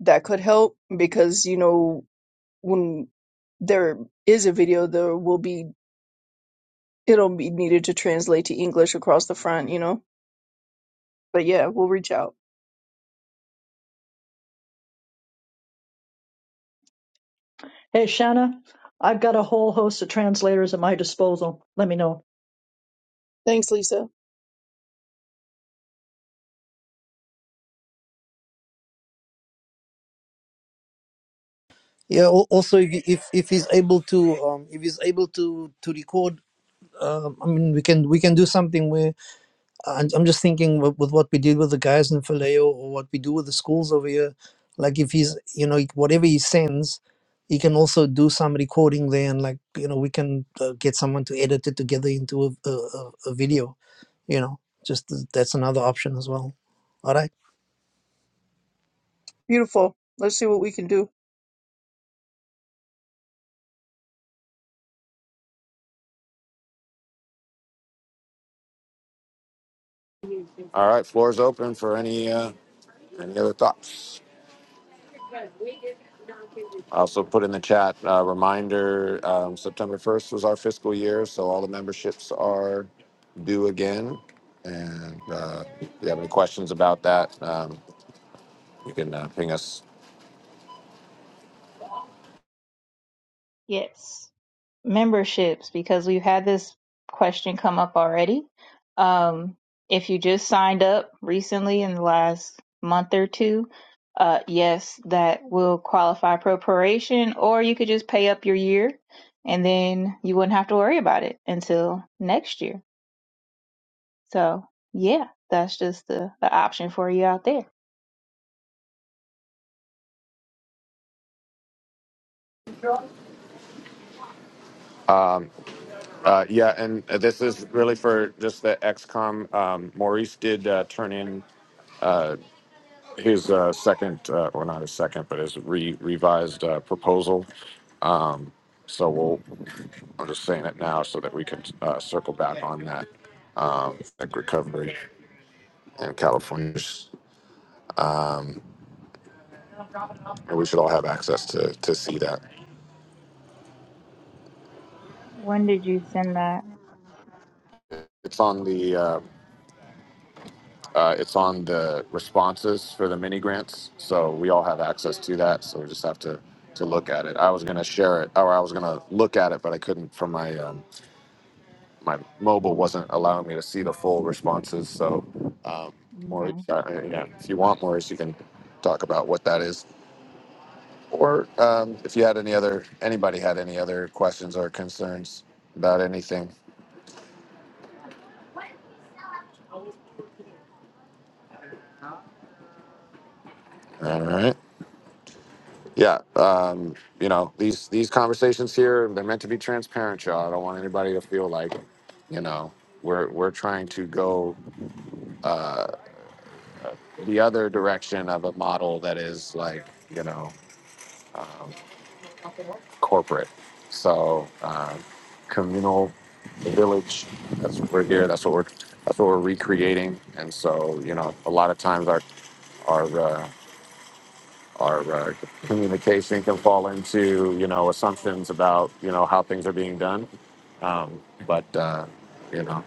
[SPEAKER 8] that could help because you know when there is a video, there will be it'll be needed to translate to English across the front, you know. But yeah, we'll reach out.
[SPEAKER 1] Hey, Shanna, I've got a whole host of translators at my disposal. Let me know.
[SPEAKER 8] Thanks, Lisa.
[SPEAKER 11] Yeah. al- Also, if if, if he's able to, um, if he's able to to record, um I mean, we can we can do something where and I'm just thinking with, with what we did with the guys in Vallejo or what we do with the schools over here, like if he's, you know, whatever he sends, he can also do some recording there and like, you know, we can uh, get someone to edit it together into a, a, a a video, you know, just th- that's another option as well. All right.
[SPEAKER 8] Beautiful. Let's see what we can do.
[SPEAKER 2] All right, floor's open for any uh, any other thoughts. I also put in the chat uh, reminder: um, September first was our fiscal year, so all the memberships are due again. And uh, if you have any questions about that, um, you can uh, ping us
[SPEAKER 3] Yes. Memberships, because we've had this question come up already. Um, if you just signed up recently in the last month or two, uh, yes, that will qualify for proration, or you could just pay up your year and then you wouldn't have to worry about it until next year. So yeah, that's just the, the option for you out there.
[SPEAKER 2] Uh, yeah, and uh, this is really for just the XCOM. Um, Maurice did uh, turn in uh, his uh, second, uh, well, not his second, but his re- revised uh, proposal. Um, so we'll, I'm just saying it now so that we can uh, circle back on that um, like recovery in California. And we should all have access to, to see that.
[SPEAKER 3] When did you send that?
[SPEAKER 2] It's on the uh, Uh, it's on the responses for the mini grants, so we all have access to that. So we just have to to look at it. I was gonna share it, or I was gonna look at it, but I couldn't from my um, my mobile wasn't allowing me to see the full responses. So, um,
[SPEAKER 3] hmm
[SPEAKER 2] Maurice, uh, yeah, if you want, Maurice, you can talk about what that is, or um, if you had any other anybody had any other questions or concerns about anything. All right. yeah um you know these these conversations here they're meant to be transparent y'all i don't want anybody to feel like you know we're we're trying to go uh the other direction of a model that is like you know um, corporate so um, communal the village that's what we're here that's what we're that's what we're recreating and so you know a lot of times our our uh, our uh, communication can fall into you know assumptions about you know how things are being done um, but uh, you know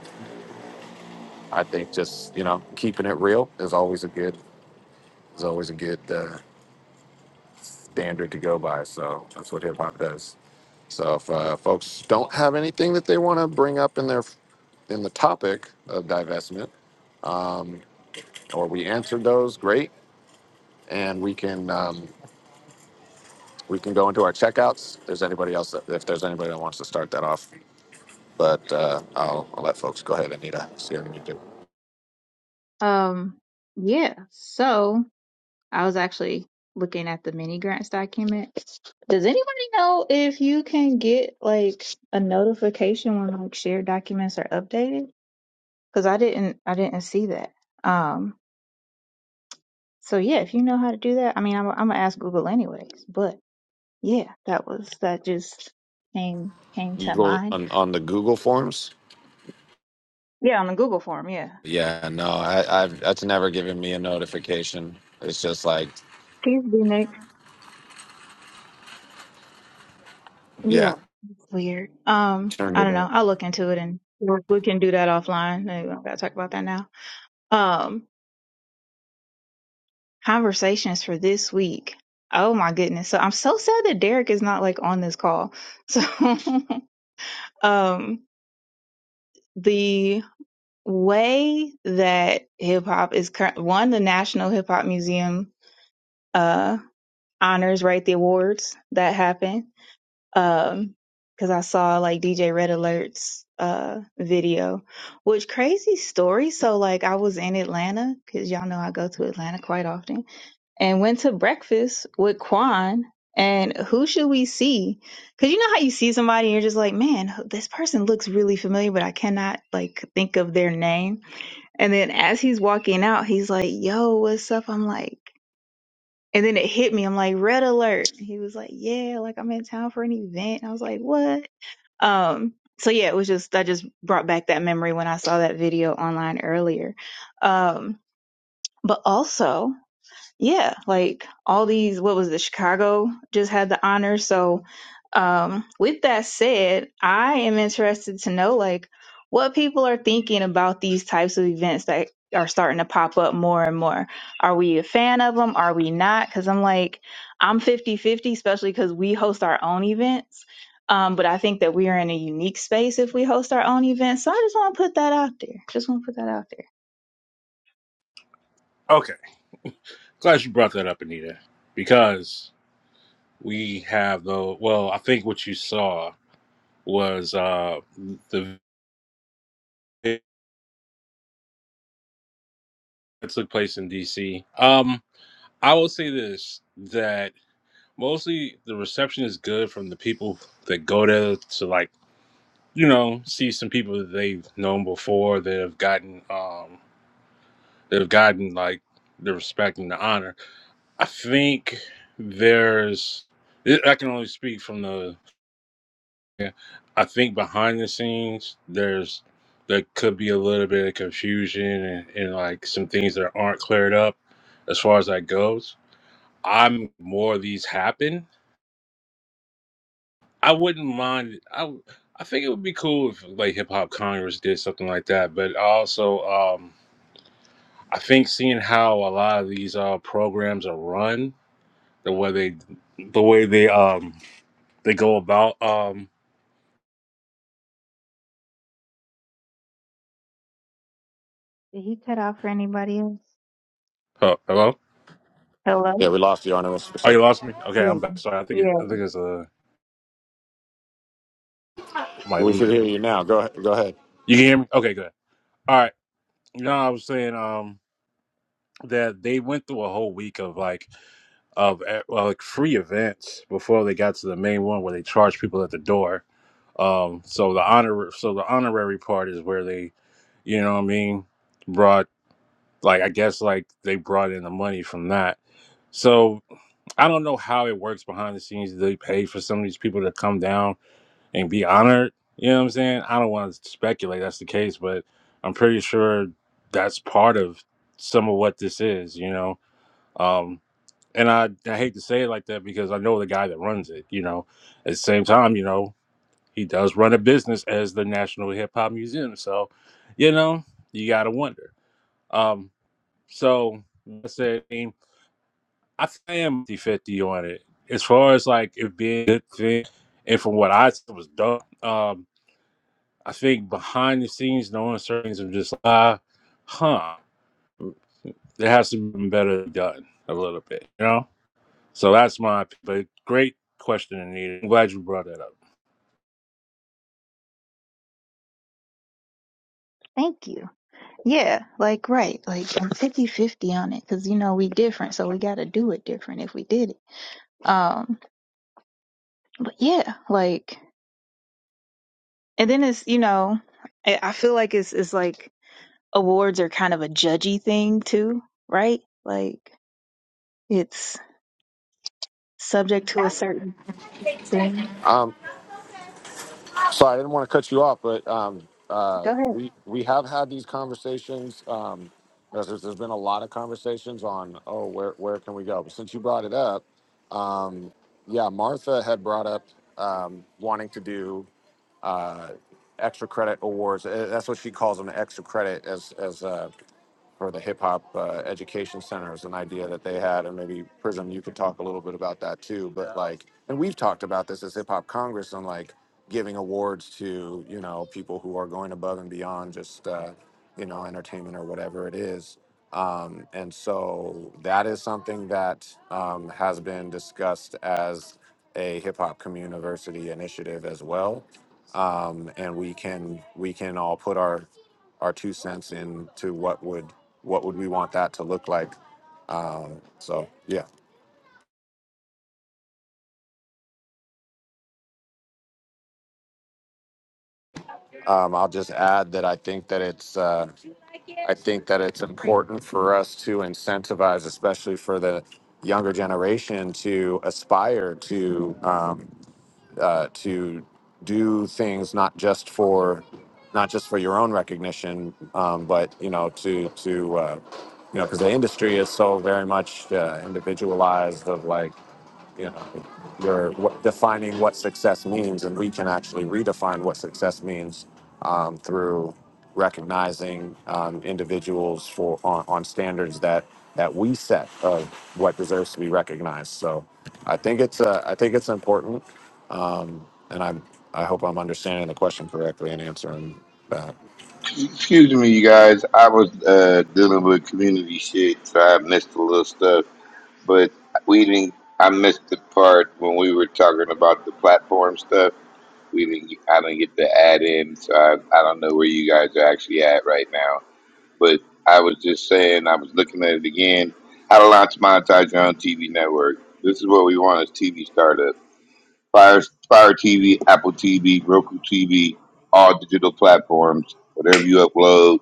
[SPEAKER 2] i think just you know keeping it real is always a good is always a good uh, standard to go by so that's what hip-hop does so if uh, folks don't have anything that they want to bring up in their in the topic of divestment um, or we answered those great and we can um, we can go into our checkouts. If there's anybody else, that, if there's anybody that wants to start that off, but uh, I'll, I'll let folks go ahead, Anita. See what you do.
[SPEAKER 3] Um, yeah. So I was actually looking at the mini grants document. Does anybody know if you can get like a notification when like shared documents are updated? Because I didn't, I didn't see that. Um, so yeah, if you know how to do that, I mean, I'm, I'm gonna ask Google anyways. But yeah, that was that just came came
[SPEAKER 2] You
[SPEAKER 3] to
[SPEAKER 2] go
[SPEAKER 3] mind.
[SPEAKER 2] on, on the Google Forms.
[SPEAKER 3] Yeah, on the Google form. Yeah.
[SPEAKER 2] Yeah, no, I, I've that's never given me a notification. It's just like,
[SPEAKER 3] Please be next.
[SPEAKER 2] yeah,
[SPEAKER 3] Yeah, weird. Um,
[SPEAKER 2] turned
[SPEAKER 3] I
[SPEAKER 2] it.
[SPEAKER 3] don't know.
[SPEAKER 2] on.
[SPEAKER 3] I'll look into it and we we can do that offline. No, We don't gotta talk about that now. Um, conversations for this week. Oh my goodness. So I'm so sad that Derek is not like on this call. So, um, the way that hip hop is current, one, the National Hip Hop Museum, uh, honors, right? The awards that happen. um because I saw like DJ Red Alert's uh video, which crazy story. So like I was in Atlanta because y'all know I go to Atlanta quite often, and went to breakfast with Quan. And who should we see? Because you know how you see somebody and you're just like, man, this person looks really familiar, but I cannot like think of their name. And then as he's walking out, he's like, yo, what's up? I'm like, and then it hit me. I'm like, red alert. He was like, yeah, like I'm in town for an event. I was like, what? Um, so yeah, it was just I just brought back that memory when I saw that video online earlier. Um, but also yeah, like all these, what was the Chicago just had the honor. So, um, with that said, I am interested to know like what people are thinking about these types of events that are starting to pop up more and more. Are we a fan of them? Are we not? Because I'm like, I'm fifty, fifty, especially because we host our own events. Um, but I think that we are in a unique space if we host our own events. So I just want to put that out there. Just want to put that out there.
[SPEAKER 6] Okay. Glad you brought that up, Anita, because we have the well. I think what you saw was uh, the video that took place in DC. Um, I will say this: that mostly the reception is good from the people that go there to like you know see some people that they've known before that have gotten um that have gotten like the respect and the honor. I think there's I can only speak from the Yeah, I think behind the scenes, there's there could be a little bit of confusion and, and like some things that aren't cleared up as far as that goes. I'm more of these happen. I wouldn't mind. I w- I think it would be cool if like Hip Hop Congress did something like that. But also, um, I think seeing how a lot of these uh, programs are run, the way they the way they um they go about um.
[SPEAKER 3] Did he cut out for anybody else?
[SPEAKER 6] Oh, hello.
[SPEAKER 3] Hello?
[SPEAKER 2] Yeah, we lost you on it. What's- what's
[SPEAKER 6] Oh,
[SPEAKER 2] that?
[SPEAKER 6] you lost me. Okay,
[SPEAKER 3] Yeah.
[SPEAKER 6] I'm back. Sorry. I think it.
[SPEAKER 3] Yeah.
[SPEAKER 6] I think it's a. I'm like,
[SPEAKER 2] We should hear you now. Go ahead. Go ahead.
[SPEAKER 6] you can hear me? Okay, good. All right. You know, I was saying um that they went through a whole week of like of uh, like free events before they got to the main one where they charge people at the door. Um, so the honor, so the honorary part is where they, you know, what I mean, brought like I guess like they brought in the money from that. So I don't know how it works behind the scenes. Do They pay for some of these people to come down and be honored. You know what I'm saying? I don't want to speculate that's the case, but I'm pretty sure that's part of some of what this is, you know? Um, and I, I hate to say it like that because I know the guy that runs it, you know? At the same time, you know, he does run a business as the National Hip Hop Museum. So, you know, you got to wonder. Um, so, like I said, I, mean, I think I am 50 fifty on it. As far as like it being a good thing, and from what I said was dope. Um, I think behind the scenes, no uncertainties of just, uh, huh, there has to be better done a little bit, you know? So that's my opinion. but great question, Anita. I'm glad you brought that up.
[SPEAKER 3] Thank you. Yeah. Like, right. Like, I'm fifty-fifty on it because, you know, we different. So we got to do it different if we did it. Um, but yeah, like, and then it's, you know, I I feel like it's, it's like awards are kind of a judgy thing too, right? Like, it's subject to a certain thing.
[SPEAKER 2] Um, sorry, I didn't want to cut you off, but um, uh,
[SPEAKER 3] Go ahead.
[SPEAKER 2] we we have had these conversations. Um, there's, there's been a lot of conversations on, oh, where where can we go? But since you brought it up Yeah, Martha had brought up um, wanting to do uh, extra credit awards. Uh, That's what she calls them, extra credit, as as uh, or the Hip Hop uh, Education Center is an idea that they had, and maybe Prism, you could talk a little bit about that too. But like, and we've talked about this as Hip Hop Congress and like giving awards to you know people who are going above and beyond just uh, you know entertainment or whatever it is. Um, and so that is something that um, has been discussed as a hip hop community initiative as well um, and we can we can all put our our two cents into what would what would we want that to look like. Um, so yeah, um, I'll just add that I think that it's uh, I think that it's important for us to incentivize, especially for the younger generation, to aspire to um, uh, to do things not just for not just for your own recognition, um, but you know to to uh, you know because the industry is so very much uh, individualized of like you know you're what, defining what success means and we can actually redefine what success means um, through recognizing um, individuals for on, on standards that that we set of what deserves to be recognized so i think it's uh, i think it's important um, and i i hope i'm understanding the question correctly and answering that
[SPEAKER 10] Excuse me, you guys. I was uh, dealing with community shit, so I missed a little stuff. but we didn't. I missed the part when we were talking about the platform stuff. We didn't. I didn't get the add in, so I, I don't know where you guys are actually at right now. But I was just saying, I was looking at it again. How to launch monetize your own TV network. This is what we want as TV startup. Fire Fire TV, Apple TV, Roku TV, all digital platforms. Whatever you upload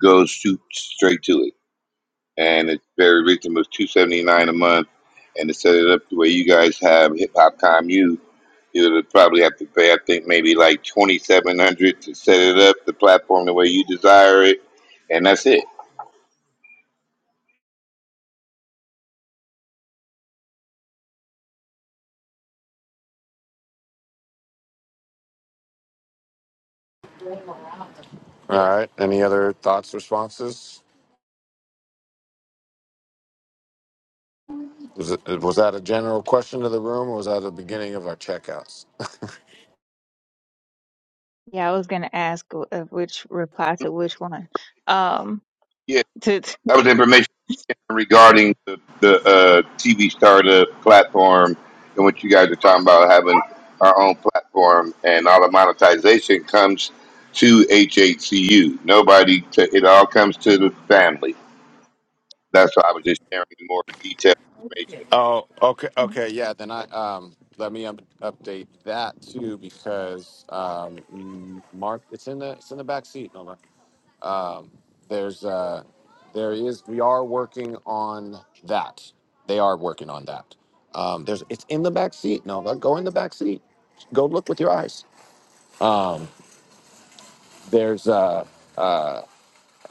[SPEAKER 10] goes shoot straight to it and its very reasonable, was two seventy nine a month. And to set it up the way you guys have Hip Hop Commune, you would probably have to pay, I think, maybe like twenty seven hundred to set it up, the platform the way you desire it, and that's it.
[SPEAKER 2] all right any other thoughts responses was, it, was that a general question to the room or was that the beginning of our checkouts
[SPEAKER 3] Yeah. I was going to ask wh- uh, which reply to which one. Um,
[SPEAKER 10] Yeah,
[SPEAKER 3] to to
[SPEAKER 10] that was information regarding the, the uh, TV startup platform and what you guys are talking about having our own platform and all the monetization comes to HHCU. Nobody, it all comes to the family. That's why I was just sharing more detailed information.
[SPEAKER 2] Oh, okay,
[SPEAKER 3] Mhm.
[SPEAKER 2] okay, yeah. Then I um, let me up, update that too because um, m- Mark, it's in the it's in the back seat, Nova. Um, there's uh, there is we are working on that. They are working on that. Um, there's it's in the back seat, Nova. Go in the back seat. Go look with your eyes. Um, there's uh, uh,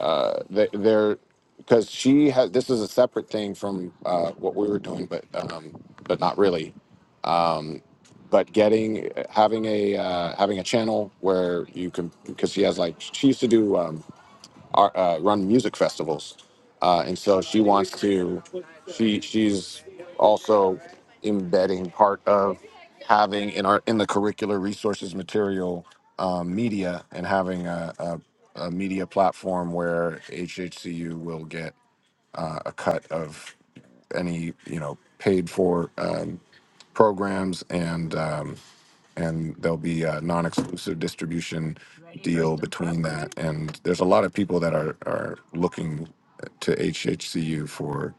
[SPEAKER 2] uh, they, they're because she has this is a separate thing from uh, what we were doing, but um, but not really. Um, but getting having a uh, having a channel where you can because she has like she used to do. Um, art, uh, run music festivals, uh, and so she wants to. She she's also embedding part of having in our in the curricular resources material um, media and having a, a, a media platform where HHCU will get uh, a cut of any you know paid for um, programs and. Um, and there'll be a non-exclusive distribution deal between that. And there's a lot of people that are are looking to HHCU for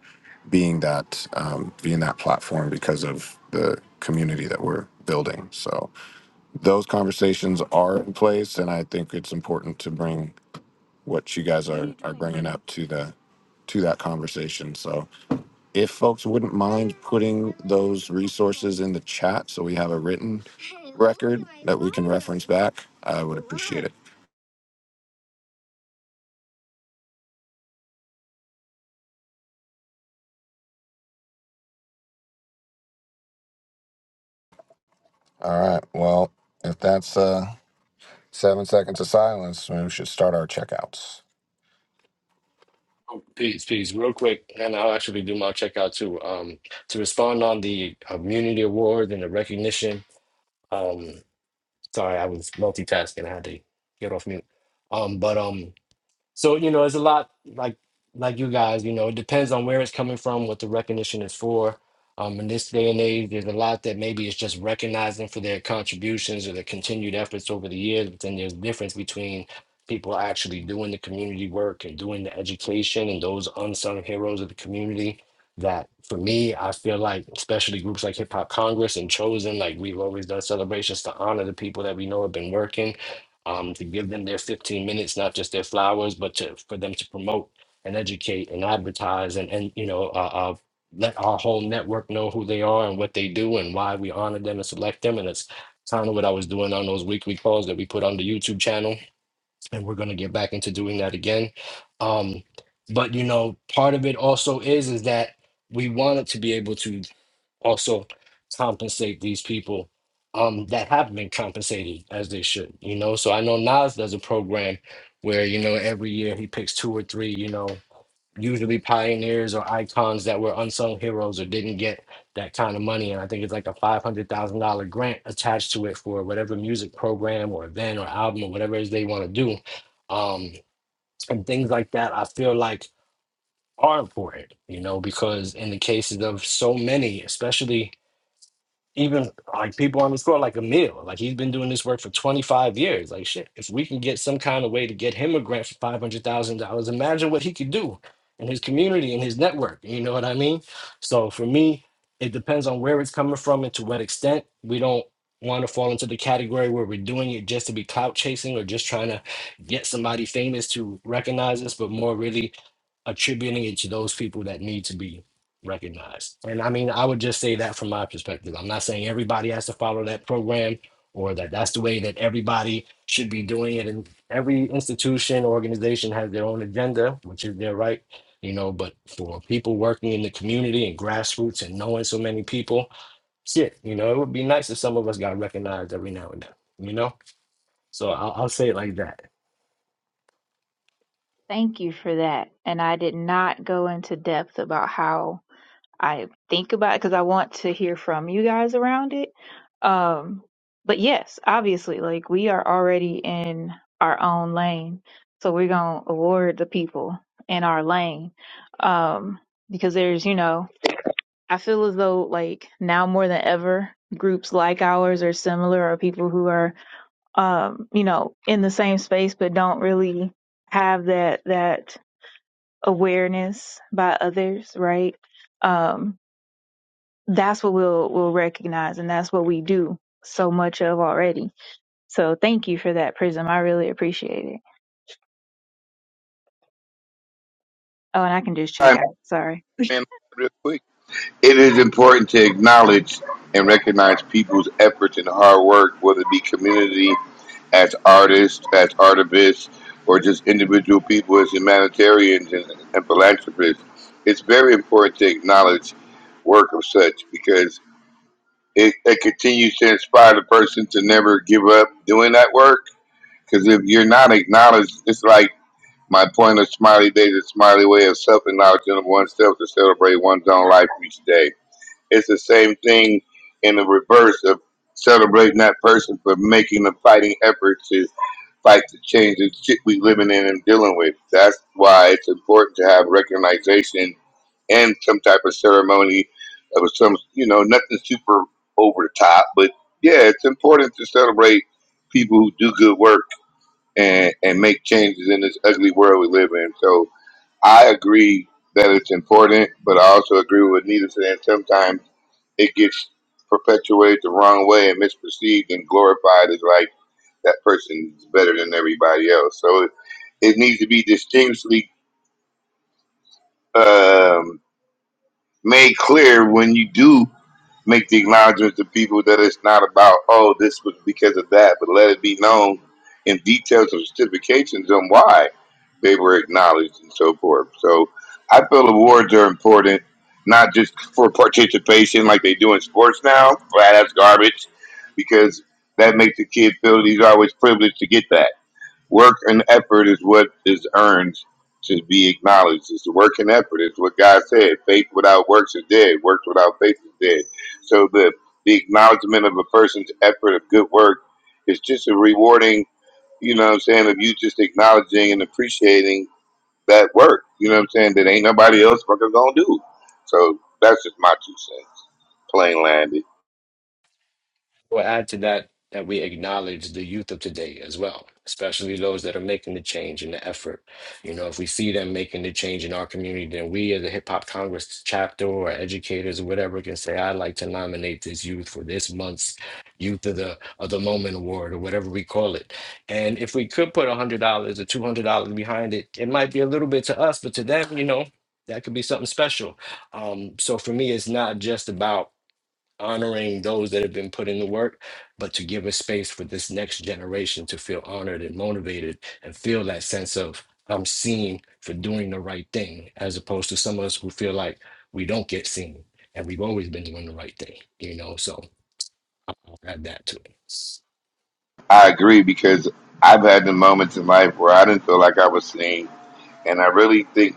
[SPEAKER 2] being that um, being that platform because of the community that we're building. So those conversations are in place, and I think it's important to bring what you guys are are bringing up to the to that conversation. So if folks wouldn't mind putting those resources in the chat so we have a written record that we can reference back, I would appreciate it. All right. Well, if that's uh, seven seconds of silence, we should start our checkouts.
[SPEAKER 5] Oh, Peace, peace. Real quick, and I'll actually do my checkout too. Um, to respond on the uh, immunity award and the recognition. Um, sorry, I was multitasking. I had to get off mute. Um, but um, So you know, it's a lot like like you guys. You know, it depends on where it's coming from, what the recognition is for. Um, in this day and age, there's a lot that maybe it's just recognizing for their contributions or their continued efforts over the years. But then there's difference between people actually doing the community work and doing the education and those unsung heroes of the community. That for me, I feel like, especially groups like Hip Hop Congress and Chosen, like we've always done celebrations to honor the people that we know have been working um, to give them their 15 minutes, not just their flowers, but to, for them to promote and educate and advertise and, and you know, uh, uh, let our whole network know who they are and what they do and why we honor them and select them. And it's kind of what I was doing on those weekly calls that we put on the YouTube channel. And we're going to get back into doing that again. Um, but, you know, part of it also is, is that we wanted to be able to also compensate these people um, that have been compensated as they should, you know. So I know Nas does a program where, you know, every year he picks two or three, you know, usually pioneers or icons that were unsung heroes or didn't get that kind of money. And I think it's like a $500,000 grant attached to it for whatever music program or event or album or whatever it is they want to do. Um, and things like that, I feel like are important, you know, because in the cases of so many, especially even like people on the score like Emil, like he's been doing this work for 25 years. Like shit, if we can get some kind of way to get him a grant for five hundred thousand dollars, imagine what he could do in his community and his network. You know what I mean? So for me, it depends on where it's coming from and to what extent. We don't want to fall into the category where we're doing it just to be clout chasing or just trying to get somebody famous to recognize us, but more really attributing it to those people that need to be recognized. And I mean, I would just say that from my perspective. I'm not saying everybody has to follow that program or that that's the way that everybody should be doing it. And every institution, organization has their own agenda, which is their right, you know. But for people working in the community and grassroots and knowing so many people, shit, you know, it would be nice if some of us got recognized every now and then, you know? So I'll, I'll say it like that.
[SPEAKER 3] Thank you for that. And I did not go into depth about how I think about it because I want to hear from you guys around it. Um, but yes, obviously, like we are already in our own lane. So we're going to award the people in our lane. Um, because there's, you know, I feel as though like now more than ever, groups like ours are similar or people who are, um, you know, in the same space but don't really have that, that awareness by others, right? Um, that's what we'll we'll recognize, and that's what we do so much of already. So thank you for that, Prism. I really appreciate it. Oh, and I can just check
[SPEAKER 10] I'm
[SPEAKER 3] out. Sorry.
[SPEAKER 10] saying real quick. It is important to acknowledge and recognize people's efforts and hard work, whether it be community, as artists, as artivists, or just individual people as humanitarians and, and philanthropists. It's very important to acknowledge work of such because it, it continues to inspire the person to never give up doing that work. Because if you're not acknowledged, it's like My point of Smiley Days is Smiley way of self-acknowledging of oneself to celebrate one's own life each day. It's the same thing in the reverse of celebrating that person for making a fighting effort to fight the change and shit we living in and dealing with. That's why it's important to have recognition and some type of ceremony of some, you know, nothing super over the top, but yeah, it's important to celebrate people who do good work and, and make changes in this ugly world we live in. So I agree that it's important, but I also agree with Nita saying sometimes it gets perpetuated the wrong way and misperceived and glorified as like that person's better than everybody else. So it, it needs to be distinctly um, made clear when you do make the acknowledgement to people that it's not about oh this was because of that, but let it be known in details and justifications on why they were acknowledged and so forth. So I feel awards are important, not just for participation like they do in sports now. Right, that's garbage because that makes the kid feel that he's always privileged to get that. Work and effort is what is earned to be acknowledged. It's the work and effort. It's what God said. Faith without works is dead. Works without faith is dead. So the the acknowledgement of a person's effort of good work is just a rewarding, you know what I'm saying, of you just acknowledging and appreciating that work. You know what I'm saying? That ain't nobody else fucking gonna do. So that's just my two cents. Plain landed.
[SPEAKER 5] We'll add to that that we acknowledge the youth of today as well, especially those that are making the change and the effort. You know, if we see them making the change in our community, then we as a Hip Hop Congress chapter or educators or whatever can say, I'd like to nominate this youth for this month's Youth of the of the Moment Award or whatever we call it. And if we could put a hundred dollars or two hundred dollars behind it, it might be a little bit to us, but to them, you know, that could be something special. Um, so for me, it's not just about honoring those that have been put in the work, but to give a space for this next generation to feel honored and motivated and feel that sense of I'm seen for doing the right thing, as opposed to some of us who feel like we don't get seen and we've always been doing the right thing, you know. So add that too.
[SPEAKER 10] I agree because I've had the moments in life where I didn't feel like I was seen and I really think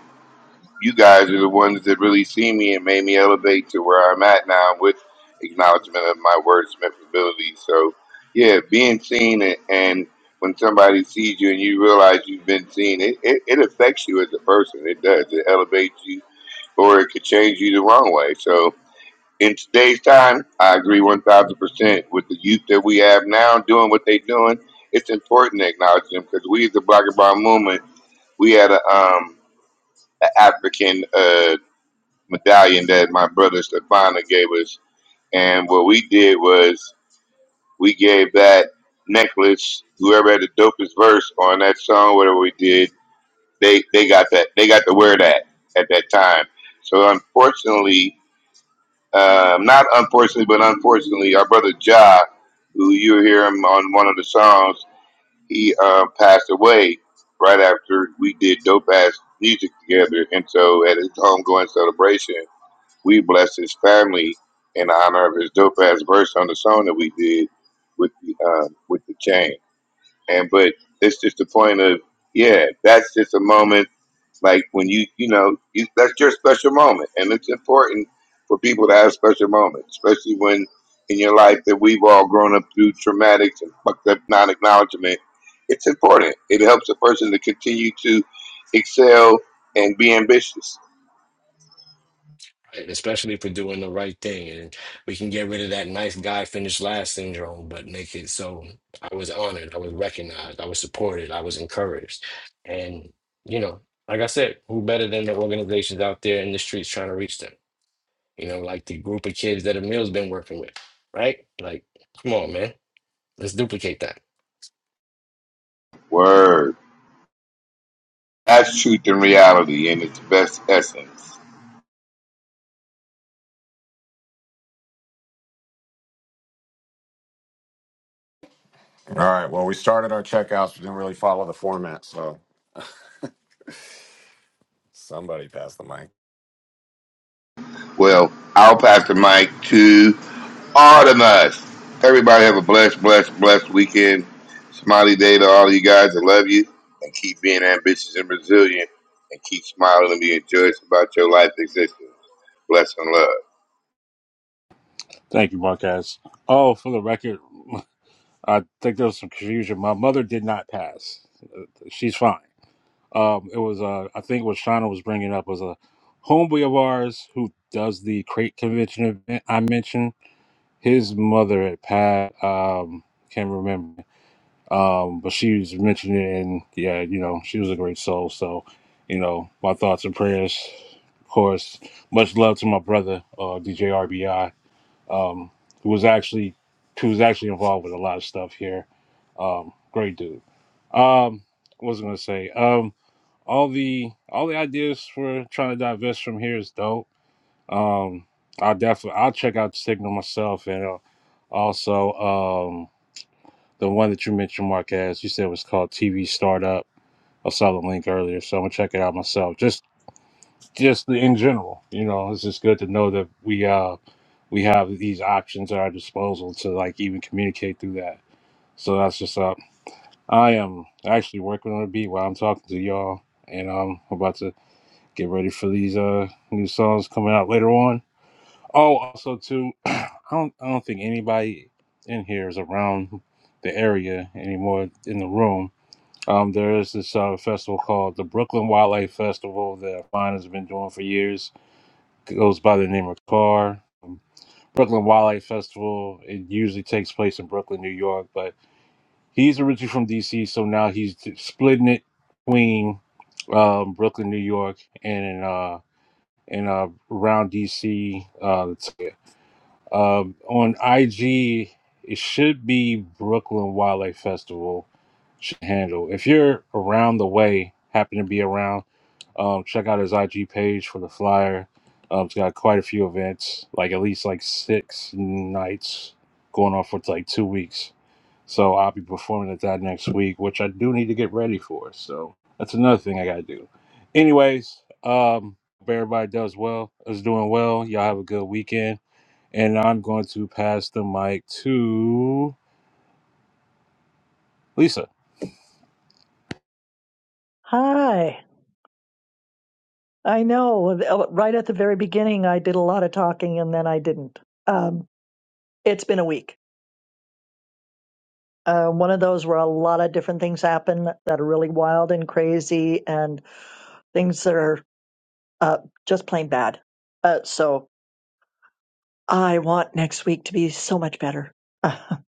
[SPEAKER 10] you guys are the ones that really see me and made me elevate to where I'm at now with acknowledgement of my wordsmith ability. So, yeah, being seen and, and when somebody sees you and you realize you've been seen, it, it, it affects you as a person. It does. It elevates you or it could change you the wrong way. So, in today's time, I agree 1000% with the youth that we have now doing what they're doing. It's important to acknowledge them because we as the Black and Brown movement, we had a, um, an African. uh, medallion that my brother Stefano gave us. And what we did was we gave that necklace, whoever had the dopest verse on that song, whatever we did, they, they got that. They got to wear that at that time. So unfortunately, um, not unfortunately, but unfortunately, our brother Ja, who you hear him on one of the songs, he uh, passed away right after we did dope ass music together. And so at his homegoing celebration, we blessed his family in honor of his dope ass verse on the song that we did with the uh, with the chain. And but it's just the point of yeah, that's just a moment like when you you know you, that's your special moment, and it's important for people to have special moments, especially when in your life that we've all grown up through traumatics and fucked up non acknowledgement. It's important. It helps a person to continue to excel and be ambitious.
[SPEAKER 5] Right, Especially for doing the right thing. And we can get rid of that nice guy finished last syndrome, but make it so I was honored, I was recognized, I was supported, I was encouraged. And, you know, like I said, who better than the organizations out there in the streets trying to reach them? You know, like the group of kids that Emil's been working with, right? Like, come on, man. Let's duplicate that.
[SPEAKER 10] Word. That's truth and reality in its best essence.
[SPEAKER 2] All right. Well, we started our checkouts. We didn't really follow the format. So somebody passed the mic.
[SPEAKER 10] Well, I'll pass the mic to Artemis. Everybody have a blessed, blessed, blessed weekend. Smiley day to all you guys. I love you. And keep being ambitious and resilient. And keep smiling and being joyous about your life existence. Bless and love.
[SPEAKER 6] Thank you, Marquez. Oh, for the record, I think there was some confusion. My mother did not pass. She's fine. Um, it was, uh, I think what Shauna was bringing up was a homeboy of ours who does the crate convention event I mentioned. His mother had passed. Um, can't remember. Um, but she was mentioning, it, and yeah, you know, she was a great soul. So, you know, my thoughts and prayers, of course. Much love to my brother, uh, DJ RBI, um, who was actually who was actually involved with a lot of stuff here. Um, great dude. Um, what was I gonna say? Um, all the all the ideas for trying to divest from here is dope. Um, I definitely I'll check out the signal myself, and uh, also um, the one that you mentioned, Mark, as you said was called TV Startup. I saw the link earlier, so I'm gonna check it out myself. Just, just in general, you know, it's just good to know that we uh we have these options at our disposal to like even communicate through that. So that's just up. I am actually working on a beat while I'm talking to y'all, and I'm about to get ready for these uh new songs coming out later on. Oh, also too, I don't I don't think anybody in here is around the area anymore in the room. Um, there is this uh, festival called the Brooklyn Wildlife Festival that Vine has been doing for years. It goes by the name of CAR. Um, Brooklyn Wildlife Festival, it usually takes place in Brooklyn, New York, but he's originally from DC, so now he's t- splitting it between um, Brooklyn, New York, and uh, and uh, around DC. Uh, um, on IG, it should be Brooklyn Wildlife Festival should handle. If you're around the way, happen to be around, um, check out his IG page for the flyer. Um, it's got quite a few events, like at least like six nights going on for like two weeks. So I'll be performing at that next week, which I do need to get ready for. So that's another thing I gotta do. Anyways, um, hope everybody does well, is doing well. Y'all have a good weekend and I'm going to pass the mic to Lisa.
[SPEAKER 1] Hi. I know. Right at the very beginning, I did a lot of talking and then I didn't. Um, it's been a week. uh, one of those where a lot of different things happen that are really wild and crazy and things that are uh, just plain bad. Uh, so I want next week to be so much better.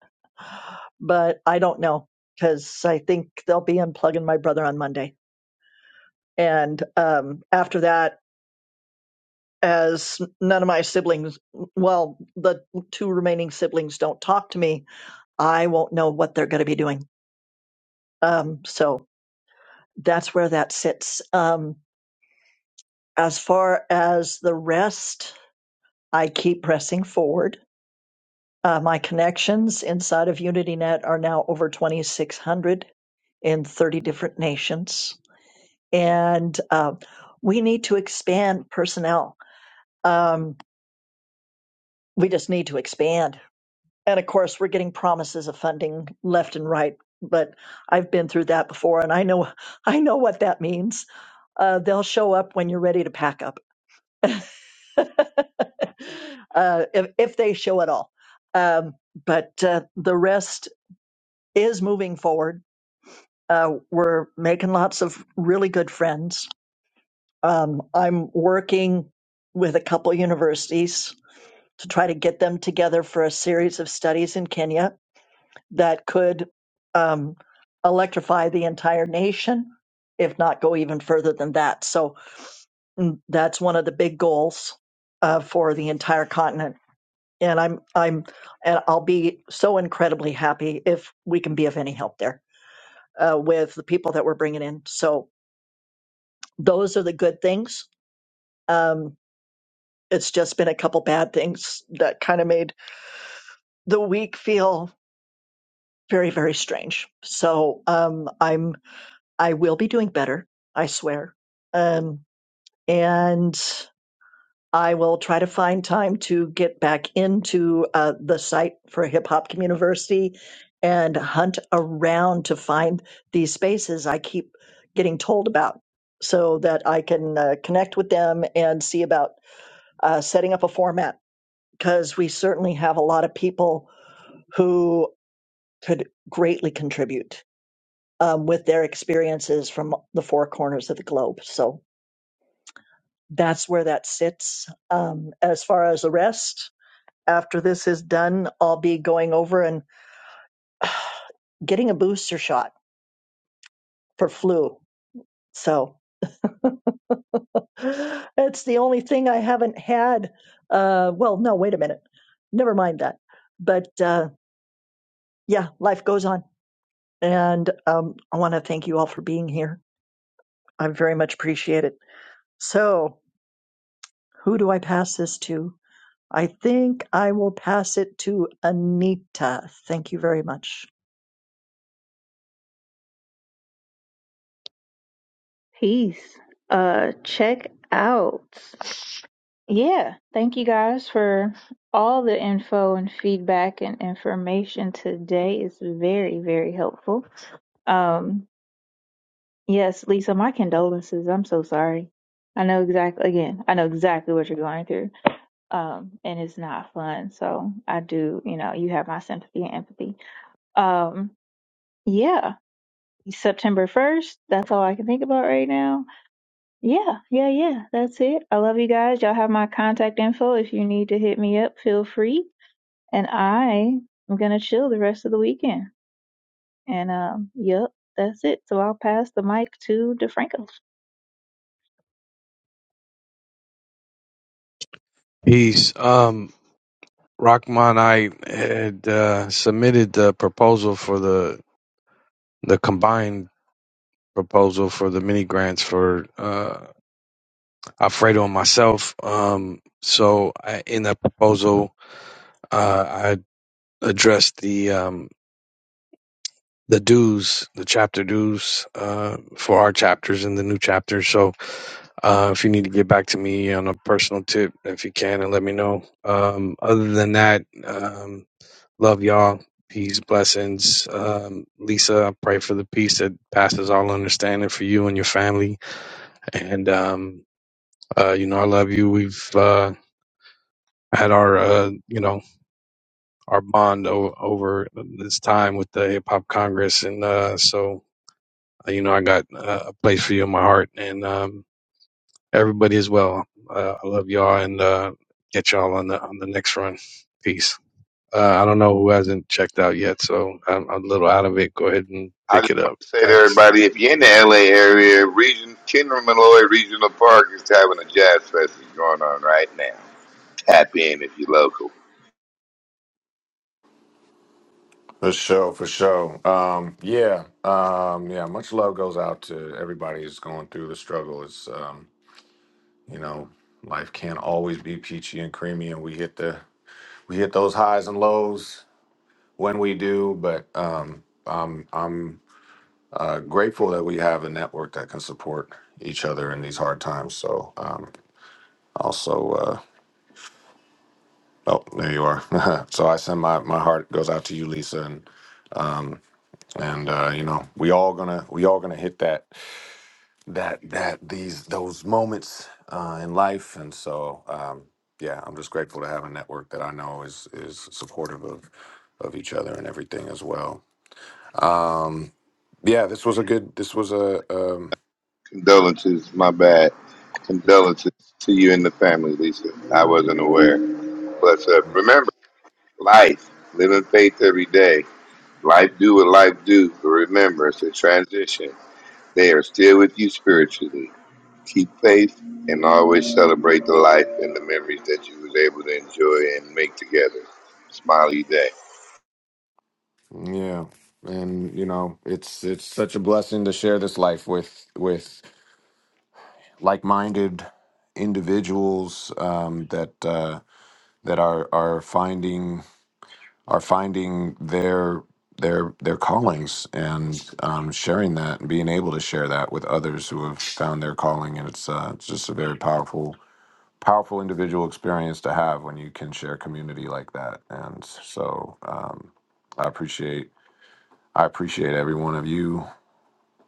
[SPEAKER 1] but I don't know because I think they'll be unplugging my brother on Monday. And um, after that, as none of my siblings, well, the two remaining siblings don't talk to me, I won't know what they're going to be doing. Um, so that's where that sits. Um, as far as the rest, I keep pressing forward. Uh, my connections inside of UnityNet are now over 2,600 in 30 different nations. And um, we need to expand personnel. Um, we just need to expand. And of course, we're getting promises of funding left and right. But I've been through that before, and I know I know what that means. Uh, they'll show up when you're ready to pack up uh, if, if they show at all. Um, but uh, the rest is moving forward. Uh, we're making lots of really good friends. Um, I'm working with a couple universities to try to get them together for a series of studies in Kenya that could um, electrify the entire nation, if not go even further than that. So mm, that's one of the big goals uh, for the entire continent and I'm I'm and I'll be so incredibly happy if we can be of any help there uh, with the people that we're bringing in. So those are the good things. Um, it's just been a couple bad things that kind of made the week feel very very strange. So um, I'm I will be doing better, I swear. Um, and I will try to find time to get back into uh, the site for Hip Hop University and hunt around to find these spaces I keep getting told about so that I can uh, connect with them and see about uh, setting up a format because we certainly have a lot of people who could greatly contribute um, with their experiences from the four corners of the globe. So that's where that sits. Um, as far as the rest, after this is done, I'll be going over and getting a booster shot for flu. So it's the only thing I haven't had. Uh, well, no, wait a minute. Never mind that. But uh, yeah, life goes on. And um, I want to thank you all for being here. I very much appreciate it. So, who do I pass this to? I think I will pass it to Anita. Thank you very much.
[SPEAKER 3] Peace. Uh, check out. Yeah, thank you guys for all the info and feedback and information today. It's very very helpful. Um, Yes, Lisa, my condolences. I'm so sorry. I know exactly, again, I know exactly what you're going through. Um, and it's not fun. So I do, you know, you have my sympathy and empathy. Um, yeah, September 1st. That's all I can think about right now. Yeah, yeah, yeah. That's it. I love you guys. Y'all have my contact info. If you need to hit me up, feel free. And I am going to chill the rest of the weekend. And, um, yep, that's it. So I'll pass the mic to DeFranco.
[SPEAKER 9] peace. Um, Rahman, I had uh, submitted the proposal for the the combined proposal for the mini grants for uh, Alfredo and myself. Um, so I, in that proposal, uh, I addressed the um, the dues, the chapter dues uh, for our chapters in the new chapter. So uh, if you need to get back to me on a personal tip, if you can, and let me know. Um, other than that, um, love y'all. Peace, blessings. Um, Lisa, I pray for the peace that passes all understanding for you and your family. And, um, uh, you know, I love you. We've uh, had our, uh, you know, our bond o- over this time with the Hip Hop Congress. And uh, so Uh, you know, I got uh, a place for you in my heart, and um, everybody as well. Uh, I love y'all, and uh, get y'all on the on the next run. Peace. Uh, I don't know who hasn't checked out yet, so I'm, I'm a little out of it. Go ahead and
[SPEAKER 10] I
[SPEAKER 9] pick
[SPEAKER 10] just
[SPEAKER 9] it up.
[SPEAKER 10] want to say to
[SPEAKER 9] Thanks.
[SPEAKER 10] everybody, if you're in the LA area, region, Kendra Malloy Regional Park is having a jazz fest that's going on right now. Tap in if you're local.
[SPEAKER 2] For sure. For sure. Um, yeah. Um, yeah. Much love goes out to everybody who's going through the struggle. It's, um, you know, life can't always be peachy and creamy, and we hit the we hit those highs and lows when we do, but um, I'm I'm uh, grateful that we have a network that can support each other in these hard times. So um, also, uh, oh, there you are. so I send my my heart goes out to you, Lisa, and um, and uh, you know we all gonna we all gonna hit that that that these those moments uh, in life, and so. Um, yeah, I'm just grateful to have a network that I know is is supportive of of each other and everything as well. um yeah this was a good this was a um
[SPEAKER 10] Condolences, my bad. Condolences to you and the family, Lisa. I wasn't aware. But uh, remember, life, living faith every day. Life do what life do, but remember, it's a transition. They are still with you spiritually. Keep faith and always celebrate the life and the memories that you was able to enjoy and make together. Smiley day.
[SPEAKER 2] yeah and you know it's it's such a blessing to share this life with with like-minded individuals um that uh that are are finding are finding their their their callings and um sharing that and being able to share that with others who have found their calling and it's uh it's just a very powerful powerful individual experience to have when you can share community like that. And so um, I appreciate I appreciate every one of you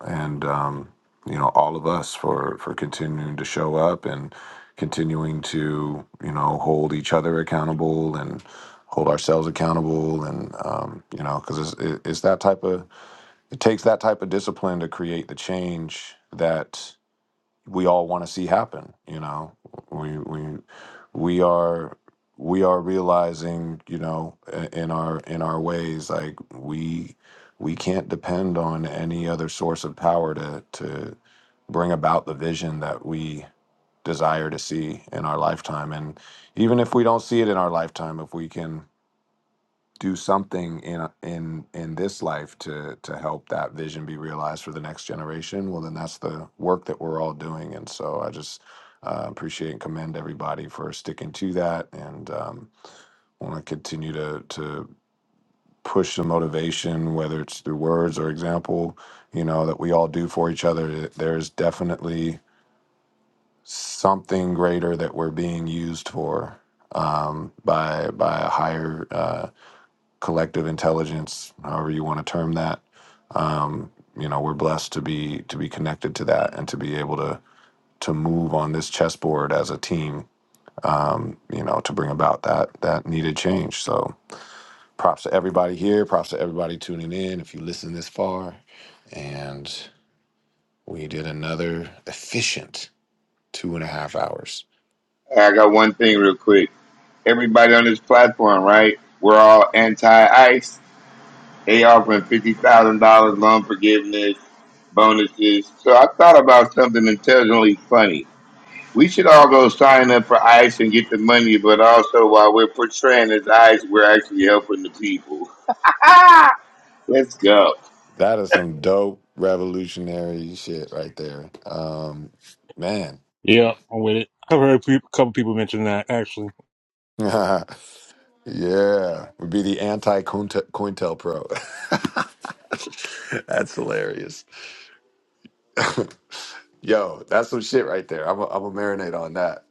[SPEAKER 2] and um, you know all of us for for continuing to show up and continuing to you know hold each other accountable and hold ourselves accountable and um, you know because it's, it- it's that type of it takes that type of discipline to create the change that we all want to see happen you know we we we are we are realizing you know i- in our in our ways like we we can't depend on any other source of power to to bring about the vision that we desire to see in our lifetime and even if we don't see it in our lifetime if we can do something in in in this life to to help that vision be realized for the next generation well then that's the work that we're all doing and so i just uh, appreciate and commend everybody for sticking to that and um, want to continue to to push the motivation whether it's through words or example you know that we all do for each other there's definitely something greater that we're being used for um, by by a higher Uh, collective intelligence, however you want to term that. Um, you know, we're blessed to be to be connected to that and to be able to to move on this chessboard as a team. Um, you know, to bring about that that needed change. So, props to everybody here. Props to everybody tuning in. If you listen this far, and we did another efficient two and a half hours.
[SPEAKER 10] Hey, I got one thing real quick. Everybody on this platform, right? We're all anti-ICE. They offering fifty thousand dollars loan forgiveness, bonuses. So I thought about something intelligently funny. We should all go sign up for ICE and get the money, but also while we're portraying as ICE, we're actually helping the people. Let's go.
[SPEAKER 2] That is some dope revolutionary shit right there. Um, man.
[SPEAKER 6] Yeah, I'm with it. I've heard a couple people mention that actually.
[SPEAKER 2] Yeah, would be the anti Cointel Pro. that's hilarious. Yo, that's some shit right there. I'm a, I'm a marinate on that.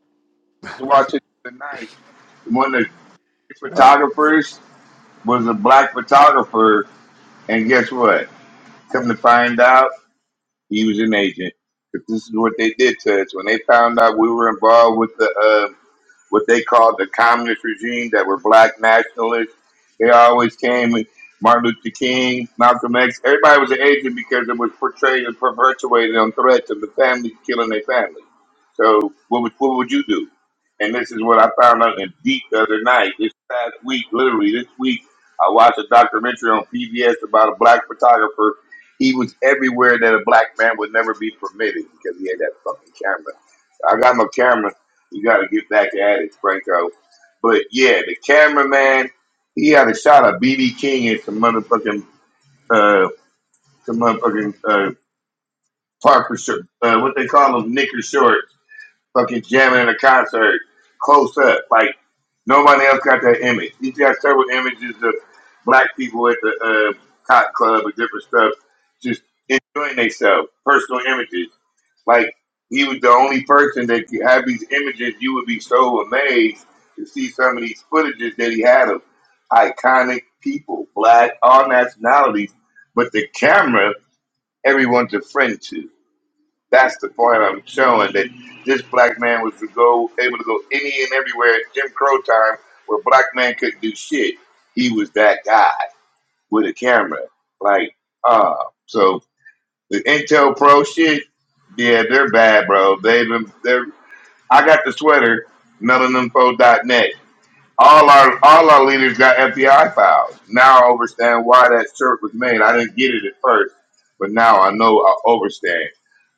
[SPEAKER 10] I was watching tonight. One of the
[SPEAKER 2] Uh,
[SPEAKER 10] photographers was a black photographer, and guess what? Come to find out, he was an agent. 'Cause this is what they did to us when they found out we were involved with the uh, what they called the communist regime that were black nationalists. They always came with Martin Luther King, Malcolm X. Everybody was an agent because it was portrayed and perpetuated on threats of the family killing their family. So what would, what would you do? And this is what I found out in deep the other night. This past week, literally this week, I watched a documentary on PBS about a black photographer. He was everywhere that a black man would never be permitted because he had that fucking camera. I got no camera you got to get back at it, Franco. But yeah, the cameraman, he had a shot of BB King and some motherfucking, uh, some motherfucking uh, Parker shirt, uh, what they call them, knicker shorts fucking jamming in a concert, close up. Like nobody else got that image. He's got several images of black people at the uh, cop club and different stuff, just enjoying themselves. Personal images. Like he was the only person that could have these images. You would be so amazed to see some of these footages that he had of iconic people, black, all nationalities. But the camera, everyone's a friend to. That's the point I'm showing that this black man was to go able to go any and everywhere at Jim Crow time where black man couldn't do shit. He was that guy with a camera. Like, uh so the Intel Pro shit, yeah, they're bad, bro. They've been they're I got the sweater, none of them all our all our leaders got FBI files. Now I understand why that shirt was made. I didn't get it at first, but now I know I understand.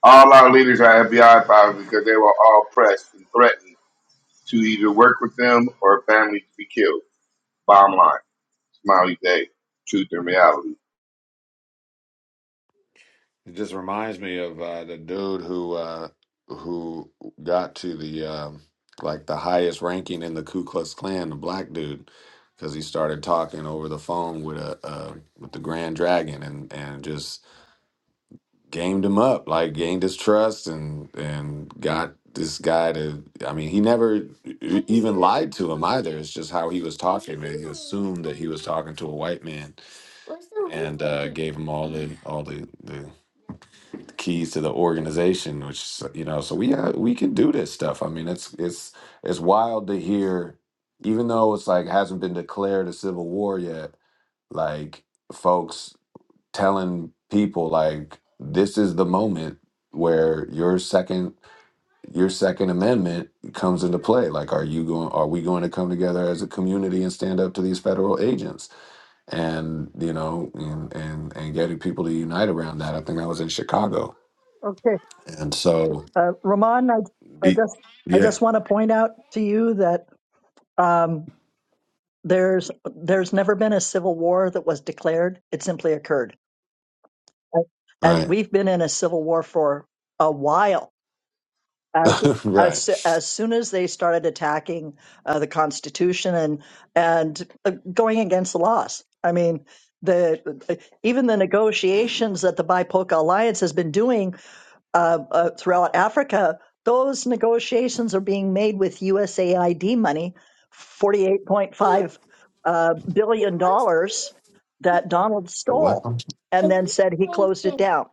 [SPEAKER 10] All our leaders are FBI files because they were all pressed and threatened to either work with them or family to be killed. Bottom line, smiley day, truth and reality.
[SPEAKER 2] It just reminds me of uh, the dude who uh, who got to the um, like the highest ranking in the Ku Klux Klan, the black dude, because he started talking over the phone with a uh, with the Grand Dragon and and just gamed him up, like gained his trust and and got this guy to I mean, he never e- e, even lied to him either. It's just how he was talking. Man. He assumed that he was talking to a white man and uh, gave him all the all the, the keys to the organization, which you know, so we uh, we can do this stuff. I mean, it's it's it's wild to hear even though it's like hasn't been declared a civil war yet, like folks telling people like this is the moment where your second your second amendment comes into play like are you going are we going to come together as a community and stand up to these federal agents and you know and and, and getting people to unite around that i think i was in chicago
[SPEAKER 1] Okay.
[SPEAKER 2] and so
[SPEAKER 1] Uh, Ramon, I, I
[SPEAKER 2] the,
[SPEAKER 1] just I
[SPEAKER 2] yeah
[SPEAKER 1] just want to point out to you that um, there's there's never been a civil war that was declared. It simply occurred, and
[SPEAKER 2] right
[SPEAKER 1] we've been in a civil war for a while. As as so,
[SPEAKER 2] right
[SPEAKER 1] as soon as they started attacking uh, the Constitution and and uh, going against the laws, I mean the even the negotiations that the BIPOCA alliance has been doing uh, uh, throughout Africa, those negotiations are being made with USAID money, forty-eight point five uh, billion dollars that Donald
[SPEAKER 2] the what
[SPEAKER 1] stole, and then said he closed it down.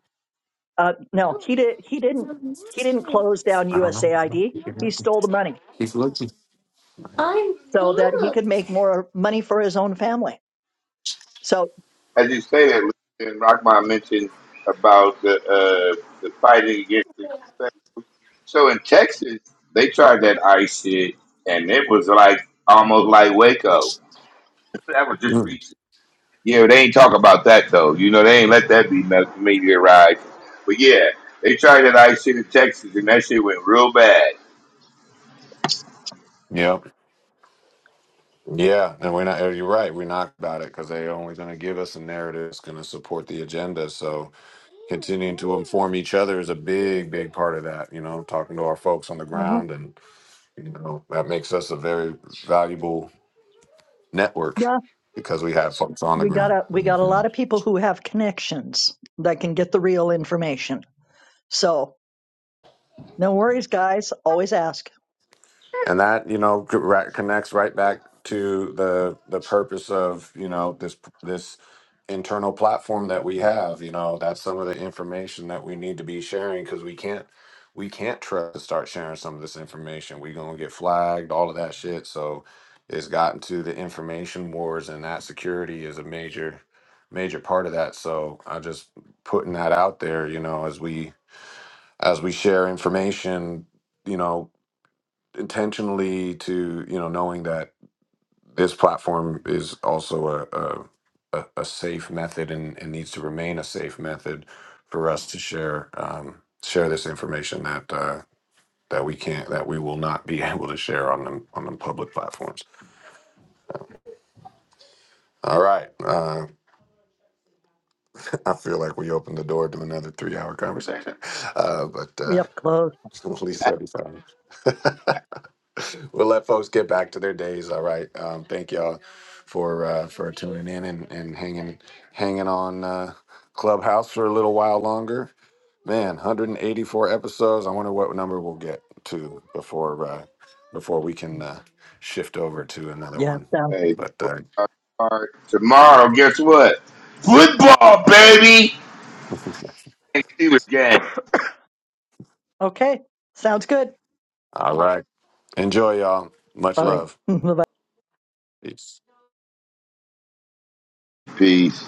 [SPEAKER 1] Uh, no, he did. He didn't. He didn't close down USAID. He stole the money so that he could make more money for his own family. So,
[SPEAKER 10] As you say that, and Rockman mentioned about the uh, the fighting against the so in Texas they tried that ice shit and it was like almost like Waco That was just
[SPEAKER 2] Mm.
[SPEAKER 10] recent. Yeah, they ain't talk about that though. You know, they ain't let that be me- meteorized. But yeah, they tried that ice shit in Texas, and that shit went real bad.
[SPEAKER 2] yep yeah and we're not you're right we're not about it because they're only going to give us a narrative that's going to support the agenda so continuing to inform each other is a big, big part of that. You know, talking to our folks on the
[SPEAKER 1] mhm,
[SPEAKER 2] ground, and you know that makes us a very valuable network
[SPEAKER 1] yeah,
[SPEAKER 2] because we have folks on the
[SPEAKER 1] we got
[SPEAKER 2] ground.
[SPEAKER 1] a we got a
[SPEAKER 2] Mm-hmm.
[SPEAKER 1] lot of people who have connections that can get the real information. So No worries, guys. Always ask.
[SPEAKER 2] and that you know co- right- connects right back to the the purpose of you know this this internal platform that we have you know that's some of the information that we need to be sharing because we can't we can't trust to start sharing some of this information we are gonna get flagged all of that shit so it's gotten to the information wars and that security is a major major part of that so i just putting that out there you know as we as we share information you know intentionally to you know knowing that this platform is also a a, a a safe method and, and needs to remain a safe method for us to share um, share this information that uh, that we can't that we will not be able to share on them on the public platforms. All right, uh, I feel like we opened the door to another three hour conversation, uh, but
[SPEAKER 1] We
[SPEAKER 2] uh,
[SPEAKER 1] have to close.
[SPEAKER 2] at least thirty five. we'll let folks get back to their days. All right. Um, thank y'all for uh, for tuning in and, and hanging hanging on uh, Clubhouse for a little while longer. Man, 184 episodes. I wonder what number we'll get to before uh, before we can uh, shift over to another
[SPEAKER 1] Yeah.
[SPEAKER 2] one.
[SPEAKER 1] Sounds
[SPEAKER 10] Hey,
[SPEAKER 2] But uh,
[SPEAKER 10] all right. tomorrow, guess what? Football, baby. Thanks, Steelers gang.
[SPEAKER 1] okay. Sounds good.
[SPEAKER 2] all right, enjoy y'all. Much
[SPEAKER 1] All right.
[SPEAKER 2] love.
[SPEAKER 1] Bye.
[SPEAKER 2] Peace.
[SPEAKER 10] Peace.